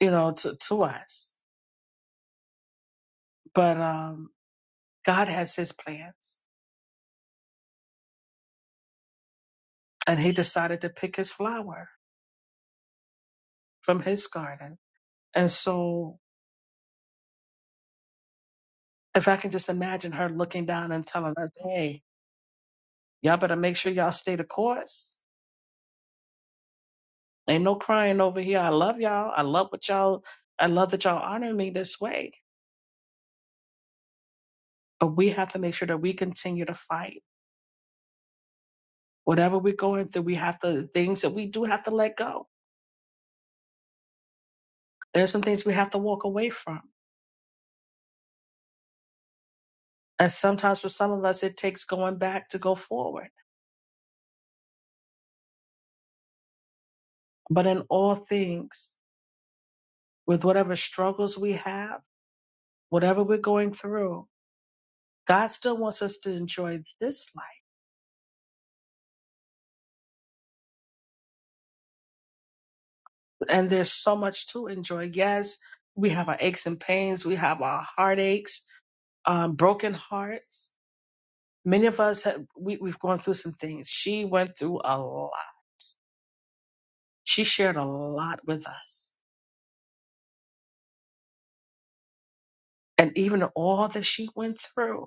C: you know, to to us. But um, God has His plans, and He decided to pick His flower from his garden. And so if I can just imagine her looking down and telling her, hey, y'all better make sure y'all stay the course. Ain't no crying over here. I love y'all. I love what y'all, I love that y'all honor me this way. But we have to make sure that we continue to fight. Whatever we're going through, we have to, things that we do have to let go. There's some things we have to walk away from. And sometimes for some of us, it takes going back to go forward. But in all things, with whatever struggles we have, whatever we're going through, God still wants us to enjoy this life. And there's so much to enjoy. Yes, we have our aches and pains, we have our heartaches, um, broken hearts. Many of us have, we, we've gone through some things. She went through a lot. She shared a lot with us. And even all that she went through,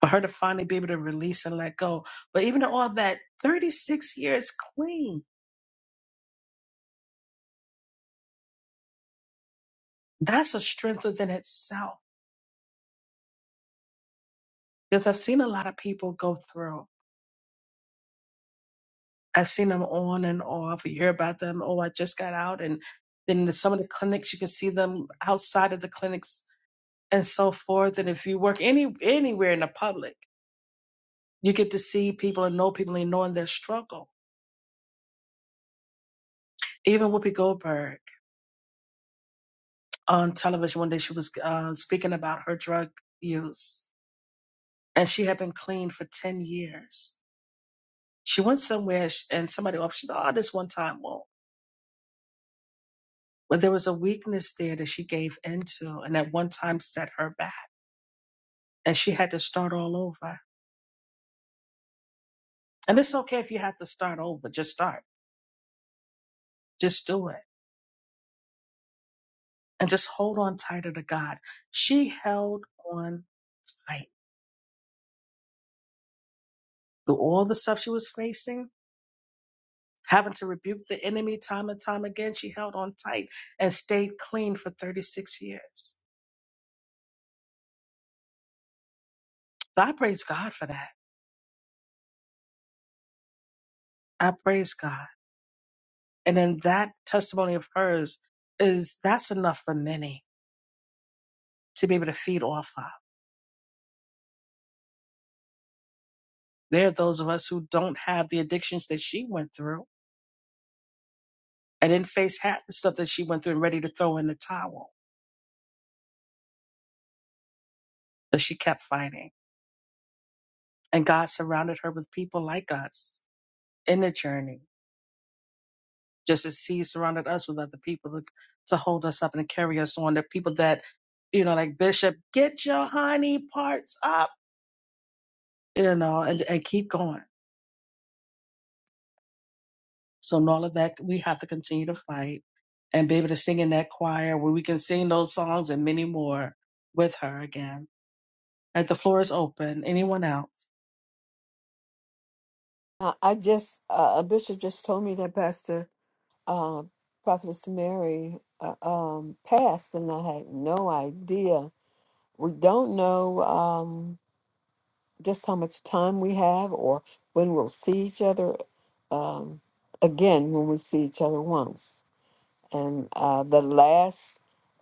C: for her to finally be able to release and let go. But even all that 36 years clean, that's a strength within itself. Because I've seen a lot of people go through. I've seen them on and off. You hear about them. Oh, I just got out. And then the, some of the clinics, you can see them outside of the clinics and so forth. And if you work any anywhere in the public, you get to see people and know people and knowing their struggle. Even Whoopi Goldberg on television one day, she was uh, speaking about her drug use, and she had been clean for ten years. She went somewhere and somebody offered, she said, "Oh, this one time won't." But there was a weakness there that she gave into, and at one time set her back and she had to start all over. And it's okay if you have to start over, just start, just do it, and just hold on tighter to God. She held on tight through all the stuff she was facing, having to rebuke the enemy time and time again. She held on tight and stayed clean for 36 years. So I praise God for that. I praise God. And then that testimony of hers is that's enough for many to be able to feed off of. There are those of us who don't have the addictions that she went through and didn't face half the stuff that she went through and ready to throw in the towel, but she kept fighting. And God surrounded her with people like us in the journey, just as He surrounded us with other people to, to hold us up and to carry us on. The people that, you know, like Bishop, get your honey parts up, you know, and, and keep going. So, in all of that, we have to continue to fight and be able to sing in that choir where we can sing those songs and many more with her again. All right, the floor is open. Anyone else?
Q: Uh, I just uh, a bishop just told me that Pastor uh, Prophetess Mary uh, um, passed, and I had no idea. We don't know um, just how much time we have, or when we'll see each other um, again. When we see each other once, and uh, the last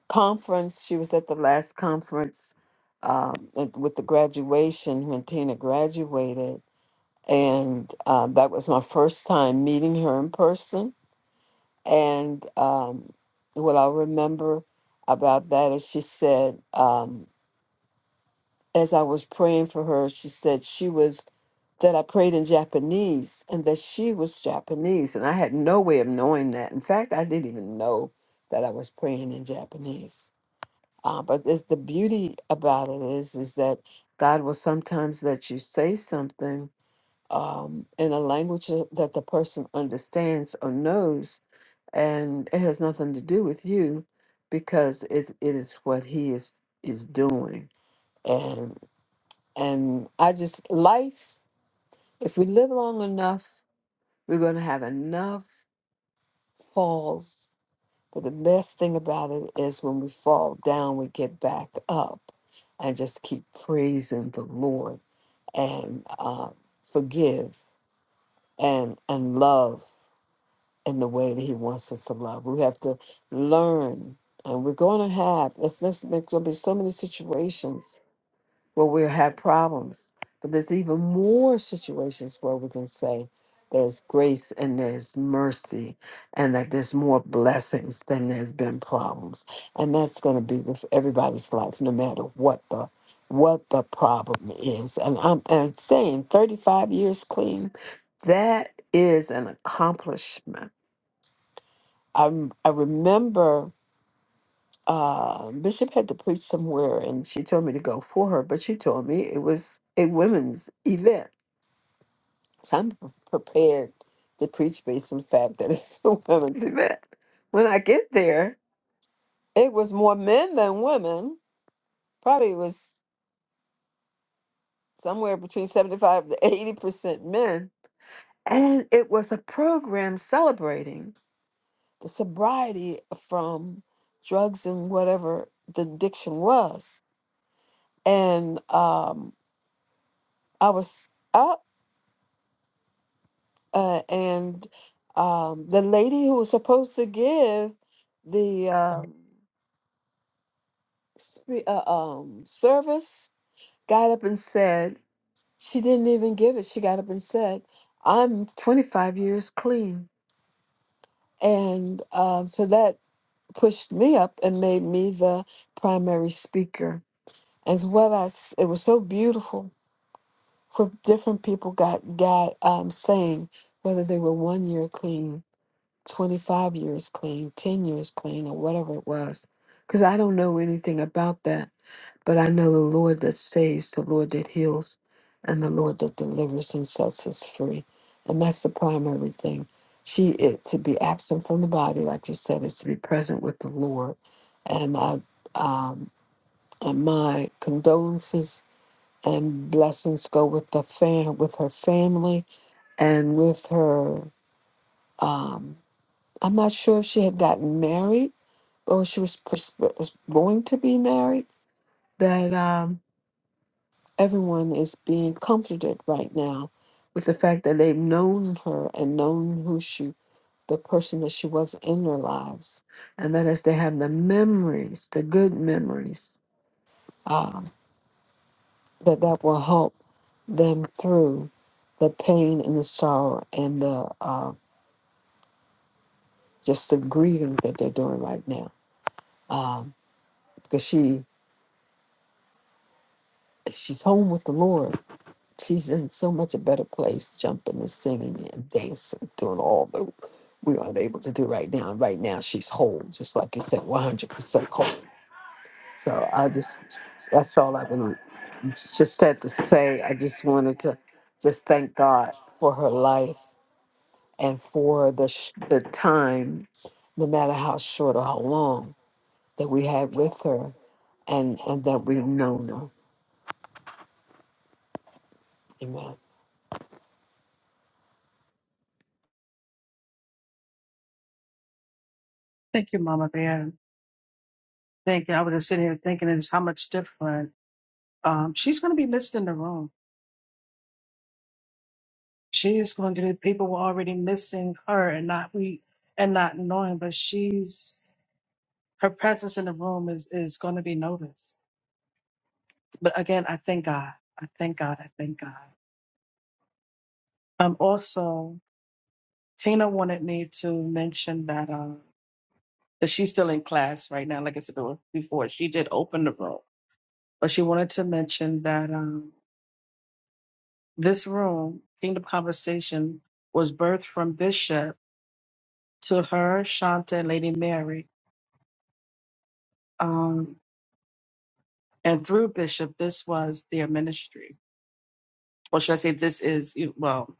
Q: conference, she was at the last conference um, with with the graduation when Tina graduated and uh, that was my first time meeting her in person. And um, what I remember about that is she said, um, as I was praying for her, she said she was that I prayed in Japanese and that she was Japanese, and I had no way of knowing that. In fact, I didn't even know that I was praying in Japanese. Uh, but it's the beauty about it is is that God will sometimes let you say something um, in a language tha- that the person understands or knows, and it has nothing to do with you because it, it is what he is is doing. And and I just life, if we live long enough, we're gonna have enough falls. But the best thing about it is when we fall down, we get back up and just keep praising the Lord and uh, forgive and and love. in the way that he wants us to love. We have to learn, and we're going to have. It's just there's going to be so many situations where we'll have problems, but there's even more situations where we can say there's grace and there's mercy, and that there's more blessings than there's been problems, and that's going to be with everybody's life, no matter what the what the problem is. And I'm, I'm saying 35 years clean, that is an accomplishment I, rem- I remember uh, Bishop had to preach somewhere, and she told me to go for her, but she told me it was a women's event. So I'm pre- prepared to preach based on the fact that it's a women's event. When I get there, it was more men than women. Probably was somewhere between 75 to 80% men. And it was a program celebrating the sobriety from drugs and whatever the addiction was and um, I was up, uh, and um, the lady who was supposed to give the um, spe- uh, um, service got up and said she didn't even give it. She got up and said, "I'm 25 years clean," and um, so that pushed me up and made me the primary speaker. As well as it was so beautiful for different people got God um, saying whether they were one year clean, 25 years clean, 10 years clean, or whatever it was. Because I don't know anything about that, but I know the Lord that saves, the Lord that heals, and the Lord that delivers and sets us free. And that's the primary thing. She it to be absent from the body, like you said, is to be present with the Lord. And I um and my condolences and blessings go with the fam with her family and with her um i'm not sure if she had gotten married or she was, pers- was going to be married that um everyone is being comforted right now with the fact that they've known her and known who she the person that she was in their lives and that as they have the memories the good memories um, that that will help them through the pain and the sorrow and the uh, just the grieving that they're doing right now. Um, because she she's home with the Lord. She's in so much a better place, jumping and singing and dancing, doing all that we aren't able to do right now. And right now, she's whole, just like you said, one hundred percent whole. So I just that's all I really just had to say. I just wanted to just thank God for her life and for the, sh- the time, no matter how short or how long, that we had with her and, and that we've known her. Amen.
C: Thank you, Mama Bear. thinking, I was just sitting here thinking is how much different. Um, she's going to be missed in the room. She is going to. be, People were already missing her and not we and not knowing, but she's her presence in the room is is going to be noticed. But again, I thank God. I thank God. I thank God. Um, also, Tina wanted me to mention that um that she's still in class right now. Like I said before, she did open the room, but she wanted to mention that um This room, Kingdom Conversation, was birthed from Bishop to her, Shanta, and Lady Mary. Um, and through Bishop, this was their ministry. Or should I say, this is, you- well,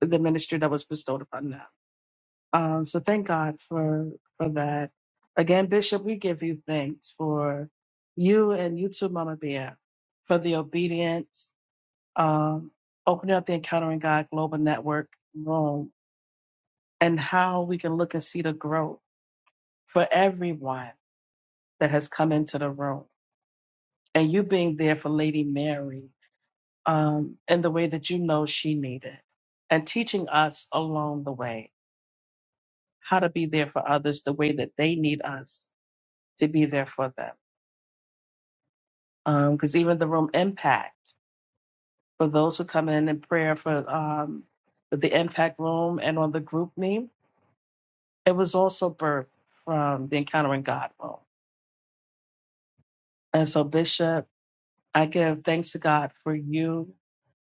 C: the ministry that was bestowed upon them. Um, so thank God for for that. Again, Bishop, we give you thanks for you and you too, Mama Bear, for the obedience, um, opening up the Encountering God Global Network room, and how we can look and see the growth for everyone that has come into the room and you being there for Lady Mary um, in the way that you know she needed and teaching us along the way how to be there for others the way that they need us to be there for them. Because even the room impact for those who come in in prayer for um, for the impact room and on the group name, it was also birthed from the Encountering God room. And so, Bishop, I give thanks to God for you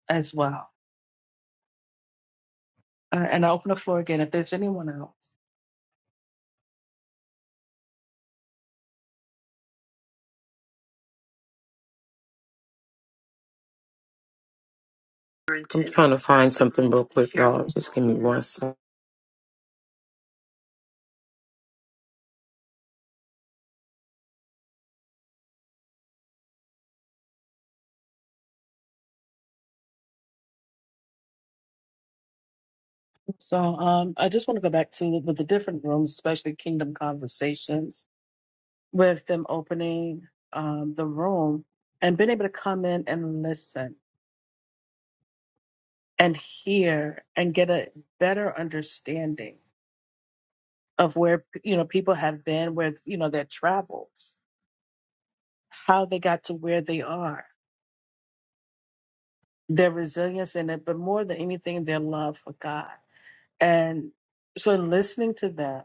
C: as well Uh, and I open the floor again if there's anyone else.
N: I'm trying to find something real quick, y'all. Just give me one sec.
C: So um, I just want to go back to with the different rooms, especially Kingdom Conversations, with them opening um, the room and being able to come in and listen and hear and get a better understanding of where you know people have been, where you know their travels, how they got to where they are, their resilience in it, but more than anything, their love for God. And so listening to them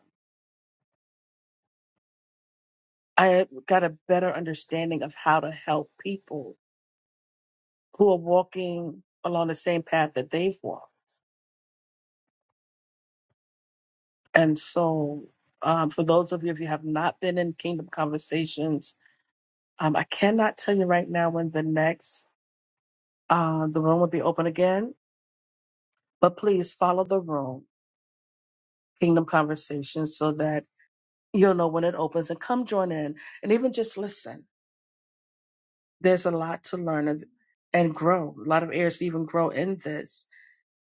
C: I got a better understanding of how to help people who are walking along the same path that they've walked. And so, um, for those of you, if you have not been in Kingdom Conversations, um, I cannot tell you right now when the next uh, the room will be open again. But please follow the room, Kingdom Conversations, so that you'll know when it opens and come join in and even just listen. There's a lot to learn and, and grow, a lot of areas to even grow in this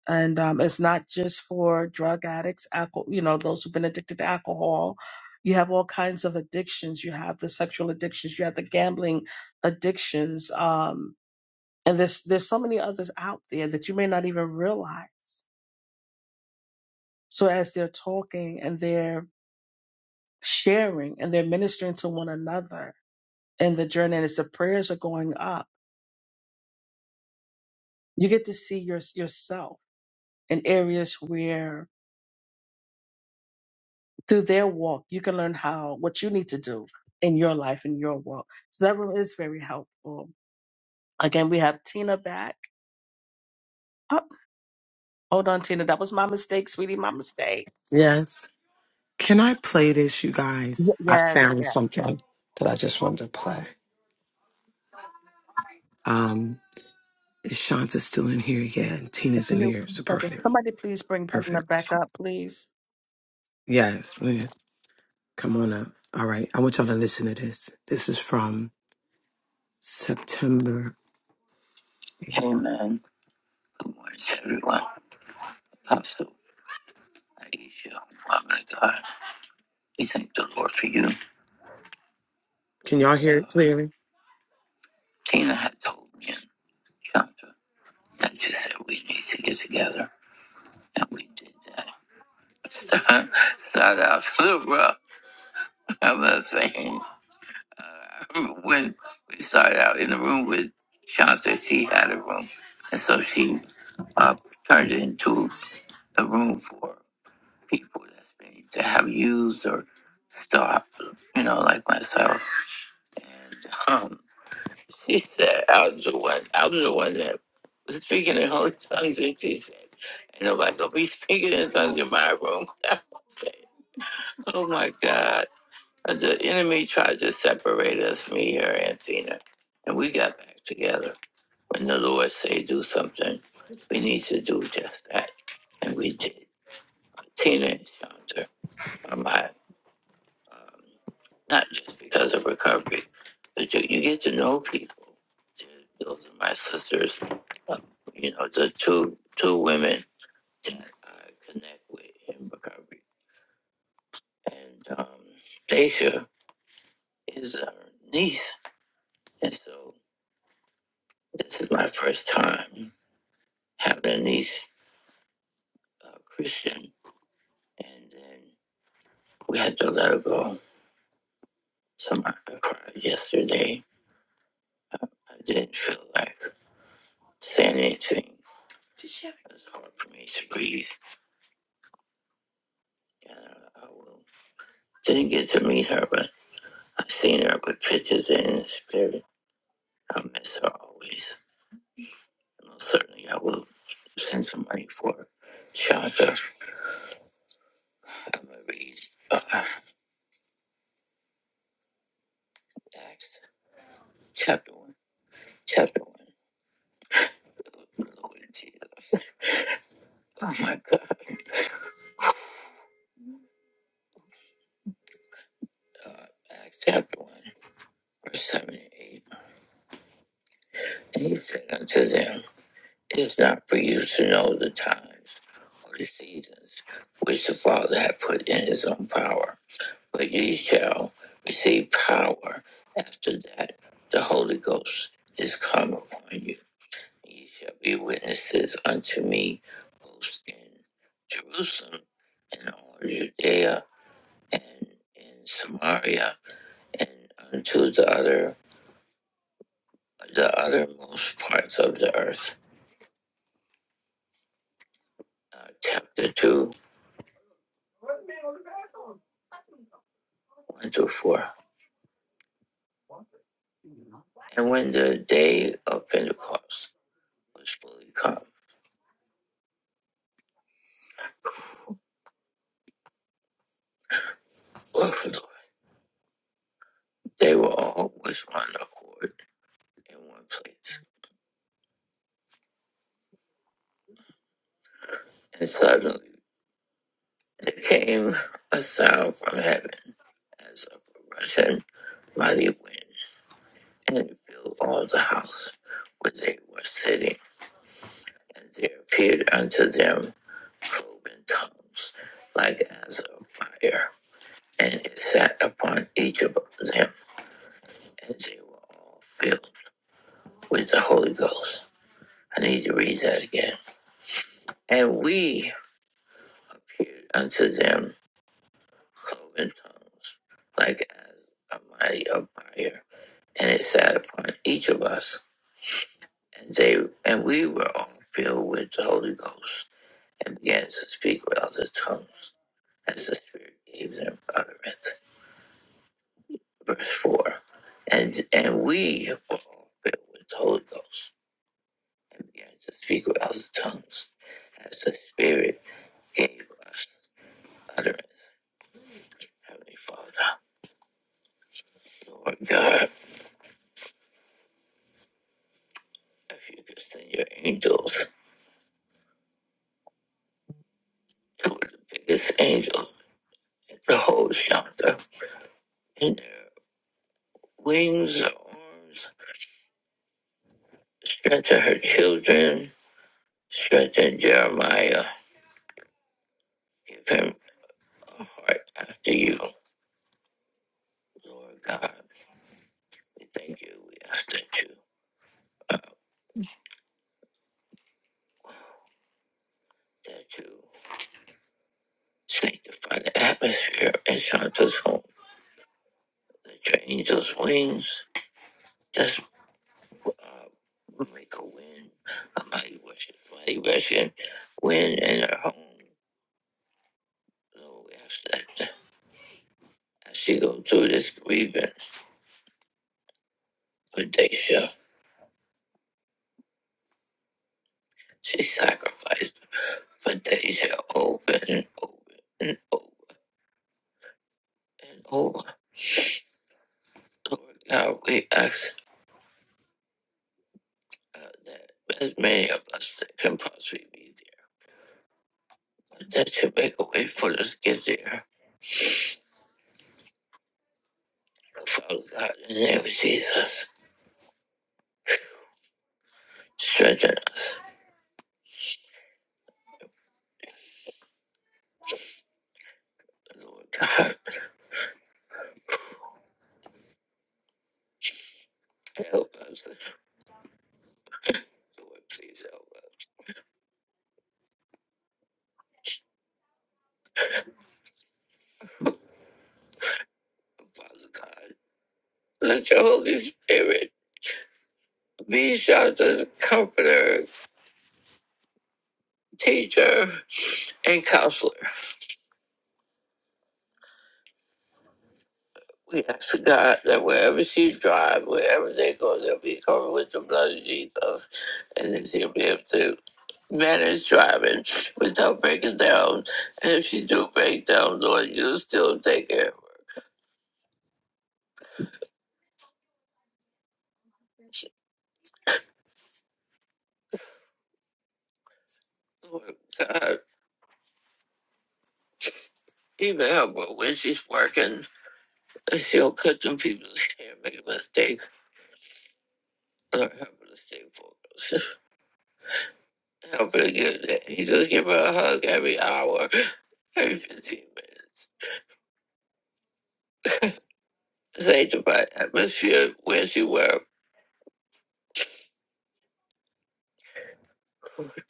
C: and um, it's not just for drug addicts, alcohol, you know, those who've been addicted to alcohol. You have all kinds of addictions. You have the sexual addictions. You have the gambling addictions. Um, and there's there's so many others out there that you may not even realize. So as they're talking and they're sharing and they're ministering to one another in the journey, and as the prayers are going up, you get to see your, yourself in areas where through their walk, you can learn how what you need to do in your life and your walk. So that room is very helpful. Again, we have Tina back. Oh, hold on, Tina. That was my mistake, sweetie. My mistake.
N: Yes. Can I play this, you
C: Y-
N: guys? I
C: Yes,
N: found
C: yes.
N: something that I just wanted to play. Um, is Shanta still in here? Yeah, and Tina's
C: Give
N: in
C: me
N: here.
C: one
N: So
C: second.
N: perfect.
C: Somebody please bring Tina
N: Perfect.
C: back up, please.
N: Yes. Come on up. All right. I want y'all to listen to this. This is from September. Hey, man. Good morning, everyone. Apostle Aisha, woman of God. We thank the Lord for you. Can y'all hear it clearly? Tina had told me and Chandra that you said we need to get together, and we did that. Start out a little rough. I'm not saying. when we started out in the room with Shanta, she had a room, and so she uh, turned it into a room for people that's been to have used or stopped, you know, like myself. And um, she said, i was the one. i was the one that was speaking in holy tongues." And she said, "Ain't nobody gonna be speaking in tongues in my room." I said, "Oh my God." Uh, The enemy tried to separate us, me, her, and Tina, and we got back together. When the Lord say do something, we need to do just that, and we did. Tina and Shanta are my, um, not just because of recovery, but you, you get to know people. Those are my sisters, uh, you know, the two two women that I connect with in recovery, and um, Daisha is our niece, and so. This is my first time having these uh, Christian, and then we had to let her go. So I I cried yesterday. I didn't feel like saying anything. It's hard for me to breathe. And I, I will. didn't get to meet her, but I've seen her with pictures and in the spirit. I miss her always. And Most certainly, I will send some money for her. shelter. I'm gonna read uh, Acts chapter one. Chapter one. The Lord Jesus. Oh my God. Uh, Acts chapter 1, verse 7 and 8. And he said unto them, It is not for you to know the times or the seasons which the Father hath put in his own power, but ye shall receive power after that the Holy Ghost is come upon you. Ye shall be witnesses unto me both in Jerusalem and all Judea and in Samaria and unto the other the othermost parts of the earth. Uh, chapter 2, 1 through 4. And when the day of Pentecost was fully come, they were all with one accord in one place. And suddenly there came a sound from heaven as of a rushing mighty wind, and it filled all the house where they were sitting. And there appeared unto them cloven tongues like as of fire and it sat upon each of them, and they were all filled with the Holy Ghost. I need to read that again. And we appeared unto them cloven tongues, like as a mighty of fire, and it sat upon each of us, and they and we were all filled with the Holy Ghost, and began to speak with other tongues, as the Spirit gave them utterance. Verse four, and and we were all filled with the Holy Ghost And began to speak with other tongues as the Spirit gave us utterance. Heavenly Father, Lord God, if you could send your angels, two of the biggest angels in the whole chapter, in their wings or arms, strengthen her children, strengthen Jeremiah, give him a heart after you, Lord God. We thank you. We ask that you, that you sanctify the atmosphere in Shanta's home Let your angels' wings just uh, make a wind, a mighty rushing, mighty rushing wind in her home. Lord, we ask that as she go through this grievance for Daisha, she sacrificed for Daisha over and over and over and over. Lord God, we ask uh, that as many of us that can possibly be there, that you make a way for us to get there. Father God, in the name of Jesus, strengthen us. Lord God, help us. Lord, please help us. Father God, let your Holy Spirit be shelter, comforter, teacher, and counselor. We ask God that wherever she drives, wherever they go, they'll be covered with the blood of Jesus, and that she'll be able to manage driving without breaking down. And if she do break down, Lord, you'll still take care of her. Lord God, even help her when she's working But She'll cut them people's hair, make a mistake, Lord, help her to stay focused. Help her get that. You just give her a hug every hour, every 15 minutes. Sanctify atmosphere where she wear.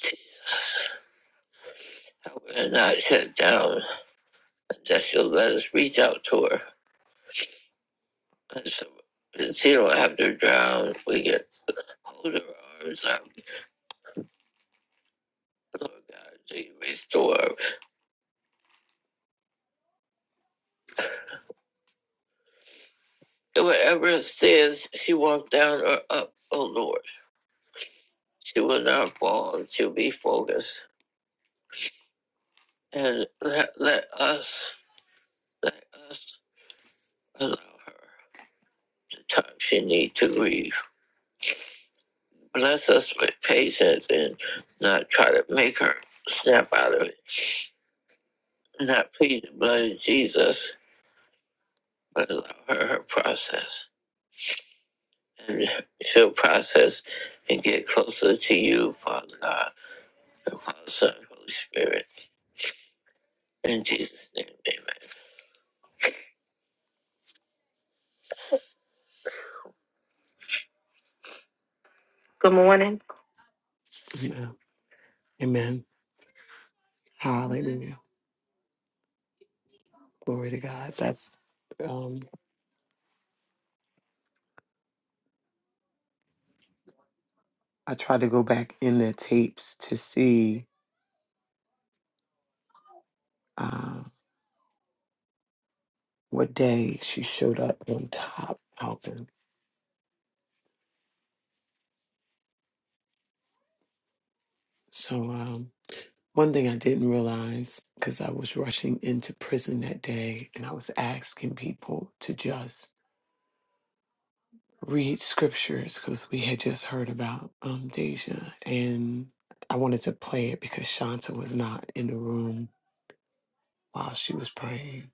N: Jesus, I will not shut down until she'll let us reach out to her. And so, and she don't have to drown. We can hold her arms out. Lord God, she restore her. And whatever it says, she walked down or up, oh Lord. She will not fall. She'll be focused. And let, let us let us allow her the time she needs to grieve. Bless us with patience and not try to make her snap out of it. Not plead the blood of Jesus, but allow her her process. And she'll process and get closer to you, Father God, and Father, Son, and Holy Spirit. In Jesus' name, amen. Good morning. Yeah. Amen. Hallelujah. that's um, our tapes to see uh, what day she showed up on top helping. So um, one thing I didn't realize because I was rushing into prison that day and I was asking people to just read scriptures because we had just heard about um, Deja and I wanted to play it because Shanta was not in the room while she was praying.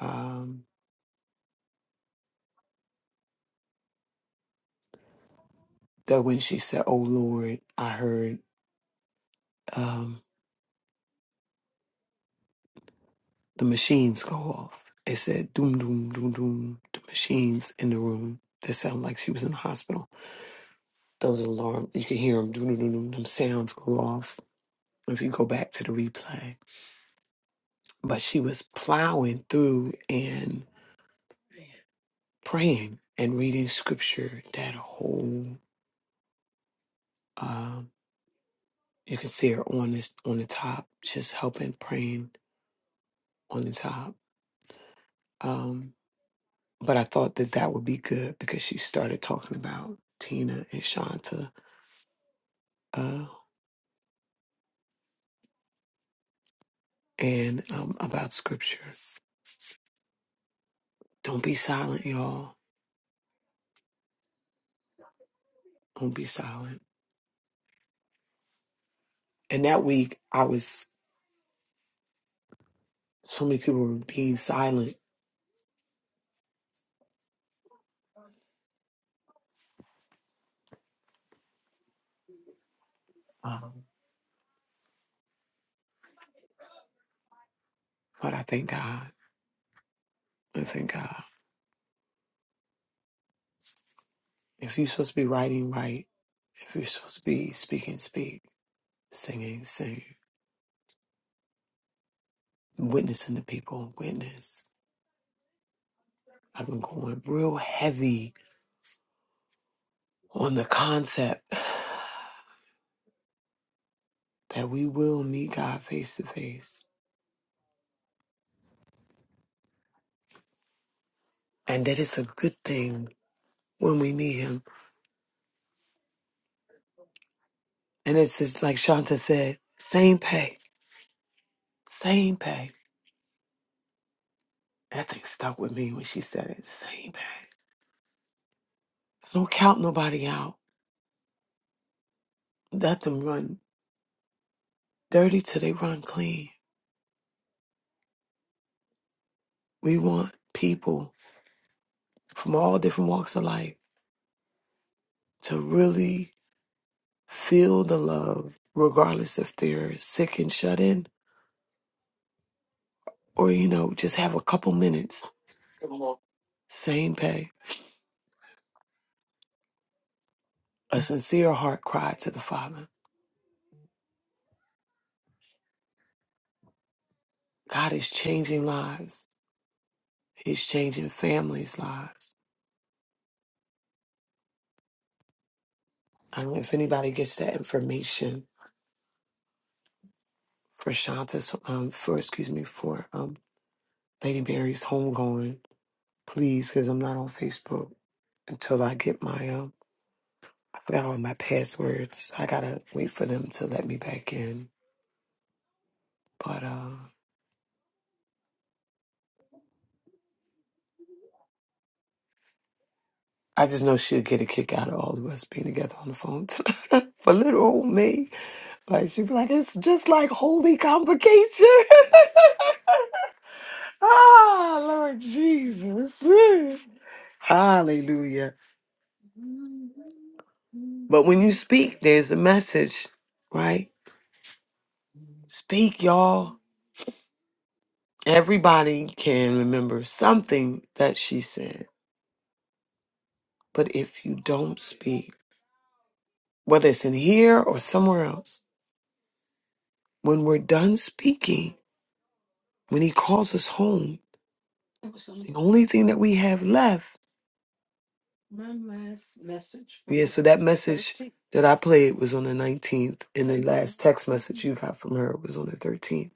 N: Um, that when she said, "Oh Lord," I heard. Um, the machines go off. It said doom doom doom doom. The machines in the room that sound like she was in the hospital. Those alarms, you can hear them doom doom doom. doom. Them sounds go off if you go back to the replay. But she was plowing through and praying and reading scripture. That whole um, you can see her on this on the top, just helping praying on the top. Um, but I thought that that would be good because she started talking about Tina and Shanta uh, and um, about scripture. Don't be silent, y'all. Don't be silent. And that week, I was, so many people were being silent, but I thank God. I thank God. If you're supposed to be writing, write. If you're supposed to be speaking, speak. Singing, sing. Witnessing the people, witness. I've been going real heavy on the concept that we will meet God face to face and that it's a good thing when we meet Him And it's just like Shanta said, same pay, same pay. That thing stuck with me when she said it, same pay. So don't count nobody out. Let them run dirty till they run clean. We want people from all different walks of life to really feel the love, regardless if they're sick and shut in or, you know, just have a couple minutes. Same pay. A sincere heart cry to the Father. God is changing lives. He's changing families' lives. I don't know if anybody gets that information for Shanta's, um, for, excuse me, for um, Lady Mary's homegoing, please, because I'm not on Facebook until I get my, um, I forgot all my passwords. I got to wait for them to let me back in. But uh, I just know she'll get a kick out of all of us being together on the phone tonight for little old me. Like, she'll be like, it's just like holy convocation. Ah, Lord Jesus. Hallelujah. But when you speak, there's a message, right? Speak, y'all. Everybody can remember something that she said. But if you don't speak, whether it's in here or somewhere else, when we're done speaking, when he calls us home, the only thing that we have left that I played was on the 19th. And the last text message you got from her was on the 13th.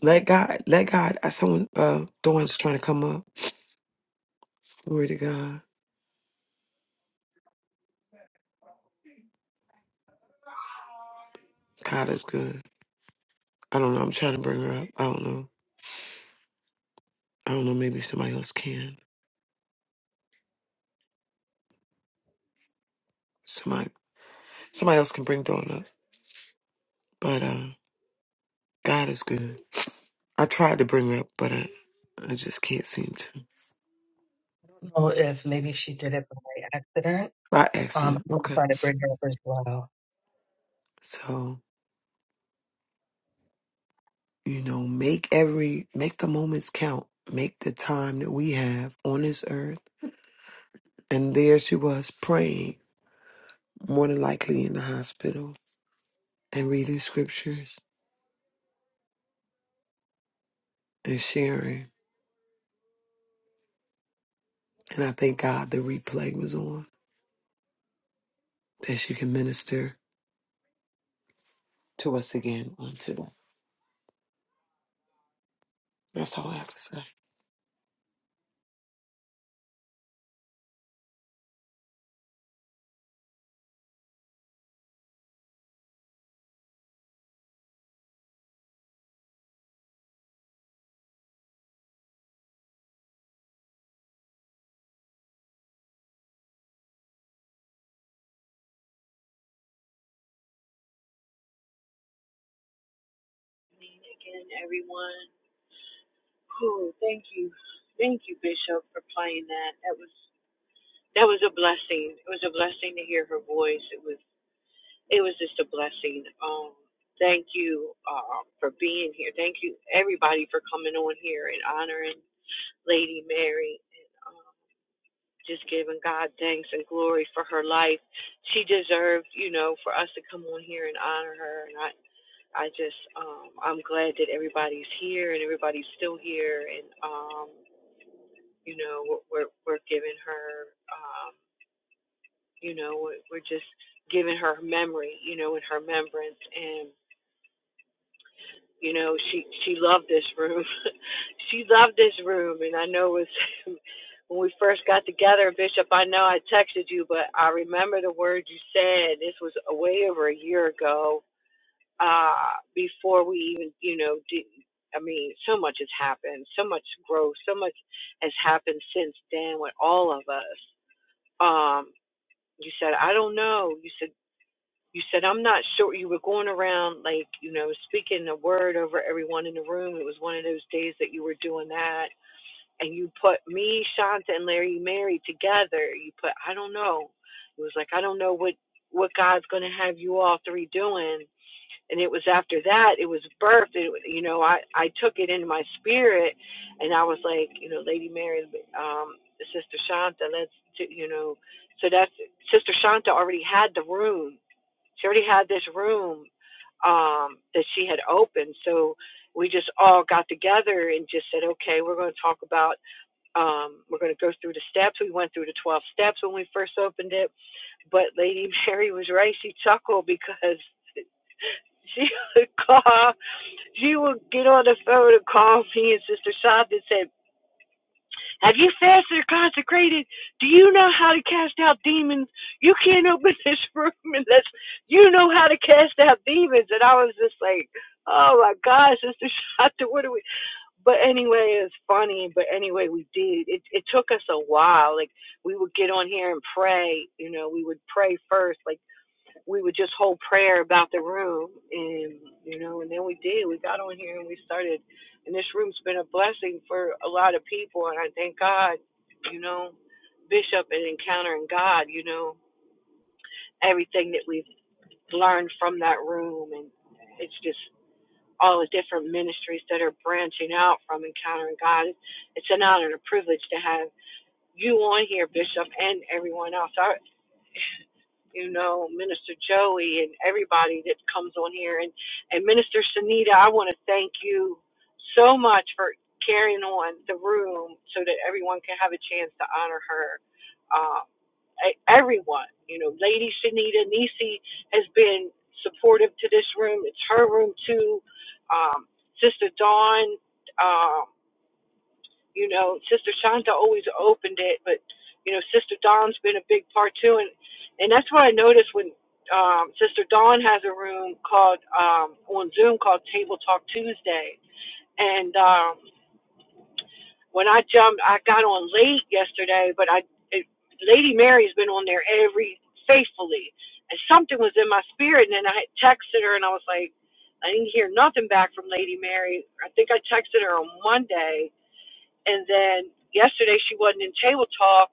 N: Let God, let God. I someone uh Dawn's trying to come up. Glory to God. God is good. I don't know. I'm trying to bring her up. I don't know. I don't know. Maybe somebody else can. Somebody somebody else can bring Dawn up. But uh God is good. I tried to bring her up, but I I just can't seem to.
C: know if maybe she did it by accident.
N: By
C: Um,
N: accident.
C: I'm
N: Okay.
C: trying to bring her up as well.
N: So, you know, make every make the moments count. Make the time that we have on this earth. And there she was praying, more than likely in the hospital and reading scriptures and sharing. And I thank God the replay was on that she can minister to us again on today. That's all I have to say.
A: Good Evening Again, everyone. Oh, thank you, thank you, Bishop, for playing that. That was that was a blessing. It was a blessing to hear her voice. It was it was just a blessing. Um, thank you uh, for being here. Thank you everybody for coming on here and honoring Lady Mary and um, just giving God thanks and glory for her life. She deserved, you know, for us to come on here and honor her. And I I just um, I'm glad that everybody's here and everybody's still here and. um, you know we're we're, giving her um you know we're, just giving her memory you know and her remembrance and you know she she loved this room she loved this room and i know it was when we first got together bishop i know i texted you but i remember the words you said this was way over a year ago uh before we even you know did i mean so much has happened so much growth so much has happened since then with all of us um you said i don't know you said you said i'm not sure you were going around like you know speaking a word over everyone in the room it was one of those days that you were doing that and you put me shanta and larry mary together you put i don't know it was like i don't know what what god's going to have you all three doing and it was after that it was birthed it, you know i i took it into my spirit and i was like you know lady mary um sister shanta let's do- you know so that's sister shanta already had the room she already had this room um that she had opened so we just all got together and just said okay we're going to talk about um we're going to go through the steps we went through the 12 steps when we first opened it but lady mary was right she chuckled because she would cough she would get on the phone and call me and Sister Sonia and say, Have you fasted or consecrated? Do you know how to cast out demons? You can't open this room unless you know how to cast out demons. And I was just like, Oh my God, Sister Shanta, what are we? But anyway, it was funny. But anyway, we did. It it took us a while. Like we would get on here and pray. You know, we would pray first. Like we would just hold prayer about the room and you know and then we did we got on here and we started and this room's been a blessing for a lot of people and i thank god you know bishop and encountering god you know everything that we've learned from that room and it's just all the different ministries that are branching out from encountering god it's an honor and a privilege to have you on here bishop and everyone else I, you know, Minister Joey and everybody that comes on here. And, and Minister Sunita, I want to thank you so much for carrying on the room so that everyone can have a chance to honor her. Uh, e- everyone, you know, Lady Sunita Nisi has been supportive to this room. It's her room too. Um, Sister Dawn. um, you know, Sister Shanta always opened it, but you know, Sister Dawn's been a big part too, and and that's what I noticed when um, Sister Dawn has a room called um, on Zoom called Table Talk Tuesday, and um, when I jumped, I got on late yesterday, but I it, Lady Mary's been on there every faithfully, and something was in my spirit, and then I had texted her, and I was like. I didn't hear nothing back from Lady Mary. I think I texted her on Monday, and then yesterday she wasn't in table talk.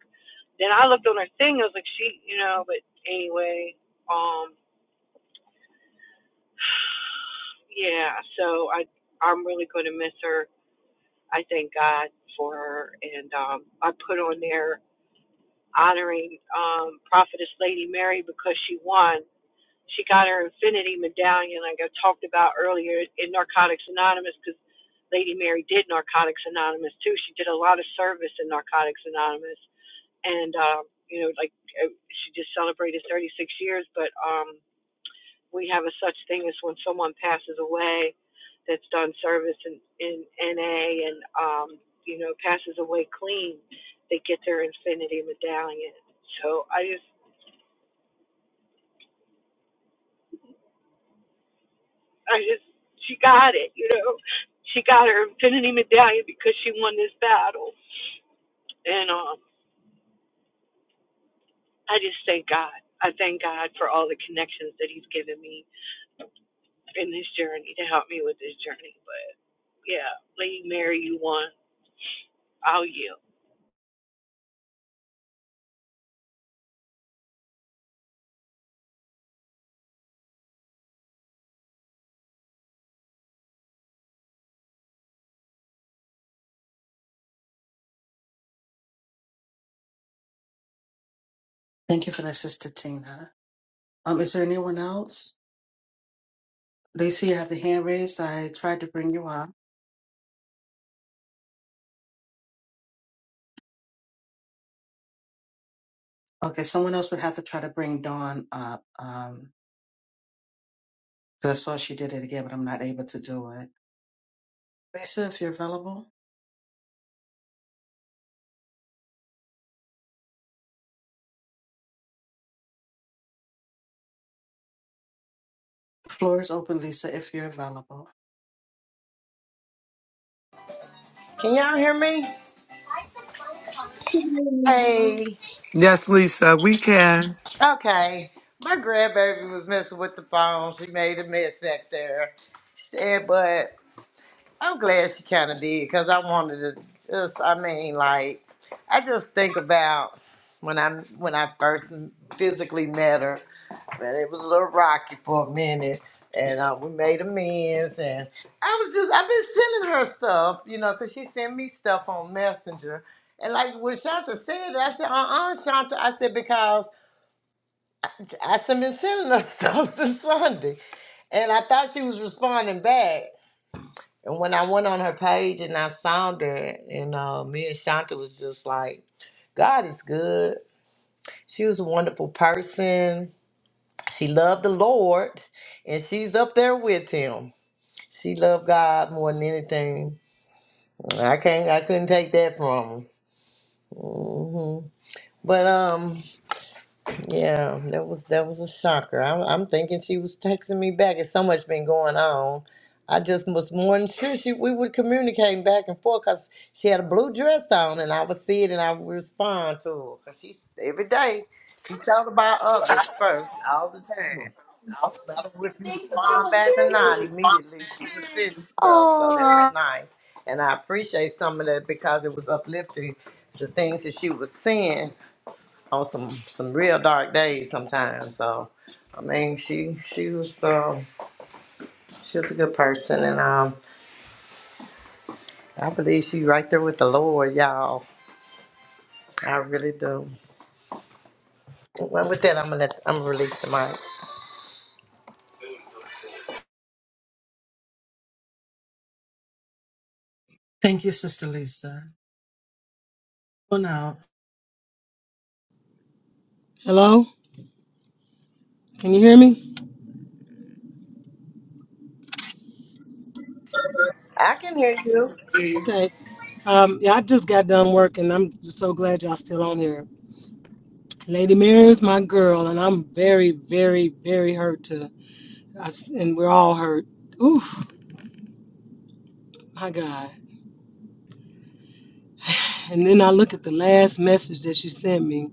A: Then I looked on her thing. I was like, she, you know. But anyway, um, yeah. So I, I'm really going to miss her. I thank God for her, and um, I put on there honoring um, Prophetess Lady Mary because she won. She got her Infinity Medallion, like I talked about earlier in Narcotics Anonymous, because Lady Mary did Narcotics Anonymous too. She did a lot of service in Narcotics Anonymous and um, you know, like uh, she just celebrated 36 years. But um, we have a such thing as when someone passes away that's done service in, in NA and um, you know passes away clean, they get their infinity medallion. So I just, I just, she got it. You know, she got her infinity medallion because she won this battle. And um, I just thank God. I thank God for all the connections that He's given me in this journey to help me with this journey. But Yeah, leave Mary you want. I'll yield.
C: Thank you for the sister, Tina. Um, is there anyone else? They see you have the hand raised. I tried to bring you up. Okay, someone else would have to try to bring Dawn up. Um. So I saw she did it again, but I'm not able to do it. Lisa, if you're available, the floor is open, Lisa, if you're available.
R: Can y'all hear me? Hey.
N: Yes, Lisa, we can.
R: Okay. My grandbaby was messing with the phone. She made a mess back there. She said, but I'm glad she kind of did because I wanted to just, I mean, like, I just think about when I am when I first physically met her but it was a little rocky for a minute. And uh, we made amends, and I was just—I've been sending her stuff, you know, 'cause she sent me stuff on Messenger. And like when Shanta said it, I said, "Uh-uh, Shanta," I said because I said been sending her stuff since Sunday, and I thought she was responding back. And when I went on her page and I saw that, and uh, me and Shanta was just like, "God is good." She was a wonderful person She loved the Lord and she's up there with him. She loved God more than anything. I can't I couldn't take that from her. hmm But um yeah, that was that was a shocker. I'm, I'm thinking she was texting me back. It's so much been going on. I just was more than sure she we would communicate back and forth because she had a blue dress on and I would see it and I would respond to her because she's every day. She thought about others first all the time. I don't know if you respond back or not immediately. She was sending stuff, so that was nice. And I appreciate some of that because it was uplifting. The things that she was seeing on some some real dark days sometimes. So, I mean, she she was uh, she was a good person, and um, I believe she right there with the Lord, y'all. I really do. Well, with that, I'm gonna let, I'm gonna release the mic.
C: Thank you, Sister Lisa. Well, now,
S: Hello? Can you hear me?
R: I can hear you.
S: Okay. Um, yeah, I just got done working. I'm just so glad y'all still on here. Lady Mary is my girl, and I'm very, very, very hurt to, I s and we're all hurt. Oof, my God. And then I look at the last message that she sent me,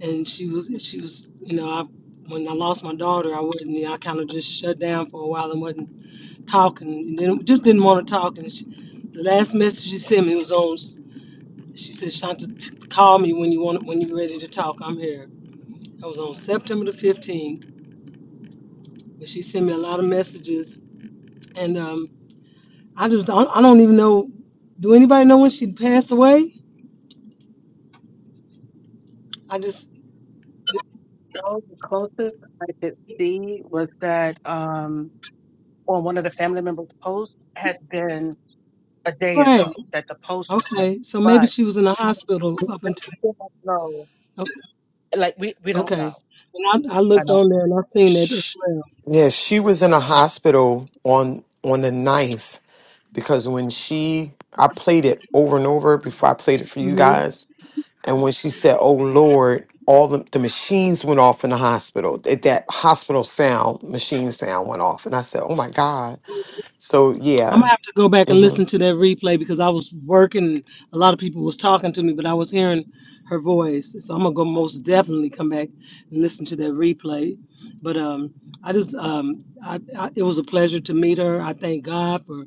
S: and she was, she was, you know, I, when I lost my daughter, I wasn't, you know, I kind of just shut down for a while and wasn't talking, and then just didn't want to talk. And she, the last message she sent me was on. She said, Shanta, t- call me when you want when you're ready to talk. I'm here. That was on September the 15th. But she sent me a lot of messages, and um, I just don't, I don't even know. Do anybody know when she passed away? I just
C: no, the closest I could see was that um, on one of the family members' posts had been a day
S: pray.
C: ago that the post was made,
S: Okay, so maybe
C: but
S: she was in the hospital
C: we
S: up until
C: still don't know.
S: okay.
C: Like we, we don't know.
S: okay. And I, I
C: I
S: looked
C: don't
S: on there
C: know.
S: and I seen that as well.
N: Yes, she was in a hospital on on the ninth because when she I played it over and over before I played it for you
S: hmm
N: guys. And when she said, Oh Lord, all the, the machines went off in the hospital. That, that hospital sound, machine sound went off. And I said, Oh my God. So
S: I'm
N: yeah.
S: gonna have to go back and
N: mm-hmm.
S: listen to that replay because I was working. A lot of people was talking to me, but I was hearing her voice. So I'm gonna go most definitely come back and listen to that replay. But um, I just um, I, I, it was a pleasure to meet her. I thank God for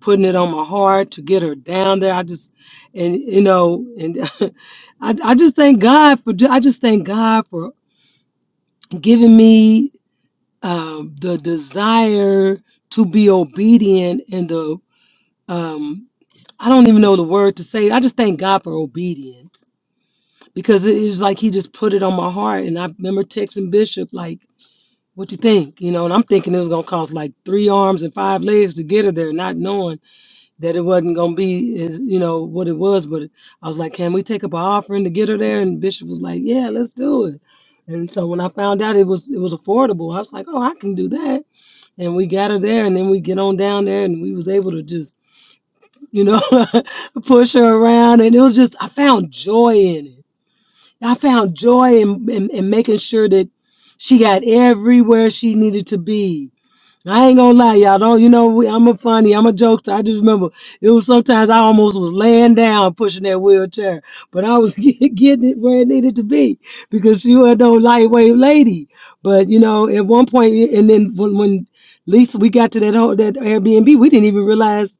S: putting it on my heart to get her down there. I just and you know and I I just thank God for I just thank God for giving me um the desire to be obedient and the um, I don't even know the word to say. I just thank God for obedience because it is like He just put it on my heart. And I remember texting Bishop like, "What you think?" You know, and I'm thinking it was gonna cost like three arms and five legs to get her there, not knowing that it wasn't gonna be as you know what it was. But I was like, "Can we take up an offering to get her there?" And Bishop was like, "Yeah, let's do it." And so when I found out it was it was affordable, I was like, "Oh, I can do that." And we got her there, and then we get on down there, and we was able to just you know, push her around. And it was just, I found joy in it. I found joy in, in, in making sure that she got everywhere she needed to be I ain't gonna lie, y'all. Don't you know? We, I'm a funny. I'm a jokester. I just remember it was sometimes I almost was laying down pushing that wheelchair, but I was get- getting it where it needed to be because she was no lightweight lady. But you know, at one point, and then when, when Lisa we got to that whole that Airbnb, we didn't even realize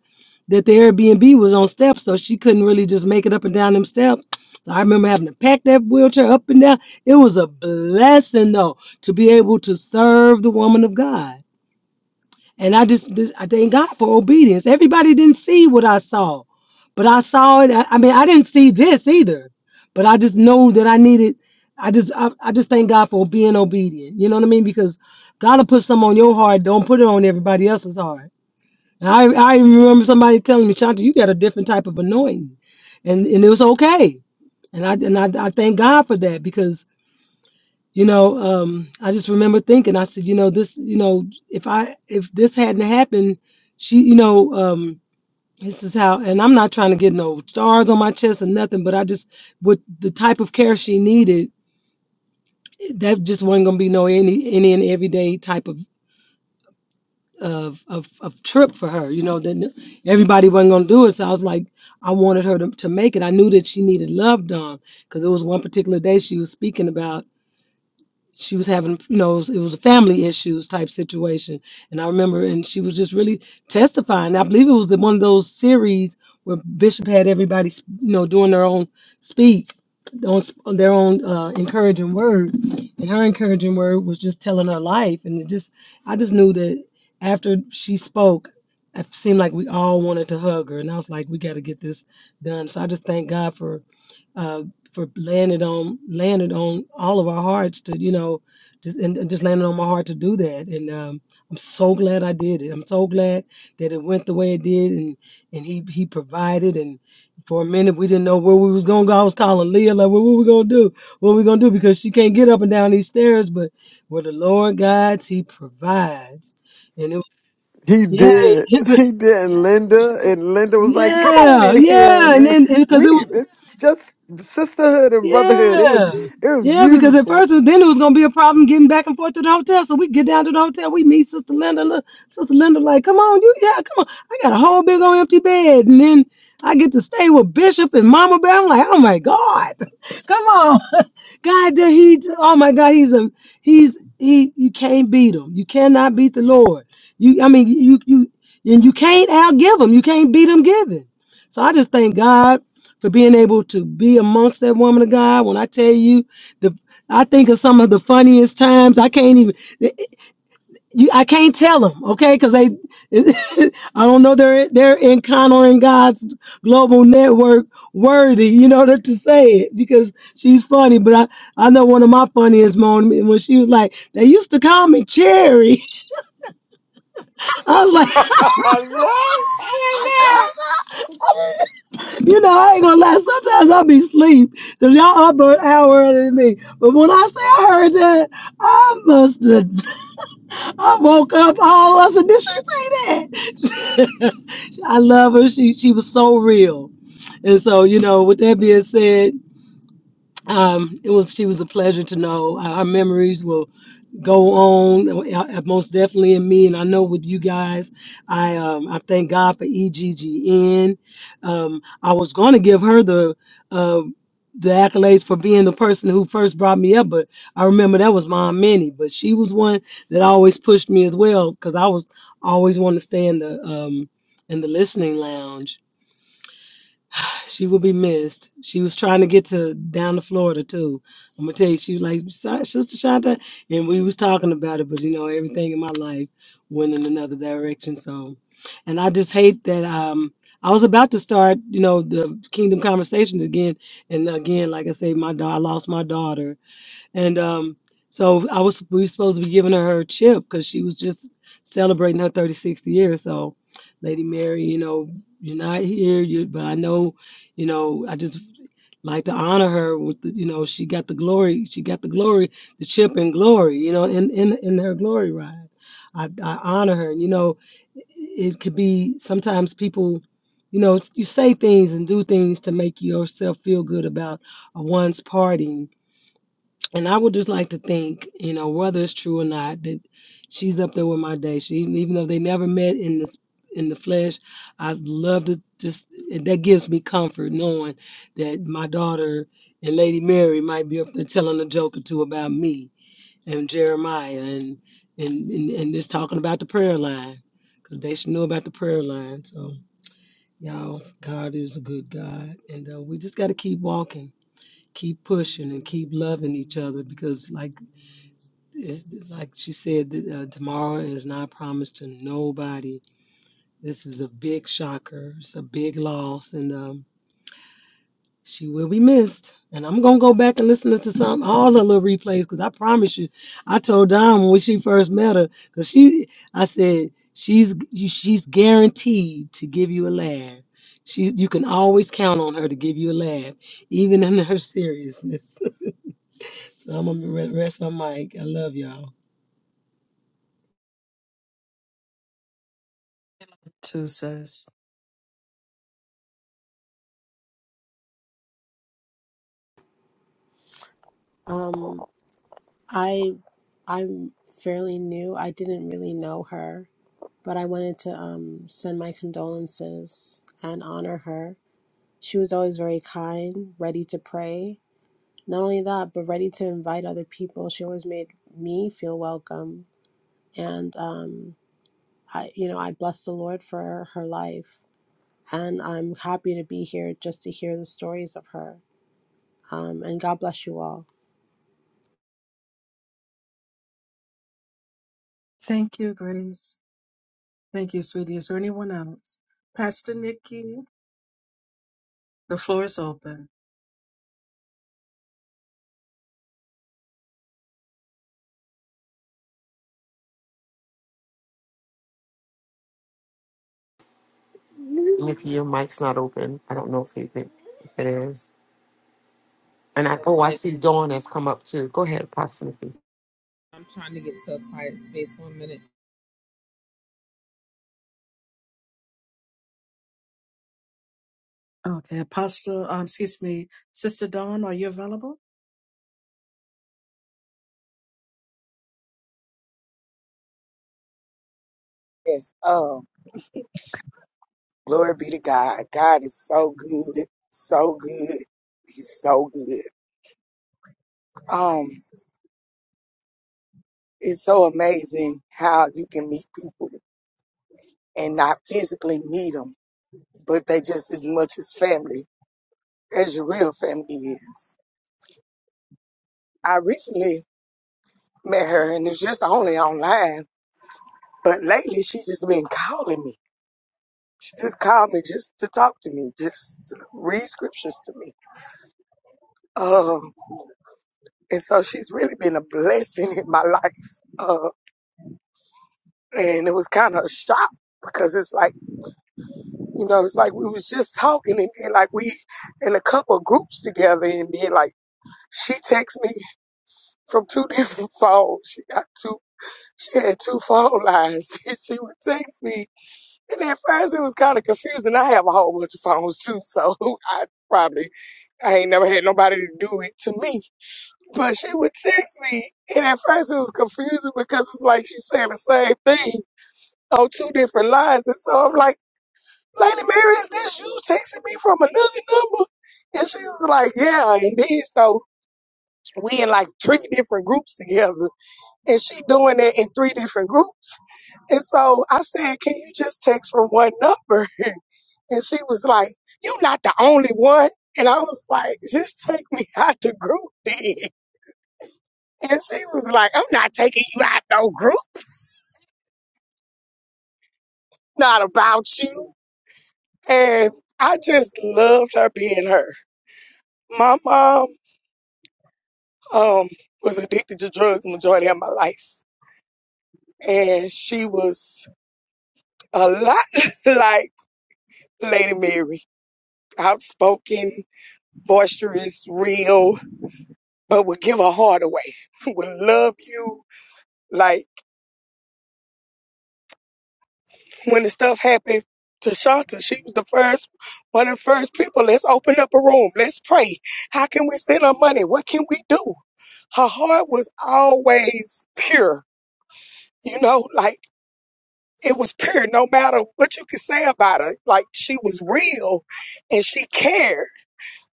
S: that the Airbnb was on steps, so she couldn't really just make it up and down them steps. So I remember having to pack that wheelchair up and down. It was a blessing though to be able to serve the woman of God and I just, just- I thank God for obedience. Everybody didn't see what I saw, but I saw it. I, I mean, I didn't see this either, but I just know that I needed. I just, I, I just thank God for being obedient. You know what I mean? Because God will put something on your heart. Don't put it on everybody else's heart. And I, I even remember somebody telling me, Shanta, you got a different type of anointing, and and it was okay. And I and I, I thank God for that because you know, um, I just remember thinking, I said, you know, this, you know, if I, if this hadn't happened, she, you know, um, this is how, and I'm not trying to get no stars on my chest or nothing, but I just, with the type of care she needed, that just wasn't gonna be no any, any and everyday type of, of, of, of trip for her. You know, that everybody wasn't gonna do it. So I was like, I wanted her to, to make it. I knew that she needed love done because it was one particular day she was speaking about. she was having, you know, it was, it was a family issues type situation. And I remember, and she was just really testifying. I believe it was the, one of those series where Bishop had everybody, you know, doing their own speak, their own, their own uh, encouraging word. And her encouraging word was just telling her life. And it just, I just knew that after she spoke, it seemed like we all wanted to hug her. And I was like, we got to get this done. So I just thank God for uh, for laying it on laying it on all of our hearts to you know just and, and just laying it on my heart to do that and um, I'm so glad I did it I'm so glad that it went the way it did and and he he provided and for a minute we didn't know where we was gonna go I was calling Leah like well, what we gonna do what we gonna do because she can't get up and down these stairs but where the Lord guides he provides and it was
N: He
S: yeah
N: did.
S: yeah
N: He did. And Linda and Linda was like, "Come on
S: yeah
N: in here,
S: yeah and
N: man.
S: then because
N: We
S: it was
N: it's just sisterhood and brotherhood. It was
S: Yeah.
N: it was
S: Yeah, because at
N: beautiful."
S: first it- then it was gonna be a problem getting back and forth to the hotel. So we get down to the hotel, we meet Sister Linda. Look, Sister Linda, like, come on, you yeah, come on. I got a whole big old empty bed. And then I get to stay with Bishop and Mama Bear. I'm like, oh my God. Come on. God that he oh my God, he's a he's he you can't beat him. You cannot beat the Lord. You I mean you you and you can't outgive him. You can't beat him giving. So I just thank God for being able to be amongst that woman of God. When I tell you, the I think of some of the funniest times. I can't even you. I can't tell them, okay? Because they, I don't know. They're they're encountering God's global network worthy. You know to to say it because she's funny. But I I know one of my funniest moments when she was like, they used to call me Cherry. I was like. You know, I ain't gonna lie. Sometimes I be asleep because y'all up an hour earlier than me. But when I say I heard that, I must have, I woke up all I said, Did she say that? I love her. She she was so real. And so, you know, with that being said, um, it was she was a pleasure to know. Our our memories will go on uh, uh, most definitely in me and i know with you guys i um i thank god for eggn um i was going to give her the uh the accolades for being the person who first brought me up but i remember that was mom minnie but she was one that always pushed me as well because i was always wanting to stay in the um in the listening lounge She will be missed. She was trying to get to down to Florida too. I'm gonna tell you, she was like "Si- Sister Shanta, and we was talking about it. But you know, everything in my life went in another direction. So, and I just hate that. Um, I was about to start, you know, the Kingdom conversations again, and again, like I say, my daughter, I lost my daughter, and um, so I was we were supposed to be giving her her chip because she was just celebrating her 36th year. So, Lady Mary, you know, you're not here, you but I know, you know, I just like to honor her with the, you know, she got the glory, she got the glory, the chip and glory, you know, in in in her glory ride. I, I honor her, and you know, it could be sometimes people, you know, you say things and do things to make yourself feel good about a one's party and I would just like to think, you know, whether it's true or not, that she's up there with my day. She, even though they never met in this in the flesh, I love to just that gives me comfort knowing that my daughter and Lady Mary might be up there telling a joke or two about me and Jeremiah and and and, and just talking about the prayer line because they should know about the prayer line. So y'all, God is a good God, and uh, we just got to keep walking keep pushing and keep loving each other because like it's like she said that uh, tomorrow is not promised to nobody. This is a big shocker. It's a big loss, and um, she will be missed. And I'm gonna go back and listen to some all the little replays because I promise you, I told Don when she first met her because she, I said she's you- she's guaranteed to give you a laugh. She, you can always count on her to give you a laugh, even in her seriousness. so I'm gonna re- rest my mic. I love y'all.
C: Two says,
T: Um, I I'm fairly new. I didn't really know her, but I wanted to um send my condolences and honor her. She was always very kind, ready to pray. Not only that, but ready to invite other people. She always made me feel welcome, and um, I you know I bless the Lord for her life, and I'm happy to be here just to hear the stories of her. Um, and God bless you all.
C: "Thank you, Grace. Thank you, sweetie. Is there anyone else? Pastor Nikki." The floor is open.
N: Nikki, your mic's not open. I don't know if you think if it is. And
U: get
N: I
U: to a
N: oh I
U: quiet
N: see Dawn
U: I'm trying to get to a quiet space one minute.
C: Okay, Apostle, um, excuse me, Sister Dawn, are you available?
I: Yes. Um. Glory be to God. God is so good, so good. He's so good. Um, it's so amazing how you can meet people and not physically meet them, but they just as much as family as your real family is. I recently met her and it's just only online, but lately she just been calling me. She just called me just to talk to me, just to read scriptures to me. Um, and so she's really been a blessing in my life. Um, and it was kind of a shock because it's like you know it's like we was just talking and, and like we in a couple of groups together and then like she texts me from two different phones she got two she had two phone lines and she would text me and at first it was kind of confusing i have a whole bunch of phones too so i probably i ain't never had nobody to do it to me but she would text me and at first it was confusing because it's like she saying the same thing on two different lines. And so I'm like, Lady Mary, is this you texting me from another number? And she was like, yeah. And then so we in like three different groups together. And she doing that in three different groups. And so I said, can you just text from one number? And she was like, you not the only one. And I was like, just take me out the group then. And she was like, I'm not taking you out no group. Not about you. And I just loved her being her. My mom um, was addicted to drugs the majority of my life. And she was a lot like Lady Mary, outspoken, boisterous, real, but would give her heart away, would love you. Like when the stuff happened to Shanta, she was the first, one of the first people. Let's open up a room. Let's pray. How can we send her money? What can we do? Her heart was always pure, you know, like it was pure no matter what you could say about her like she was real and she cared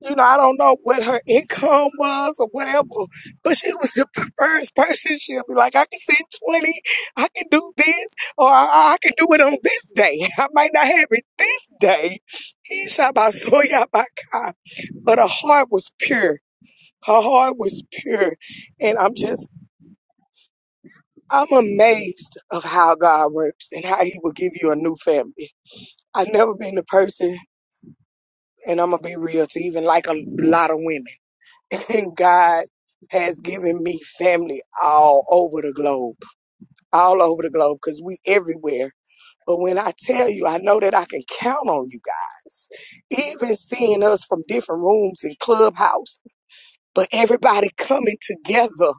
I: you know i don't know what her income was or whatever but she was the first person she'll be like i can send 20 i can do this or i, I can do it on this day i might not have it this day he shot by soya by cop but her heart was pure her heart was pure and i'm just i'm amazed of how god works and how he will give you a new family I've never been the person, and I'm gonna be real to even like a lot of women. And God has given me family all over the globe, all over the globe, because we everywhere. But when I tell you, I know that I can count on you guys. Even seeing us from different rooms and clubhouses. but everybody coming together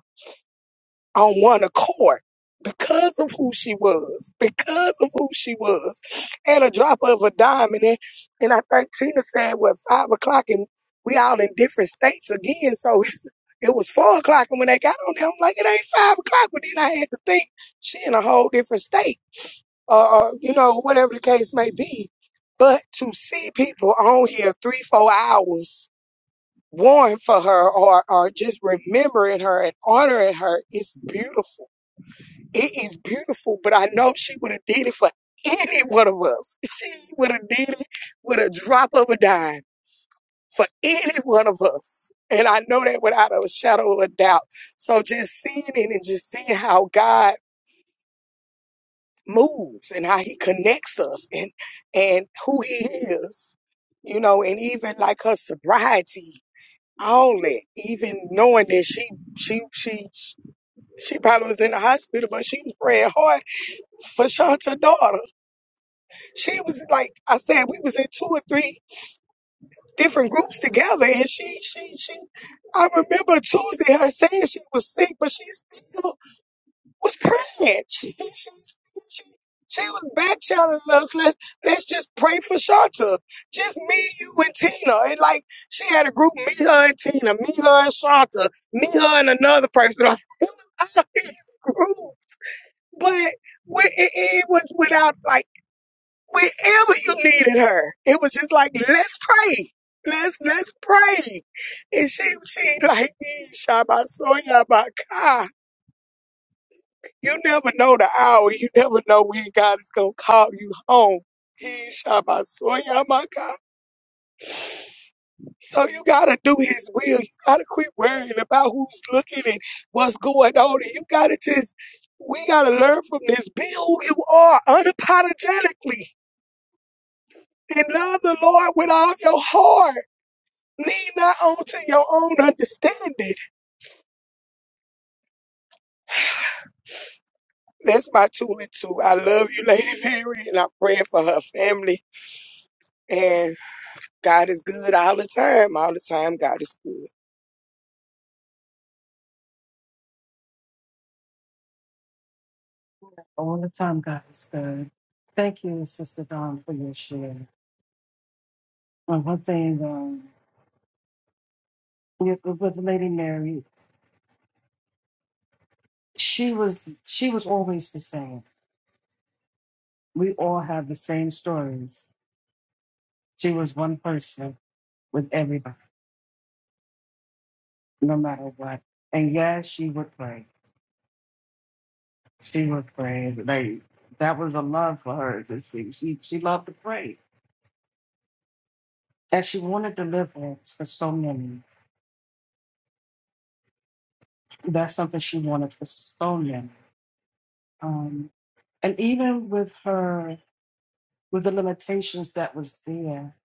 I: on one accord because of who she was, because of who she was, at a drop of a dime. And then, and I think Tina said, what, five o'clock, and we all in different states again. So it's, it was four o'clock, and when they got on there, I'm like, it ain't five o'clock. But then I had to think she in a whole different state, or, or you know, whatever the case may be. But to see people on here three, four hours warring for her, or or just remembering her and honoring her, it's beautiful it is beautiful, but I know she would have did it for any one of us. She would have did it with a drop of a dime for any one of us. And I know that without a shadow of a doubt. So just seeing it and just seeing how God moves and how he connects us and and who he is, you know, and even like her sobriety, all that, even knowing that she she she she probably was in the hospital, but she was praying hard for Shanta's daughter. She was like I said, we was in two or three different groups together, and she, she, she. I remember Tuesday her saying she was sick, but she still was pregnant. She, she, she, she was back channeling us. Let let's just pray for Shanta. Just me, you, and Tina. And like she had a group, me, her, and Tina, me, her, and Shanta, me, her, and another person. It was a big group, but we- it, it was without like whenever you needed her. It was just like, let's pray. Let's let's pray. And she she like Shabbat You never know the hour. You never know when God is gonna call you home. He Shabbat So you gotta do his will. You gotta quit worrying about who's looking and what's going on. And you gotta just we gotta learn from this. Be who you are unapologetically and love the Lord with all your heart Lean not onto your own understanding. That's my two and two. I love you, Lady Mary, and I'm praying for her family. And God is good all the time. All the time, God is good.
C: all the time, guys. Good. Thank you, Sister Dawn, for your share. And one thing um, with with Lady Mary, she was she was always the same. We all have the same stories. She was one person with everybody, no matter what. And yes, she would pray. She would pray. Like that was a love for her. It seems she she loved to pray And she wanted deliverance for so many. That's something she wanted for so many. Um, and even with her, with the limitations that was there,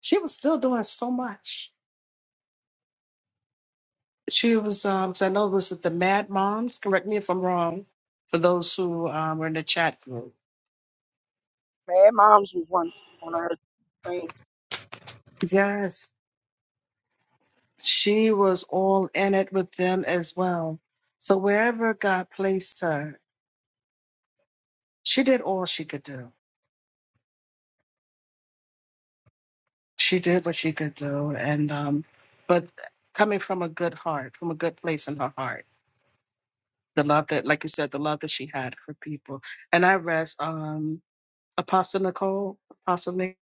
C: she was still doing so much. She was, um, so I know it was the Mad Moms. Correct me if I'm wrong. For those who um, were in the chat group,
I: Mad Moms was one one of her things.
C: yes, she was all in it with them as well. So wherever God placed her, she did all she could do she did what she could do and um but coming from a good heart from a good place in her heart the love that like you said the love that she had for people and i rest um apostle nicole apostle Nick.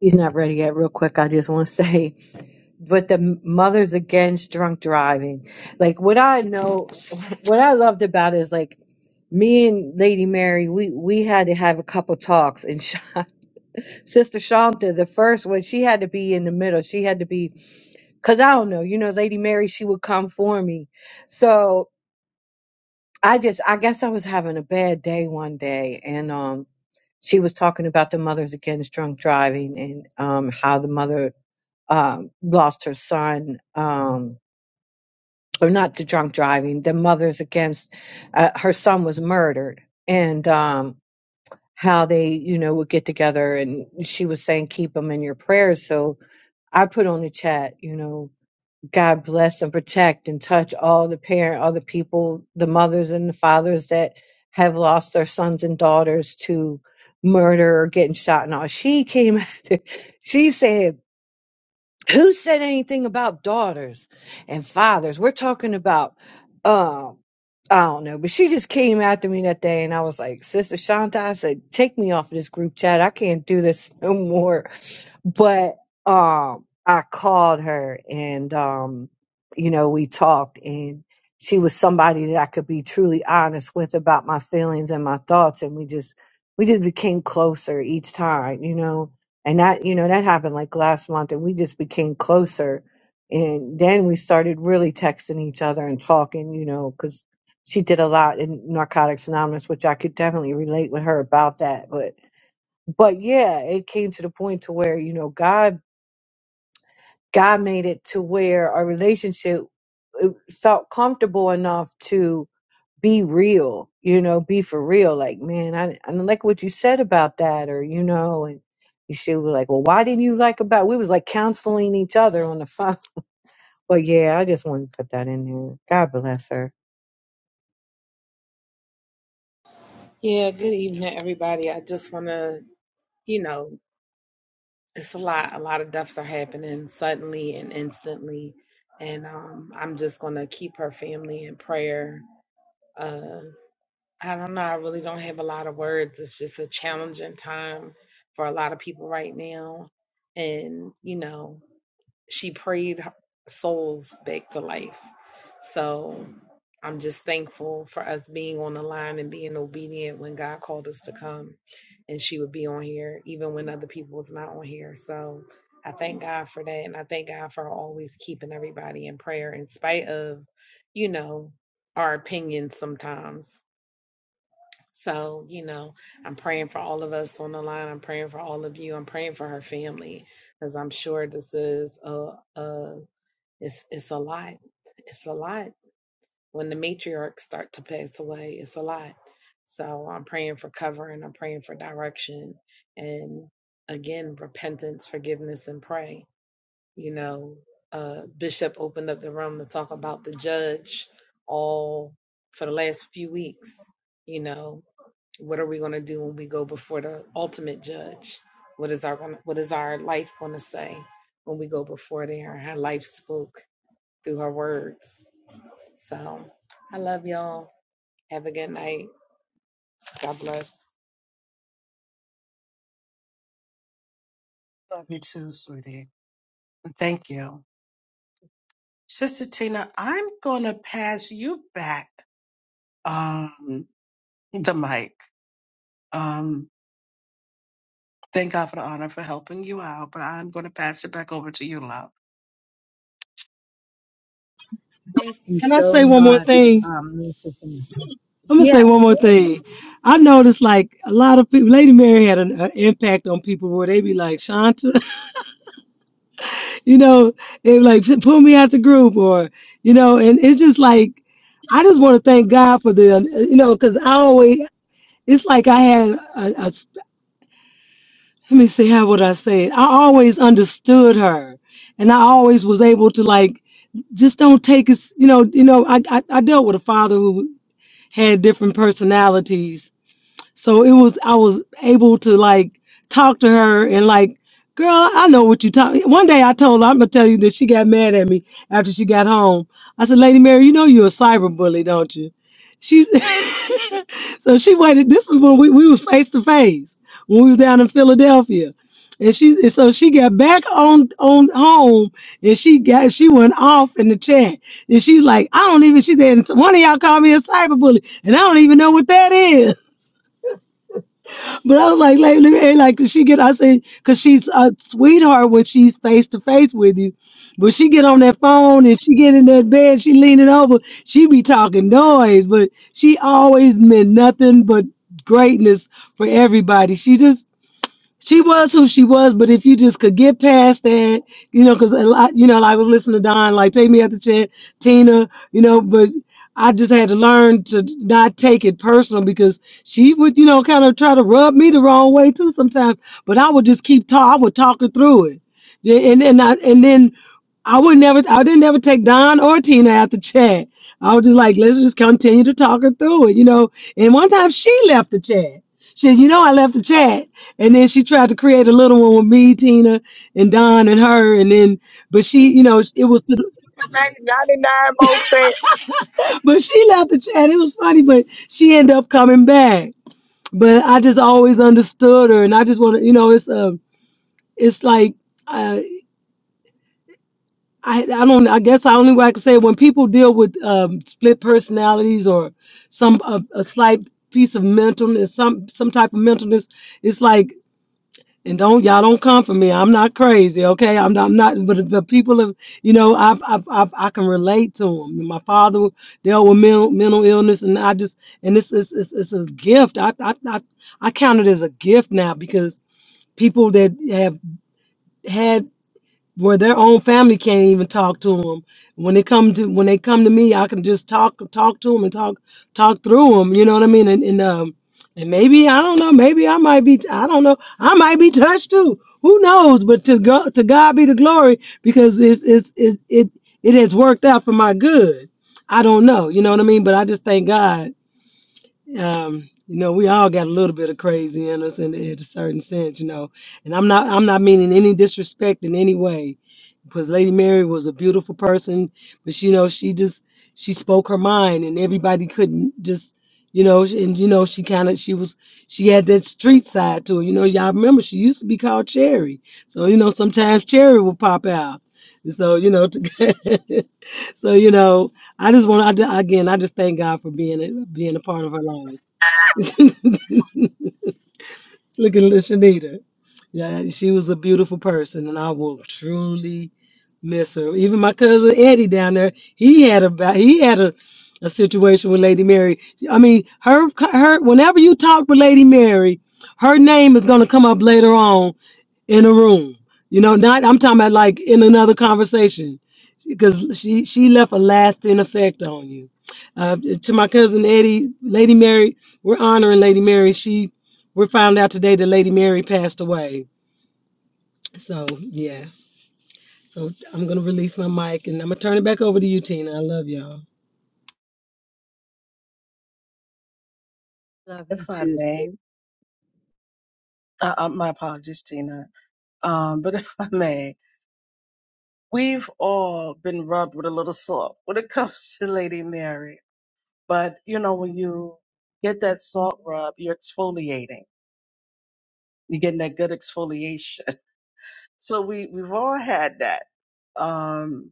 A: He's not ready yet. Real quick, I just want to say, but the mothers against drunk driving. Like what I know, what I loved about it is like me and Lady Mary, we we had to have a couple talks. And Sh- Sister Shanta, the first one, she had to be in the middle. She had to be, cause I don't know, you know, Lady Mary, she would come for me. So I just, I guess I was having a bad day one day, and um. she was talking about the mothers against drunk driving and um, how the mother um, lost her son, um, or not the drunk driving, the mothers against uh, her son was murdered, and um, how they, you know, would get together. And she was saying, keep them in your prayers. So I put on the chat, you know, God bless and protect and touch all the parent, all the people, the mothers and the fathers that have lost their sons and daughters to murder or getting shot and all. She came after, she said, who said anything about daughters and fathers? We're talking about um, I don't know, but she just came after me that day, and I was like, "Sister Shanta," I said, "Take me off of this group chat. I can't do this no more." But um, I called her, and um, you know, we talked, and she was somebody that I could be truly honest with about my feelings and my thoughts, and we just we just became closer each time, you know. And that you know that happened like last month, and we just became closer. And then we started really texting each other and talking, you know, 'cause she did a lot in Narcotics Anonymous, which I could definitely relate with her about that. But but yeah, it came to the point to where you know God God made it to where our relationship it felt comfortable enough to be real, you know, be for real. Like man, I I don't like what you said about that, or you know, and you should be like, well, why didn't you like about? We was like counseling each other on the phone. But yeah, I just wanted to put that in there. God bless her.
U: Yeah, good evening everybody. I just wanna, you know, it's a lot a lot of deaths are happening suddenly and instantly. And um I'm just gonna keep her family in prayer. Uh I don't know, I really don't have a lot of words. It's just a challenging time for a lot of people right now. And, you know, she prayed souls back to life. So I'm just thankful for us being on the line and being obedient when God called us to come. And she would be on here even when other people was not on here. So I thank God for that. And I thank God for always keeping everybody in prayer in spite of, you know, our opinions sometimes. So, you know, I'm praying for all of us on the line. I'm praying for all of you. I'm praying for her family because I'm sure this is a, a it's it's a lot. It's a lot. When the matriarchs start to pass away, it's a lot. So I'm praying for covering, I'm praying for direction and again repentance, forgiveness and pray. You know, uh Bishop opened up the room to talk about the judge all for the last few weeks, you know, what are we going to do when we go before the ultimate judge? What is our gonna- what is our life going to say when we go before there? How life spoke through her words. So I love y'all. Have a good night. God bless.
C: Love you too, sweetie. And Thank you. Sister Tina, I'm going to pass you back um, the mic. Um, thank God for the honor for helping you out, but I'm going to pass it back over to you, love.
A: Thank you
S: Can I say
A: so
S: one more
A: much,
S: thing?
A: um, Mr. Sandra.
S: I'm gonna say one
A: Yes.
S: more thing. I noticed like a lot of people. Lady Mary had an, an impact on people where they be like, "Shanta," you know, they be like pull me out the group, or you know, and it's just like I just want to thank God for the, you know, because I always it's like I had a, a s- let me see how would I say it. I always understood her, and I always was able to like just don't take us, you know, you know. I I, I dealt with a father who had different personalities So it was I was able to like talk to her and like, girl, I know what you talk. One day I told her, I'm gonna tell you that she got mad at me after she got home. I said, Lady Mary, you know you're a cyber bully, don't you? She's so she waited. This is when we, we was face to face when we was down in Philadelphia. And she and so she got back on on home and she got she went off in the chat. And she's like, I don't even she said one of y'all called me a cyber bully and I don't even know what that is. But I was like, like, look at her, like, does she get? I said, cause she's a sweetheart when she's face to face with you. But she get on that phone and she get in that bed, she leaning over, she be talking noise, but she always meant nothing but greatness for everybody. She just she was who she was, but if you just could get past that, you know, because a lot, you know, like I was listening to Don, like take me at the chin, Tina, you know, but I just had to learn to not take it personal because she would, you know, kind of try to rub me the wrong way too sometimes. But I would just keep talk. I would talk her through it, Yeah, and and I and then I would never, I didn't ever take Don or Tina out the chat. I was just like, let's just continue to talk her through it, you know. And one time she left the chat. She said, you know, I left the chat. And then she tried to create a little one with me, Tina, and Don and her. And then, but she, you know, it was, to the,
I: Ninety-nine.
S: but she left the chat. It was funny, but she ended up coming back. But I just always understood her. And I just want to, you know, it's, uh, it's like, uh, I, I don't, I guess I only way I can say it, when people deal with um, split personalities or some, a, a slight piece of mentalness, some, some type of mentalness, it's like and don't y'all don't come for me. I'm not crazy, okay? I'm not, I'm not but the people of you know I I I, I can relate to them. My father dealt with mental, mental illness, and I just and this is it's, it's a gift. I, I I I count it as a gift now because people that have had where their own family can't even talk to them. When they come to when they come to me, I can just talk talk to them and talk talk through them. You know what I mean? And, and um and maybe I don't know. Maybe I might be I don't know. I might be touched too. Who knows? But to go to God be the glory because it's it's it it it has worked out for my good. I don't know. You know what I mean? But I just thank God um, you know, we all got a little bit of crazy in us in, in a certain sense, you know. And I'm not I'm not meaning any disrespect in any way, because Lady Mary was a beautiful person, but she, you know, she just she spoke her mind, and everybody couldn't just. You know, and you know, she kind of she was she had that street side to her. You know, y'all remember she used to be called Cherry. So you know, sometimes Cherry would pop out. And so you know, so you know, I just want to, again, I just thank God for being a, being a part of her life. Look at Lishanita. Yeah, she was a beautiful person, and I will truly miss her. Even my cousin Eddie down there, he had a ba- he had a, a situation with Lady Mary. I mean, her her whenever you talk with Lady Mary, her name is gonna come up later on in a room. You know, not I'm talking about like in another conversation, because she she left a lasting effect on you. Uh, to my cousin Eddie, Lady Mary, we're honoring Lady Mary. She we found out today that Lady Mary passed away. So yeah. So I'm gonna release my mic and I'm gonna turn it back over to you, Tina. I love y'all.
A: Love you
C: If I
A: too. sis.
C: may, uh, uh, my apologies, Tina. Um, but if I may, we've all been rubbed with a little salt when it comes to Lady Mary. But you know, when you get that salt rub, you're exfoliating. You're getting that good exfoliation. So we we've all had that. Um,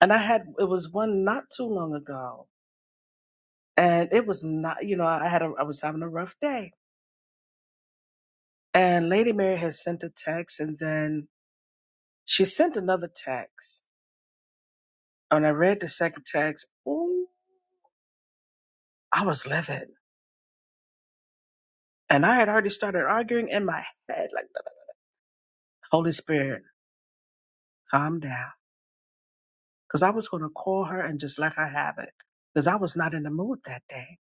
C: and I had it was one not too long ago, and it was not you know I had a, I was having a rough day, and Lady Mary had sent a text, and then she sent another text, and I read the second text. Ooh, I was livid, and I had already started arguing in my head like Holy Spirit, calm down, because I was going to call her and just let her have it, because I was not in the mood that day.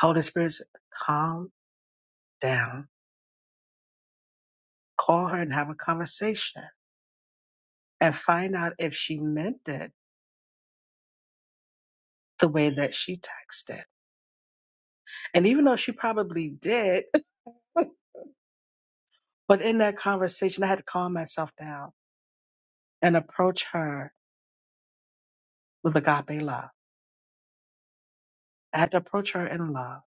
C: Holy Spirit, said, calm down, call her and have a conversation, and find out if she meant it the way that she texted. And even though she probably did, but in that conversation, I had to calm myself down and approach her with agape love. I had to approach her in love.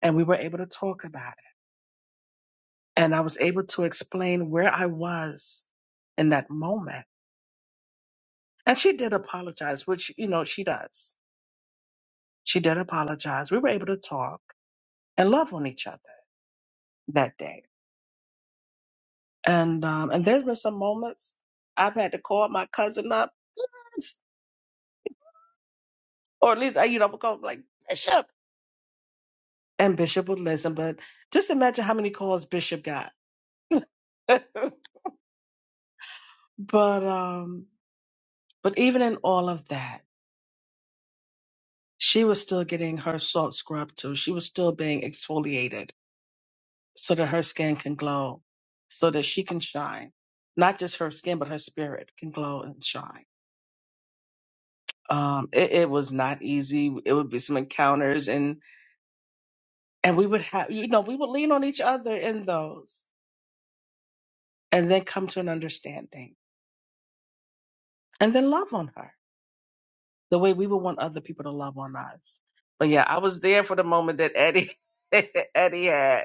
C: And we were able to talk about it. And I was able to explain where I was in that moment. And she did apologize, which, you know, she does. She did apologize. We were able to talk and love on each other that day. And um, and there's been some moments I've had to call my cousin up Yes! Or at least I, you know, would call like Bishop. And Bishop would listen, but just imagine how many calls Bishop got. but um but even in all of that, she was still getting her salt scrub too. She was still being exfoliated so that her skin can glow, so that she can shine. Not just her skin, but her spirit can glow and shine. Um, it, it was not easy. It would be some encounters and and we would have you know, we would lean on each other in those and then come to an understanding and then love on her the way we would want other people to love on us. But yeah, I was there for the moment that Eddie Eddie had.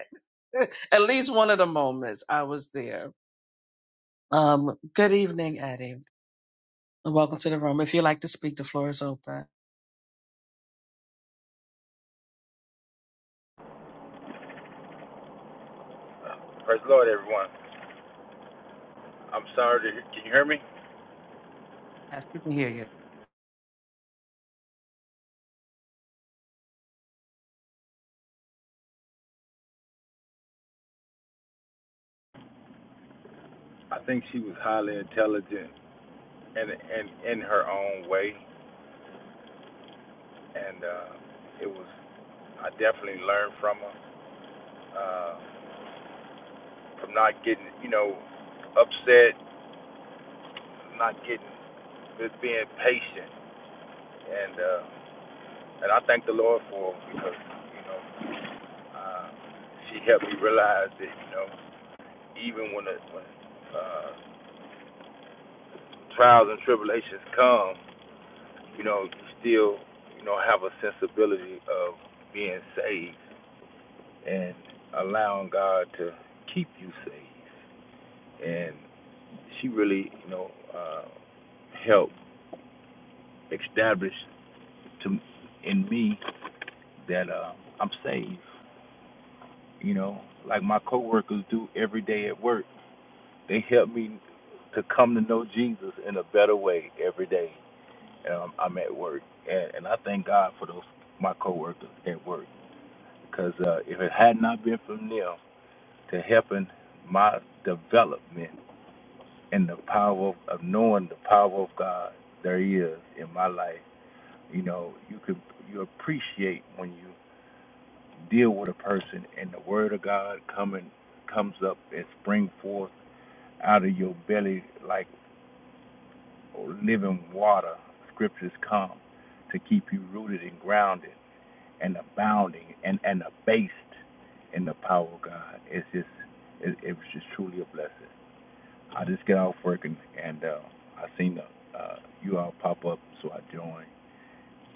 C: At least one of the moments I was there. Um, good evening, Eddie. and Welcome to the room. If you'd like to speak, the floor is open.
V: Praise the Lord, everyone. I'm sorry. To, can you hear me?
C: Yes, we can hear you.
V: I think she was highly intelligent and and in in her own way, and uh, it was. I definitely learned from her uh, from not getting, you know, upset, not getting, just being patient, and uh, and I thank the Lord for her because you know uh, she helped me realize that you know even when the, when uh, trials and tribulations come you know, still, you know, have a sensibility of being saved and allowing God to keep you saved. And she really, you know, uh, helped establish to in me that uh, I'm saved. You know, like my coworkers do every day at work. They help me to come to know Jesus in a better way every day. Um, I'm at work, and, and I thank God for those my coworkers at work. Because uh, if it had not been for them to helping my development and the power of, of knowing the power of God there is in my life, you know, you could you appreciate when you deal with a person and the word of God coming comes up and spring forth out of your belly like living water. Scriptures come to keep you rooted and grounded and abounding and, and abased in the power of God. It's just it, it was just truly a blessing. I just get off work and, and uh, I seen the, uh, you all pop up, so I joined.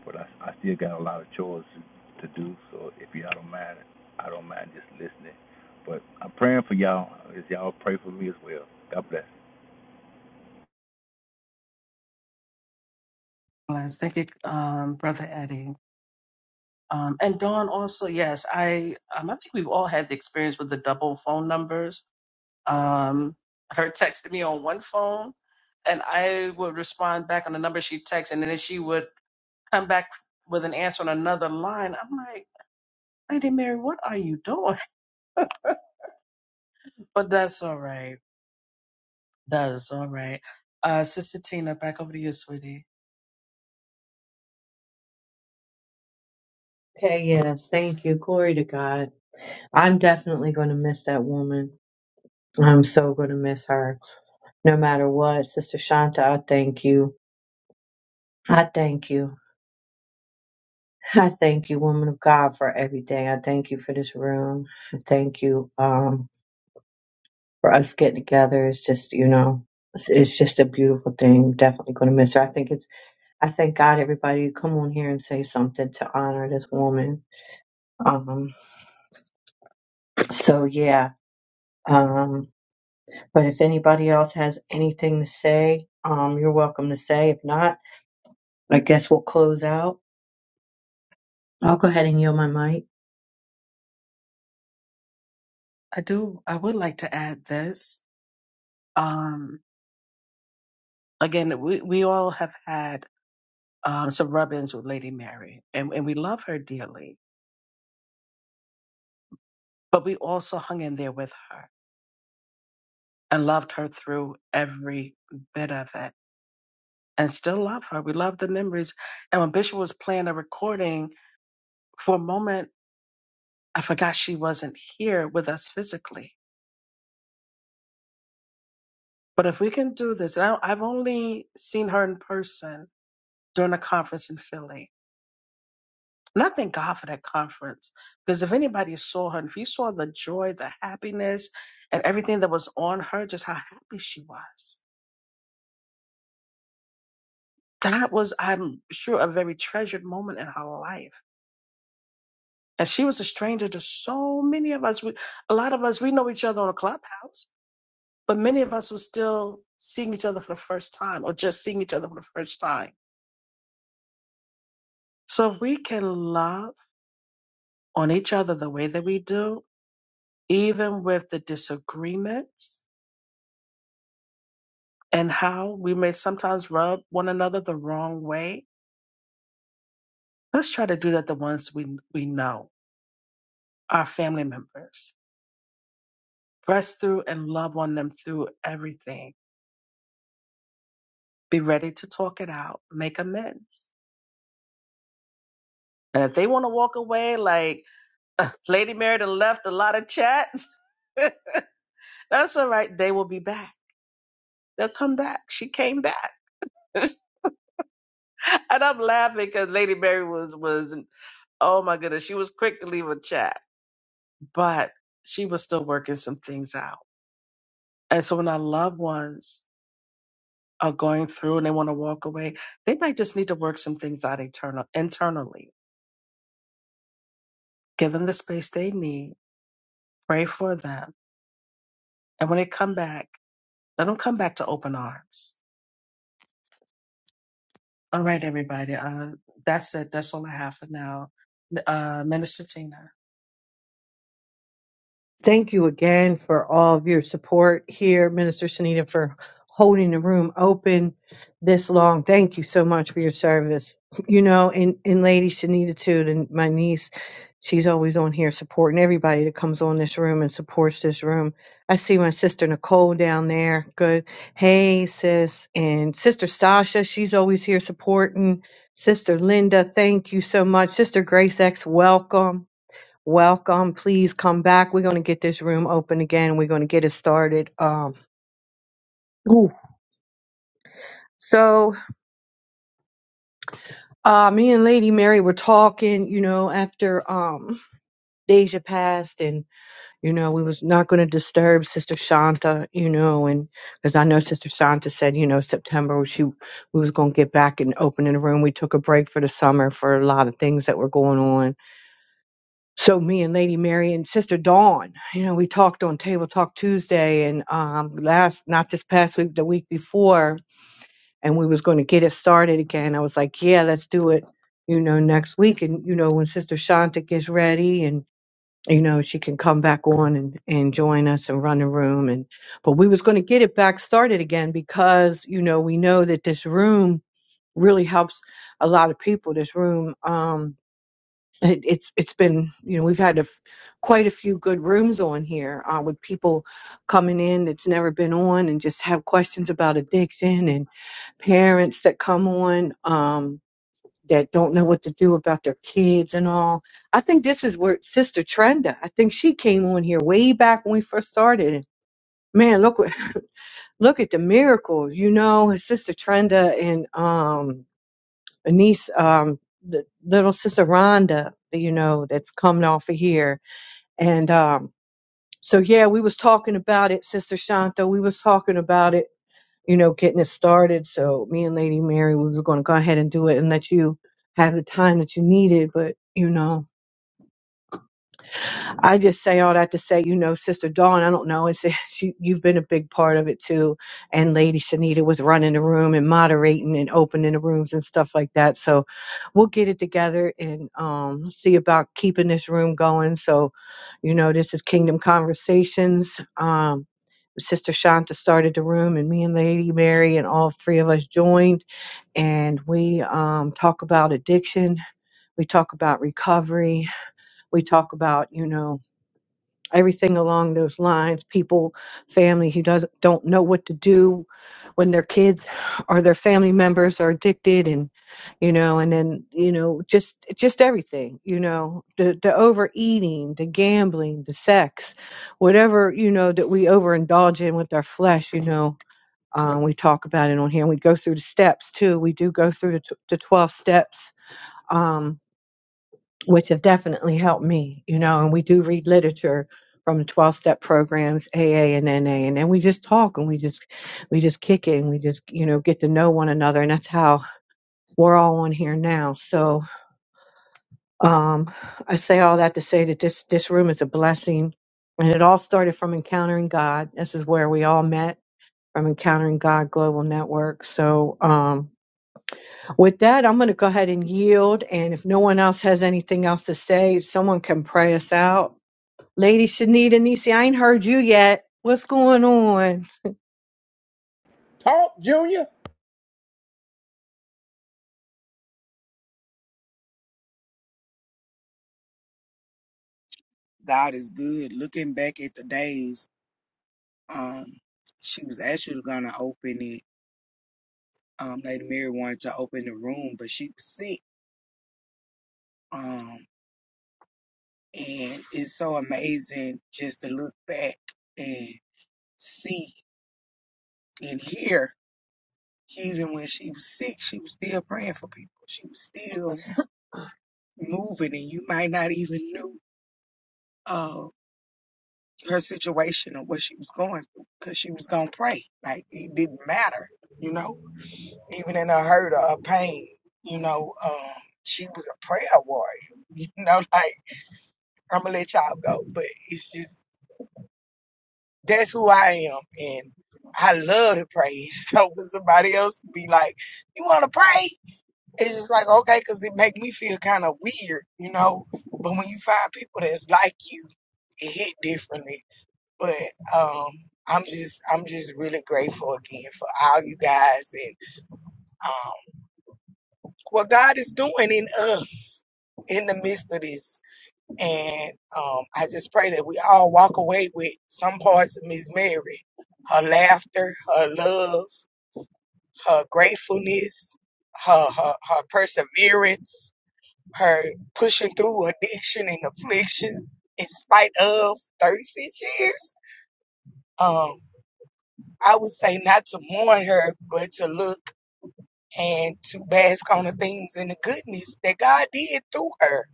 V: But I, I still got a lot of chores to, to do, so if y'all don't mind, I don't mind just listening. But I'm praying for y'all. If y'all pray for me as well. God bless.
C: Bless. Thank you, um, Brother Eddie. Um, and Dawn also, yes, I um, I think we've all had the experience with the double phone numbers Um, her texted me on one phone, and I would respond back on the number she texted, and then she would come back with an answer on another line. I'm like, Lady Mary, what are you doing? But that's all right. That's all right. Uh, Sister Tina, back over to you, sweetie.
A: Okay, yes. Thank you. Glory to God. I'm definitely going to miss that woman. I'm so going to miss her no matter what. Sister Shanta, I thank you. I thank you. I thank you, woman of God, for everything. I thank you for this room. I thank you um, for us getting together. It's just, you know, it's, it's just a beautiful thing. Definitely going to miss her. I think it's, I thank God everybody who come on here and say something to honor this woman. Um, so, yeah. Um, But if anybody else has anything to say, um, you're welcome to say. If not, I guess we'll close out. I'll go ahead and yield my mic.
C: I do. I would like to add this. Um, again, we we all have had um, some rub-ins with Lady Mary, and and we love her dearly, but we also hung in there with her and loved her through every bit of it and still love her. We love the memories. And when Bishop was playing a recording, for a moment, I forgot she wasn't here with us physically. But if we can do this, and I, I've only seen her in person during a conference in Philly. And I thank God for that conference because if anybody saw her, and if you saw the joy, the happiness, and everything that was on her, just how happy she was, that was, I'm sure, a very treasured moment in her life And she was a stranger to so many of us. We, a lot of us, we know each other on a clubhouse, but many of us were still seeing each other for the first time or just seeing each other for the first time. So if we can love on each other the way that we do, even with the disagreements and how we may sometimes rub one another the wrong way, let's try to do that the ones we, we know, our family members. Press through and love on them through everything. Be ready to talk it out, make amends And if they want to walk away like Lady Mary done left a lot of chats, that's all right. They will be back. They'll come back. She came back. and I'm laughing because Lady Mary was was oh my goodness, she was quick to leave a chat, but she was still working some things out. And so when our loved ones are going through and they want to walk away, they might just need to work some things out internal internally. Give them the space they need. Pray for them. And when they come back, let them come back to open arms All right, everybody. Uh, that's it. That's all I have for now. Uh, Minister Tina.
A: Thank you again for all of your support here, Minister Sunita, for holding the room open this long. Thank you so much for your service. You know, and, and Lady Sunita too, and my niece, she's always on here supporting everybody that comes on this room and supports this room. I see my sister Nicole down there. Good. Hey, sis. And Sister Sasha, she's always here supporting. Sister Linda, thank you so much. Sister Grace X, welcome Welcome. Please come back. We're going to get this room open again. We're going to get it started. Um, ooh. So, uh, me and Lady Mary were talking, you know, after, um, Deja passed and, you know, we was not going to disturb Sister Shanta, you know, and because I know Sister Shanta said, you know, September she, we was going to get back and open in the room. We took a break for the summer for a lot of things that were going on so me and Lady Mary and Sister Dawn, you know, we talked on Table Talk Tuesday and um last not this past week, the week before, and we was going to get it started again. I was like, Yeah, let's do it, you know, next week. And you know, when Sister Shanta gets ready and you know, she can come back on and, and join us and run the room and but we was going to get it back started again because, you know, we know that this room really helps a lot of people. This room um it, it's it's been you know we've had a f- quite a few good rooms on here uh, with people coming in that's never been on and just have questions about addiction and parents that come on um, that don't know what to do about their kids and all. I think this is where Sister Trenda. I think she came on here way back when we first started. And man, look what- look at the miracles, you know, Sister Trenda and um, niece um, the little sister Rhonda, you know, that's coming off of here and um, so yeah, we was talking about it, Sister Shanta. We was talking about it, you know, getting it started. So me and Lady Mary, we were going to go ahead and do it and let you have the time that you needed. But you know, I just say all that to say, you know, Sister Dawn, I don't know, it's, she, you've been a big part of it too. And Lady Sanita was running the room and moderating and opening the rooms and stuff like that. So we'll get it together and um, see about keeping this room going. So, you know, this is Kingdom Conversations. Um, Sister Shanta started the room, and me and Lady Mary and all three of us joined, and we um, talk about addiction. We talk about recovery. We talk about, you know, everything along those lines. People, family who doesn't don't know what to do when their kids or their family members are addicted, and you know, and then you know, just just everything, you know, the the overeating, the gambling, the sex, whatever you know that we overindulge in with our flesh, you know. Um, we talk about it on here and we go through the steps too. We do go through the, t- the 12 steps Um, which have definitely helped me, you know, and we do read literature from 12 step programs, AA and NA, and then we just talk and we just, we just kick it and we just, you know, get to know one another. And that's how we're all on here now. So, um, I say all that to say that this, this room is a blessing and it all started from encountering God. This is where we all met from encountering God global network. So, um, with that, I'm going to go ahead and yield. And if no one else has anything else to say, someone can pray us out Lady Shanita Nisi, I ain't heard you yet. What's going on?
E: Talk, Junior.
I: God is good. Looking back at the days, um, she was actually gonna open it. Um, Lady Mary wanted to open the room, but she was sick. Um, and it's so amazing just to look back and see And here, even when she was sick, she was still praying for people. She was still moving, and you might not even knew uh, her situation or what she was going through because she was gonna pray. Like it didn't matter, you know. Even in her hurt or her pain, you know, um, she was a prayer warrior. You know, like I'm gonna let y'all go, but it's just that's who I am, and I love to pray. So for somebody else to be like, "You want to pray?" It's just like okay, because it make me feel kind of weird, you know. But when you find people that's like you, it hit differently. But um, I'm just I'm just really grateful again for all you guys and um, what God is doing in us in the midst of this. And um, I just pray that we all walk away with some parts of Miss Mary, her laughter, her love, her gratefulness, her her, her perseverance her pushing through addiction and afflictions in spite of 36 years. Um, I would say not to mourn her, but to look and to bask on the things and the goodness that God did through her.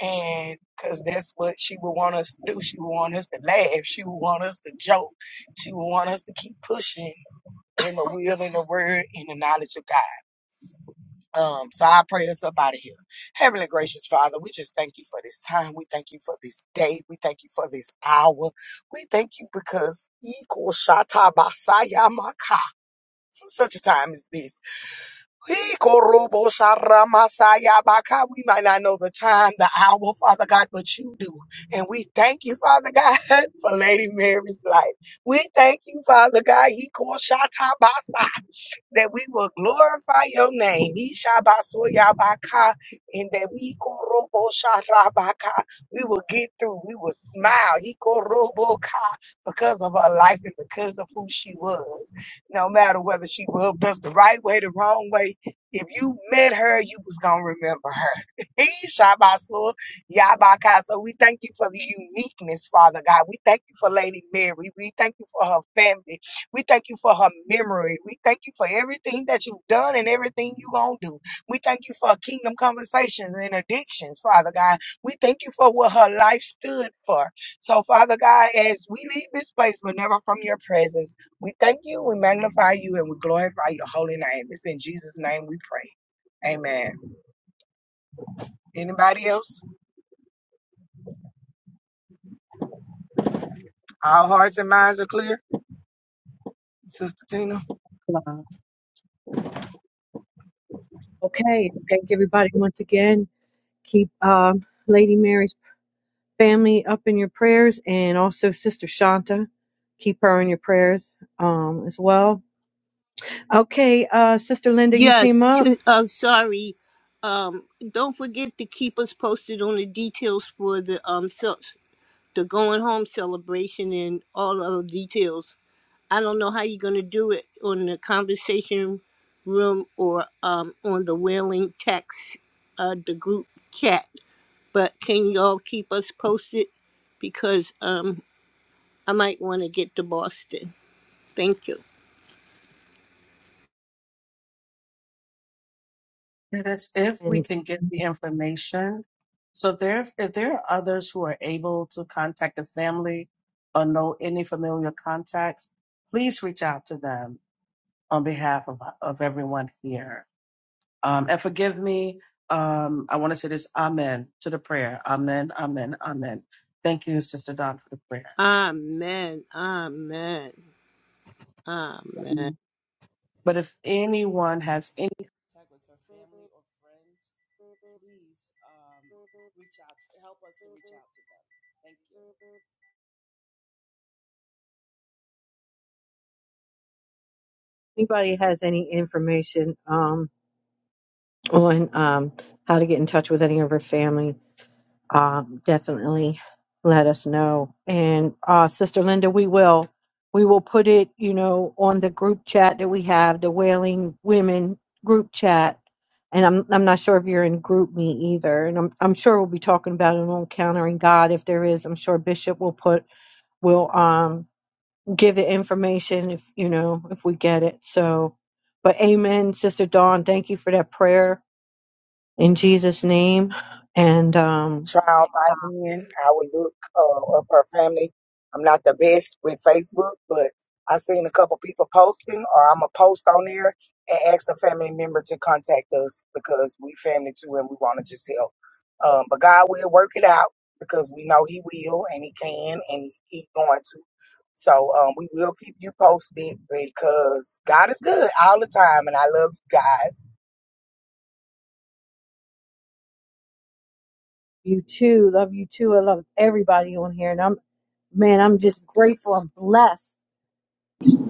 I: And because that's what she would want us to do. She would want us to laugh. She would want us to joke. She would want us to keep pushing in the will and the word and the knowledge of God. Um, so I pray us up out of here. Heavenly gracious Father, we just thank you for this time. We thank you for this day. We thank you for this hour. We thank you because equal shata basaya maka for such a time as this. Equal robo shara masaya baka. We might not know the time, the hour, Father God, but you do. And we thank you, Father God, for Lady Mary's life. We thank you, Father God, equal shata basa that we will glorify your name. Ishabasoyabaka, And that we Ikorobosharabaka, we will get through. We will smile. Ikoroboka, Because of her life and because of who she was. No matter whether she loved us the right way, the wrong way, if you met her, you was gonna remember her. Ishabaso Yabaka. So we thank you for the uniqueness, Father God. We thank you for Lady Mary. We thank you for her family. We thank you for her memory. We thank you for everything that you've done and everything you're going to do. We thank you for kingdom conversations and addictions, Father God. We thank you for what her life stood for. So, Father God, as we leave this place, but never from your presence, we thank you, we magnify you, and we glorify your holy name. It's in Jesus' name we pray. Amen. Anybody else? All hearts and minds are clear? Sister Tina?
C: Uh,
A: Okay, thank everybody once again. Keep um, Lady Mary's family up in your prayers and also Sister Shanta. Keep her in your prayers um, as well. Okay, uh, Sister Linda, you
H: Yes,
A: came up.
H: to, uh, sorry. Um, don't forget to keep us posted on the details for the um, cel- the going home celebration and all other details. I don't know how you're going to do it on the conversation room or um, on the whaling text, uh, the group chat, but can y'all keep us posted? Because um, I might want to get to Boston. Thank you.
C: It is if we
A: And
C: can get the information. So there, if there are others who are able to contact the family or know any familiar contacts, please reach out to them on behalf of, of everyone here. Um, and forgive me. Um, I want to say this. Amen to the prayer. Amen. Amen. Amen. Thank you, Sister Don, for the prayer.
H: Amen. Amen. Amen.
C: But if anyone has any contact with her family or friends, please um, reach out. Help us to reach out to them. Thank
A: anybody has any information um, on um, how to get in touch with any of her family, um, definitely let us know. And uh, Sister Linda, we will we will put it, you know, on the group chat that we have, the Wailing Women group chat. And I'm I'm not sure if you're in group me either. And I'm I'm sure we'll be talking about it on countering God if there is. I'm sure Bishop will put will um give the information if you know if we get it. So but amen, Sister Dawn, thank you for that prayer in Jesus' name. And um
I: child by then. I would look uh, up her family. I'm not the best with Facebook, but I seen a couple people posting, or I'm going to post on there and ask a family member to contact us because we family too, and we want to just help. Um, but God will work it out because we know He will, and He can, and He's going to. So um, we will keep you posted because God is good all the time, and I love you guys.
A: You too. Love you too. I love everybody on here. And I'm, man, I'm just grateful. I'm blessed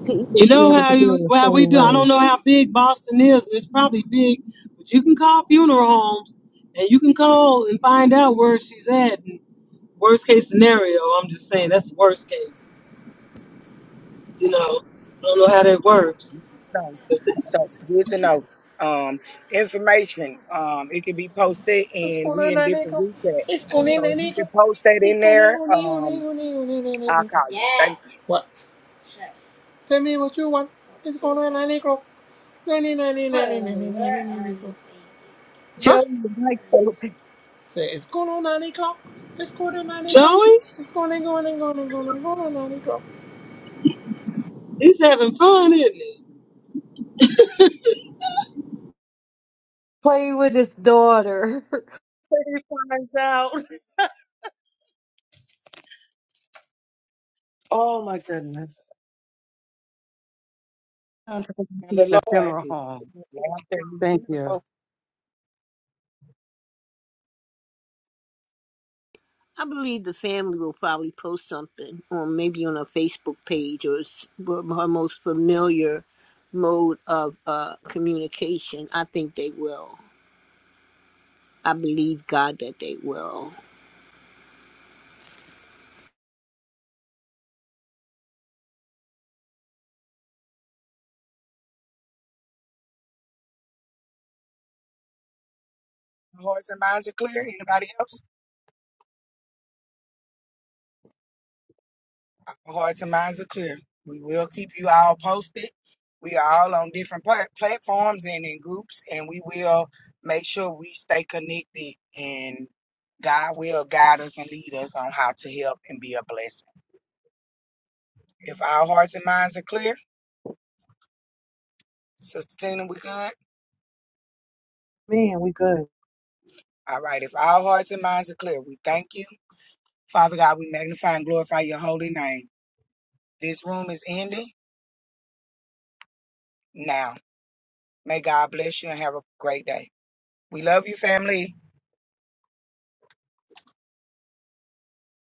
A: to
S: You
A: even be
S: know
A: able
S: how
A: to be
S: you
A: in the
S: well we
A: same
S: do. I don't
A: room.
S: know how big Boston is. It's probably big, but you can call funeral homes and you can call and find out where she's at. And worst case scenario, I'm just saying that's the worst case. You know, I don't know how that works.
I: So,
S: But that-
I: so good to know. Um, information. Um, it can be posted,
W: It's
I: and
W: gonna
I: we in
W: na
I: different
W: nickel.
I: group chat.
W: It's gonna
I: So
W: na
I: if you can
W: nickel.
I: post that
W: It's
I: in
W: gonna
I: there,
W: go na go na
I: um,
W: go na go na na
I: I'll call you. Thank you.
W: What? Tell me what you want. It's gonna na nickel. Na na na na na na na Huh?
A: Joey, your mic's open.
W: Say it's gonna na nickel. It's gonna na nickel.
S: Joey,
W: It's gonna go na go na go na go na na
S: he's having fun, isn't he?
A: Play with his daughter.
C: you. Time's out. Oh my goodness. I'm
I: And
C: in
I: the
C: a
I: Lord
C: funeral
I: is
C: home.
I: out there. He's
C: Thank you.
I: beautiful.
H: I believe the family will probably post something, or maybe on a Facebook page, or s- her most familiar mode of uh, communication. I think they will. I believe God that they will.
I: Hearts and minds are clear. Anybody else? Our hearts and minds are clear. We will keep you all posted. We are all on different pla- platforms and in groups, and we will make sure we stay connected. And God will guide us and lead us on how to help and be a blessing. If our hearts and minds are clear, Sister Tina, we good.
A: Man, we good.
I: All right. If our hearts and minds are clear, we thank you, Father God. We magnify and glorify your holy name. This room is ending now. May God bless you and have a great day. We love you, family.